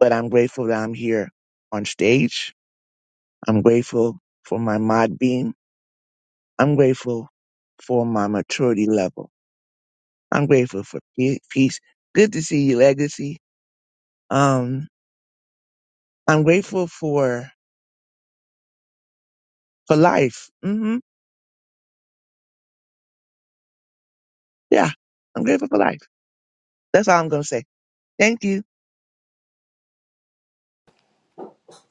Speaker 16: but I'm grateful that I'm here on stage. I'm grateful for my mod being. I'm grateful for my maturity level. I'm grateful for pe- peace. Good to see you, Legacy. Um, I'm grateful for for life. hmm Yeah, I'm grateful for life. That's all I'm gonna say. Thank you.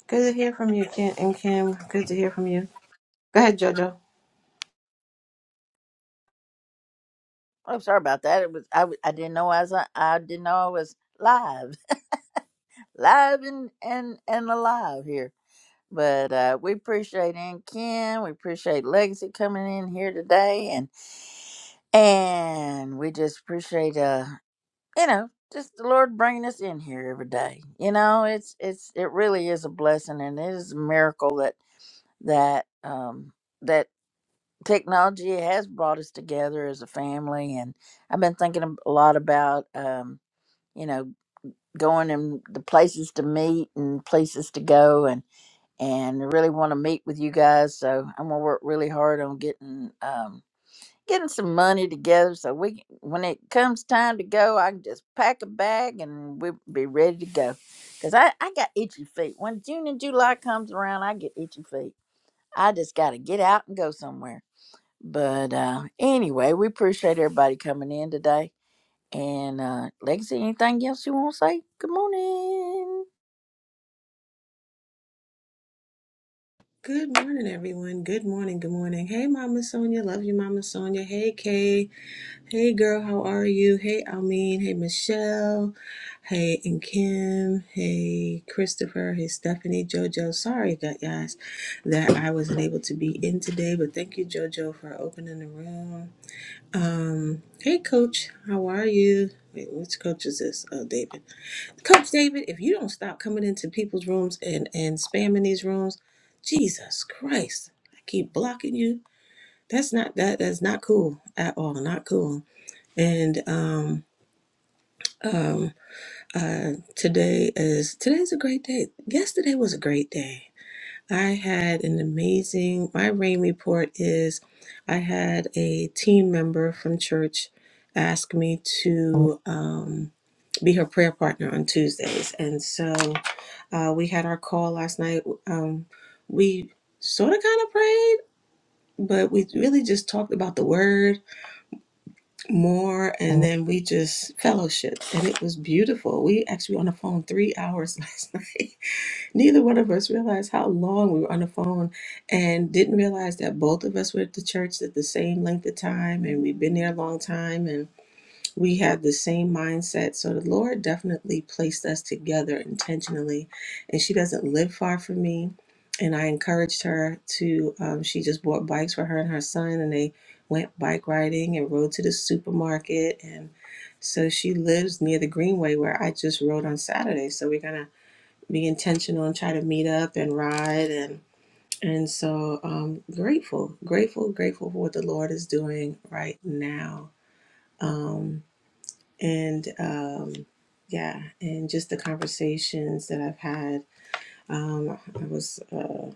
Speaker 17: Good to hear from you, Kim and Kim. Good to hear from you. Go ahead, Jojo.
Speaker 1: I'm sorry about that. It was, I, w- I didn't know I was, on- I didn't know I was live, live and and and alive here. But uh, we appreciate Aunt Kim. We appreciate Legacy coming in here today, and and we just appreciate uh you know just the lord bringing us in here every day you know it's it's it really is a blessing and it is a miracle that that um that technology has brought us together as a family and i've been thinking ab- a lot about um you know going and the places to meet and places to go and and I really want to meet with you guys so i'm gonna work really hard on getting um getting some money together so we can, when it comes time to go i can just pack a bag and we'll be ready to go because I, I got itchy feet when june and july comes around i get itchy feet i just gotta get out and go somewhere but uh anyway we appreciate everybody coming in today and uh legacy anything else you want to say good morning
Speaker 17: Good morning, everyone. Good morning. Good morning. Hey, Mama Sonia. Love you, Mama Sonia. Hey, Kay. Hey, girl. How are you? Hey, Almeen. Hey, Michelle. Hey, and Kim. Hey, Christopher. Hey, Stephanie. Jojo. Sorry, gu- guys, that I wasn't able to be in today, but thank you, Jojo, for opening the room. Um, hey, Coach. How are you? Wait, which coach is this? Oh, David. Coach David, if you don't stop coming into people's rooms and, and spamming these rooms, Jesus Christ, I keep blocking you. That's not that that's not cool at all. Not cool. And um um uh today is today's a great day. Yesterday was a great day I had an amazing, my rain report is I had a team member from church ask me to um, be her prayer partner on Tuesdays. And so uh, we had our call last night. Um, we sort of kind of prayed, but we really just talked about the word more and then we just fellowshiped. And it was beautiful. We actually were on the phone three hours last night neither one of us realized how long we were on the phone and didn't realize that both of us were at the church at the same length of time and we've been there a long time and we had the same mindset so the lord definitely placed us together intentionally and she doesn't live far from me and i encouraged her to um, she just bought bikes for her and her son and they went bike riding and rode to the supermarket and so she lives near the greenway where i just rode on saturday so we're gonna be intentional and try to meet up and ride and and so um grateful grateful grateful for what the lord is doing right now um and um yeah and just the conversations that i've had um i was uh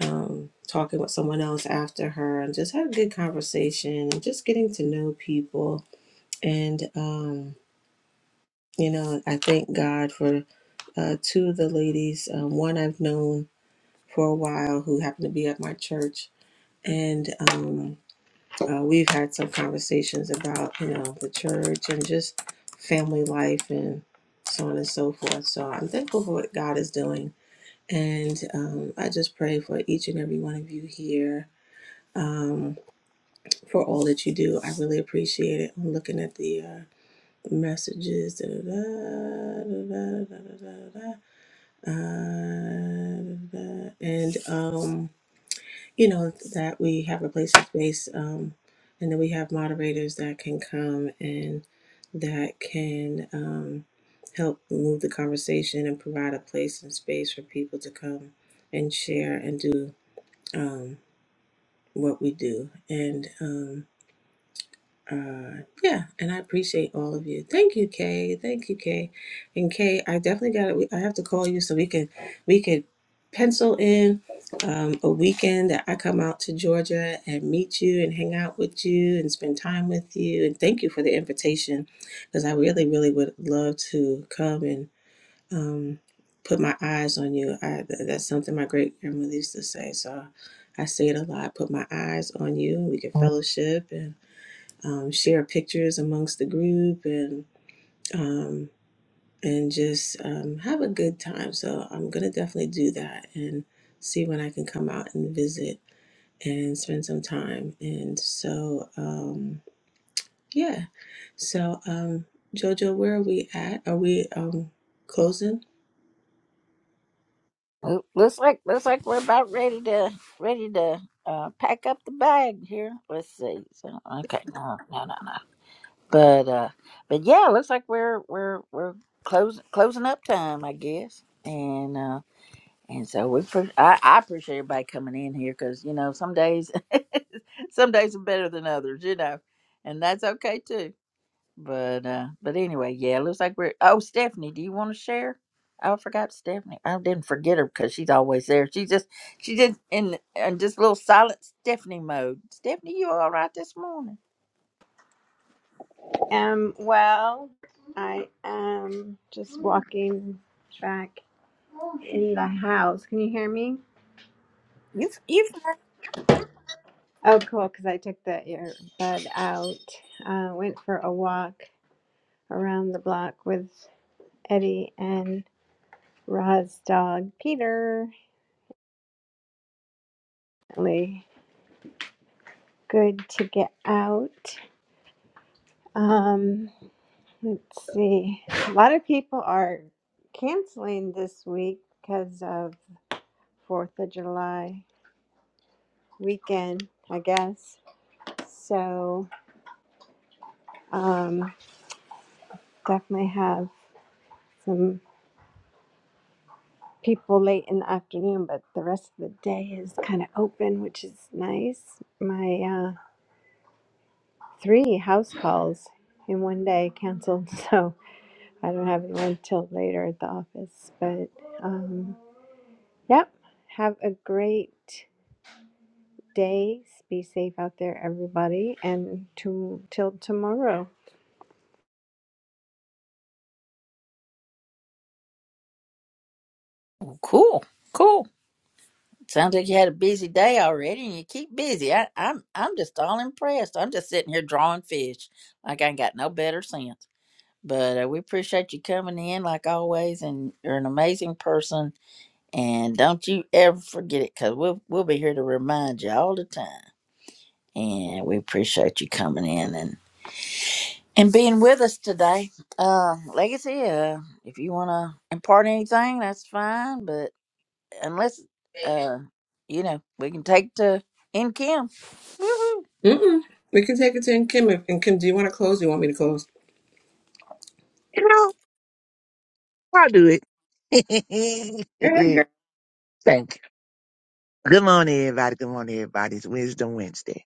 Speaker 17: um talking with someone else after her and just had a good conversation and just getting to know people and um you know i thank god for uh two of the ladies um, one i've known for a while who happened to be at my church. And um, uh, we've had some conversations about, you know, the church and just family life and so on and so forth. So I'm thankful for what God is doing. And um, I just pray for each and every one of you here um, for all that you do. I really appreciate it. I'm looking at the uh, messages. Da, da, da, da, da, da, da, da, da, da, Uh, da, da, da. And um, you know, that we have a place and space, um, and then we have moderators that can come and that can um, help move the conversation and provide a place and space for people to come and share and do um, what we do. And um, uh yeah and i appreciate all of you thank you kay thank you kay and kay i definitely got it i have to call you so we can we could pencil in um, a weekend that i come out to georgia and meet you and hang out with you and spend time with you and thank you for the invitation because i really really would love to come and um put my eyes on you i th- that's something my great grandmother used to say so i say it a lot put my eyes on you and we can fellowship um, share pictures amongst the group and um, and just um, have a good time. So I'm gonna definitely do that and see when I can come out and visit and spend some time. And so um, yeah, so um, Jojo, where are we at? Are we um, closing?
Speaker 1: L- looks like looks like we're about ready to ready to uh pack up the bag here let's see so okay no no no But uh, but yeah, looks like we're we're we're closing closing up time, I guess. And uh, and so we pre- I, I appreciate everybody coming in here because you know some days some days are better than others, you know, and that's okay too. But uh, but anyway, yeah, looks like we're. Oh, Stephanie, do you want to share? Oh, I forgot Stephanie. I didn't forget her because she's always there. She just she just in in just little silent Stephanie mode. Stephanie, you all right this morning?
Speaker 12: Um, well, I am just walking back in the house. Can you hear me?
Speaker 1: You you fine?
Speaker 12: Oh, cool, because I took the earbud out. Uh, went for a walk around the block with Eddie and Ra's dog, Peter. Really good to get out. Um, Let's see. A lot of people are canceling this week because of Fourth of July weekend, I guess. So um, definitely have some people late in the afternoon, but the rest of the day is kind of open, which is nice. My uh, three house calls in one day canceled, so I don't have anyone till later at the office. But um, yep, have a great days. Be safe out there, everybody. And to, till tomorrow.
Speaker 1: Cool, cool. Sounds like you had a busy day already, and you keep busy. I, I'm I'm just all impressed. I'm just sitting here drawing fish, like I ain't got no better sense. But uh, we appreciate you coming in, like always, and you're an amazing person. And don't you ever forget it, cause we'll we'll be here to remind you all the time. And we appreciate you coming in and and being with us today. Uh, legacy. Uh, if you want to impart anything, that's fine. But unless uh you know we can take to in Kim. Woohoo.
Speaker 17: Mm-mm. We can take it to Kim. If, and Kim, do you want to close? Do you want me to close?
Speaker 16: You know, I'll do it.
Speaker 17: Yeah,
Speaker 16: Thank you. Good morning, everybody. Good morning, everybody. It's Wisdom Wednesday.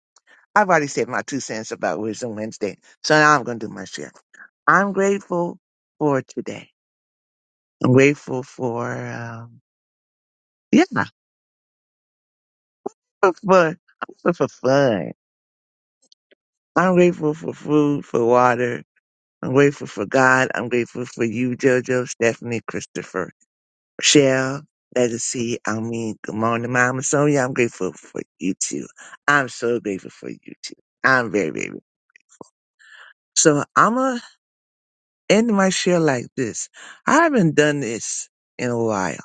Speaker 16: I've already said my two cents about Wisdom Wednesday, so now I'm gonna do my share. I'm grateful for today. I'm grateful for um, yeah, for, for for for fun. I'm grateful for food, for water. I'm grateful for God. I'm grateful for you, JoJo, Stephanie, Christopher, Michelle, Legacy. I mean, good morning, Mama Sonia. I'm grateful for you too. I'm so grateful for you too. I'm very, very. So I'm going to end my share like this. I haven't done this in a while.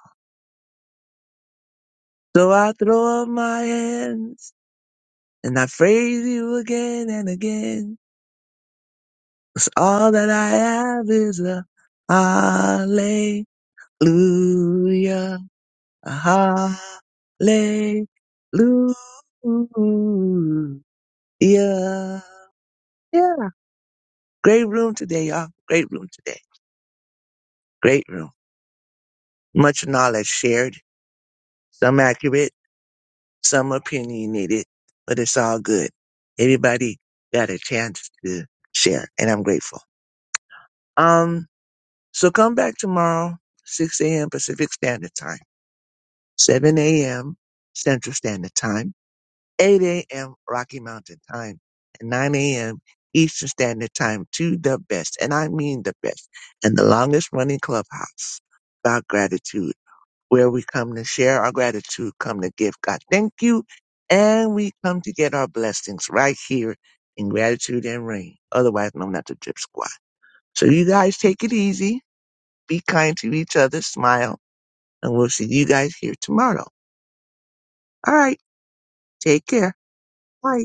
Speaker 16: So I throw up my hands and I praise you again and again. 'Cause all that I have is a hallelujah. Hallelujah. Hallelujah. Yeah. Great room today, y'all. Great room today. Great room. Much knowledge shared, some accurate, some opinionated, but it's all good. Everybody got a chance to share, and I'm grateful. Um, so come back tomorrow, 6 a.m. Pacific Standard Time, 7 a.m. Central Standard Time. 8 a.m. Rocky Mountain time and 9 a.m. Eastern Standard Time to the best, and I mean the best, and the longest running clubhouse about gratitude, where we come to share our gratitude, come to give God thank you, and we come to get our blessings right here in gratitude and rain, otherwise known as the drip squad. So you guys take it easy, be kind to each other, smile, and we'll see you guys here tomorrow. All right, take care. Bye.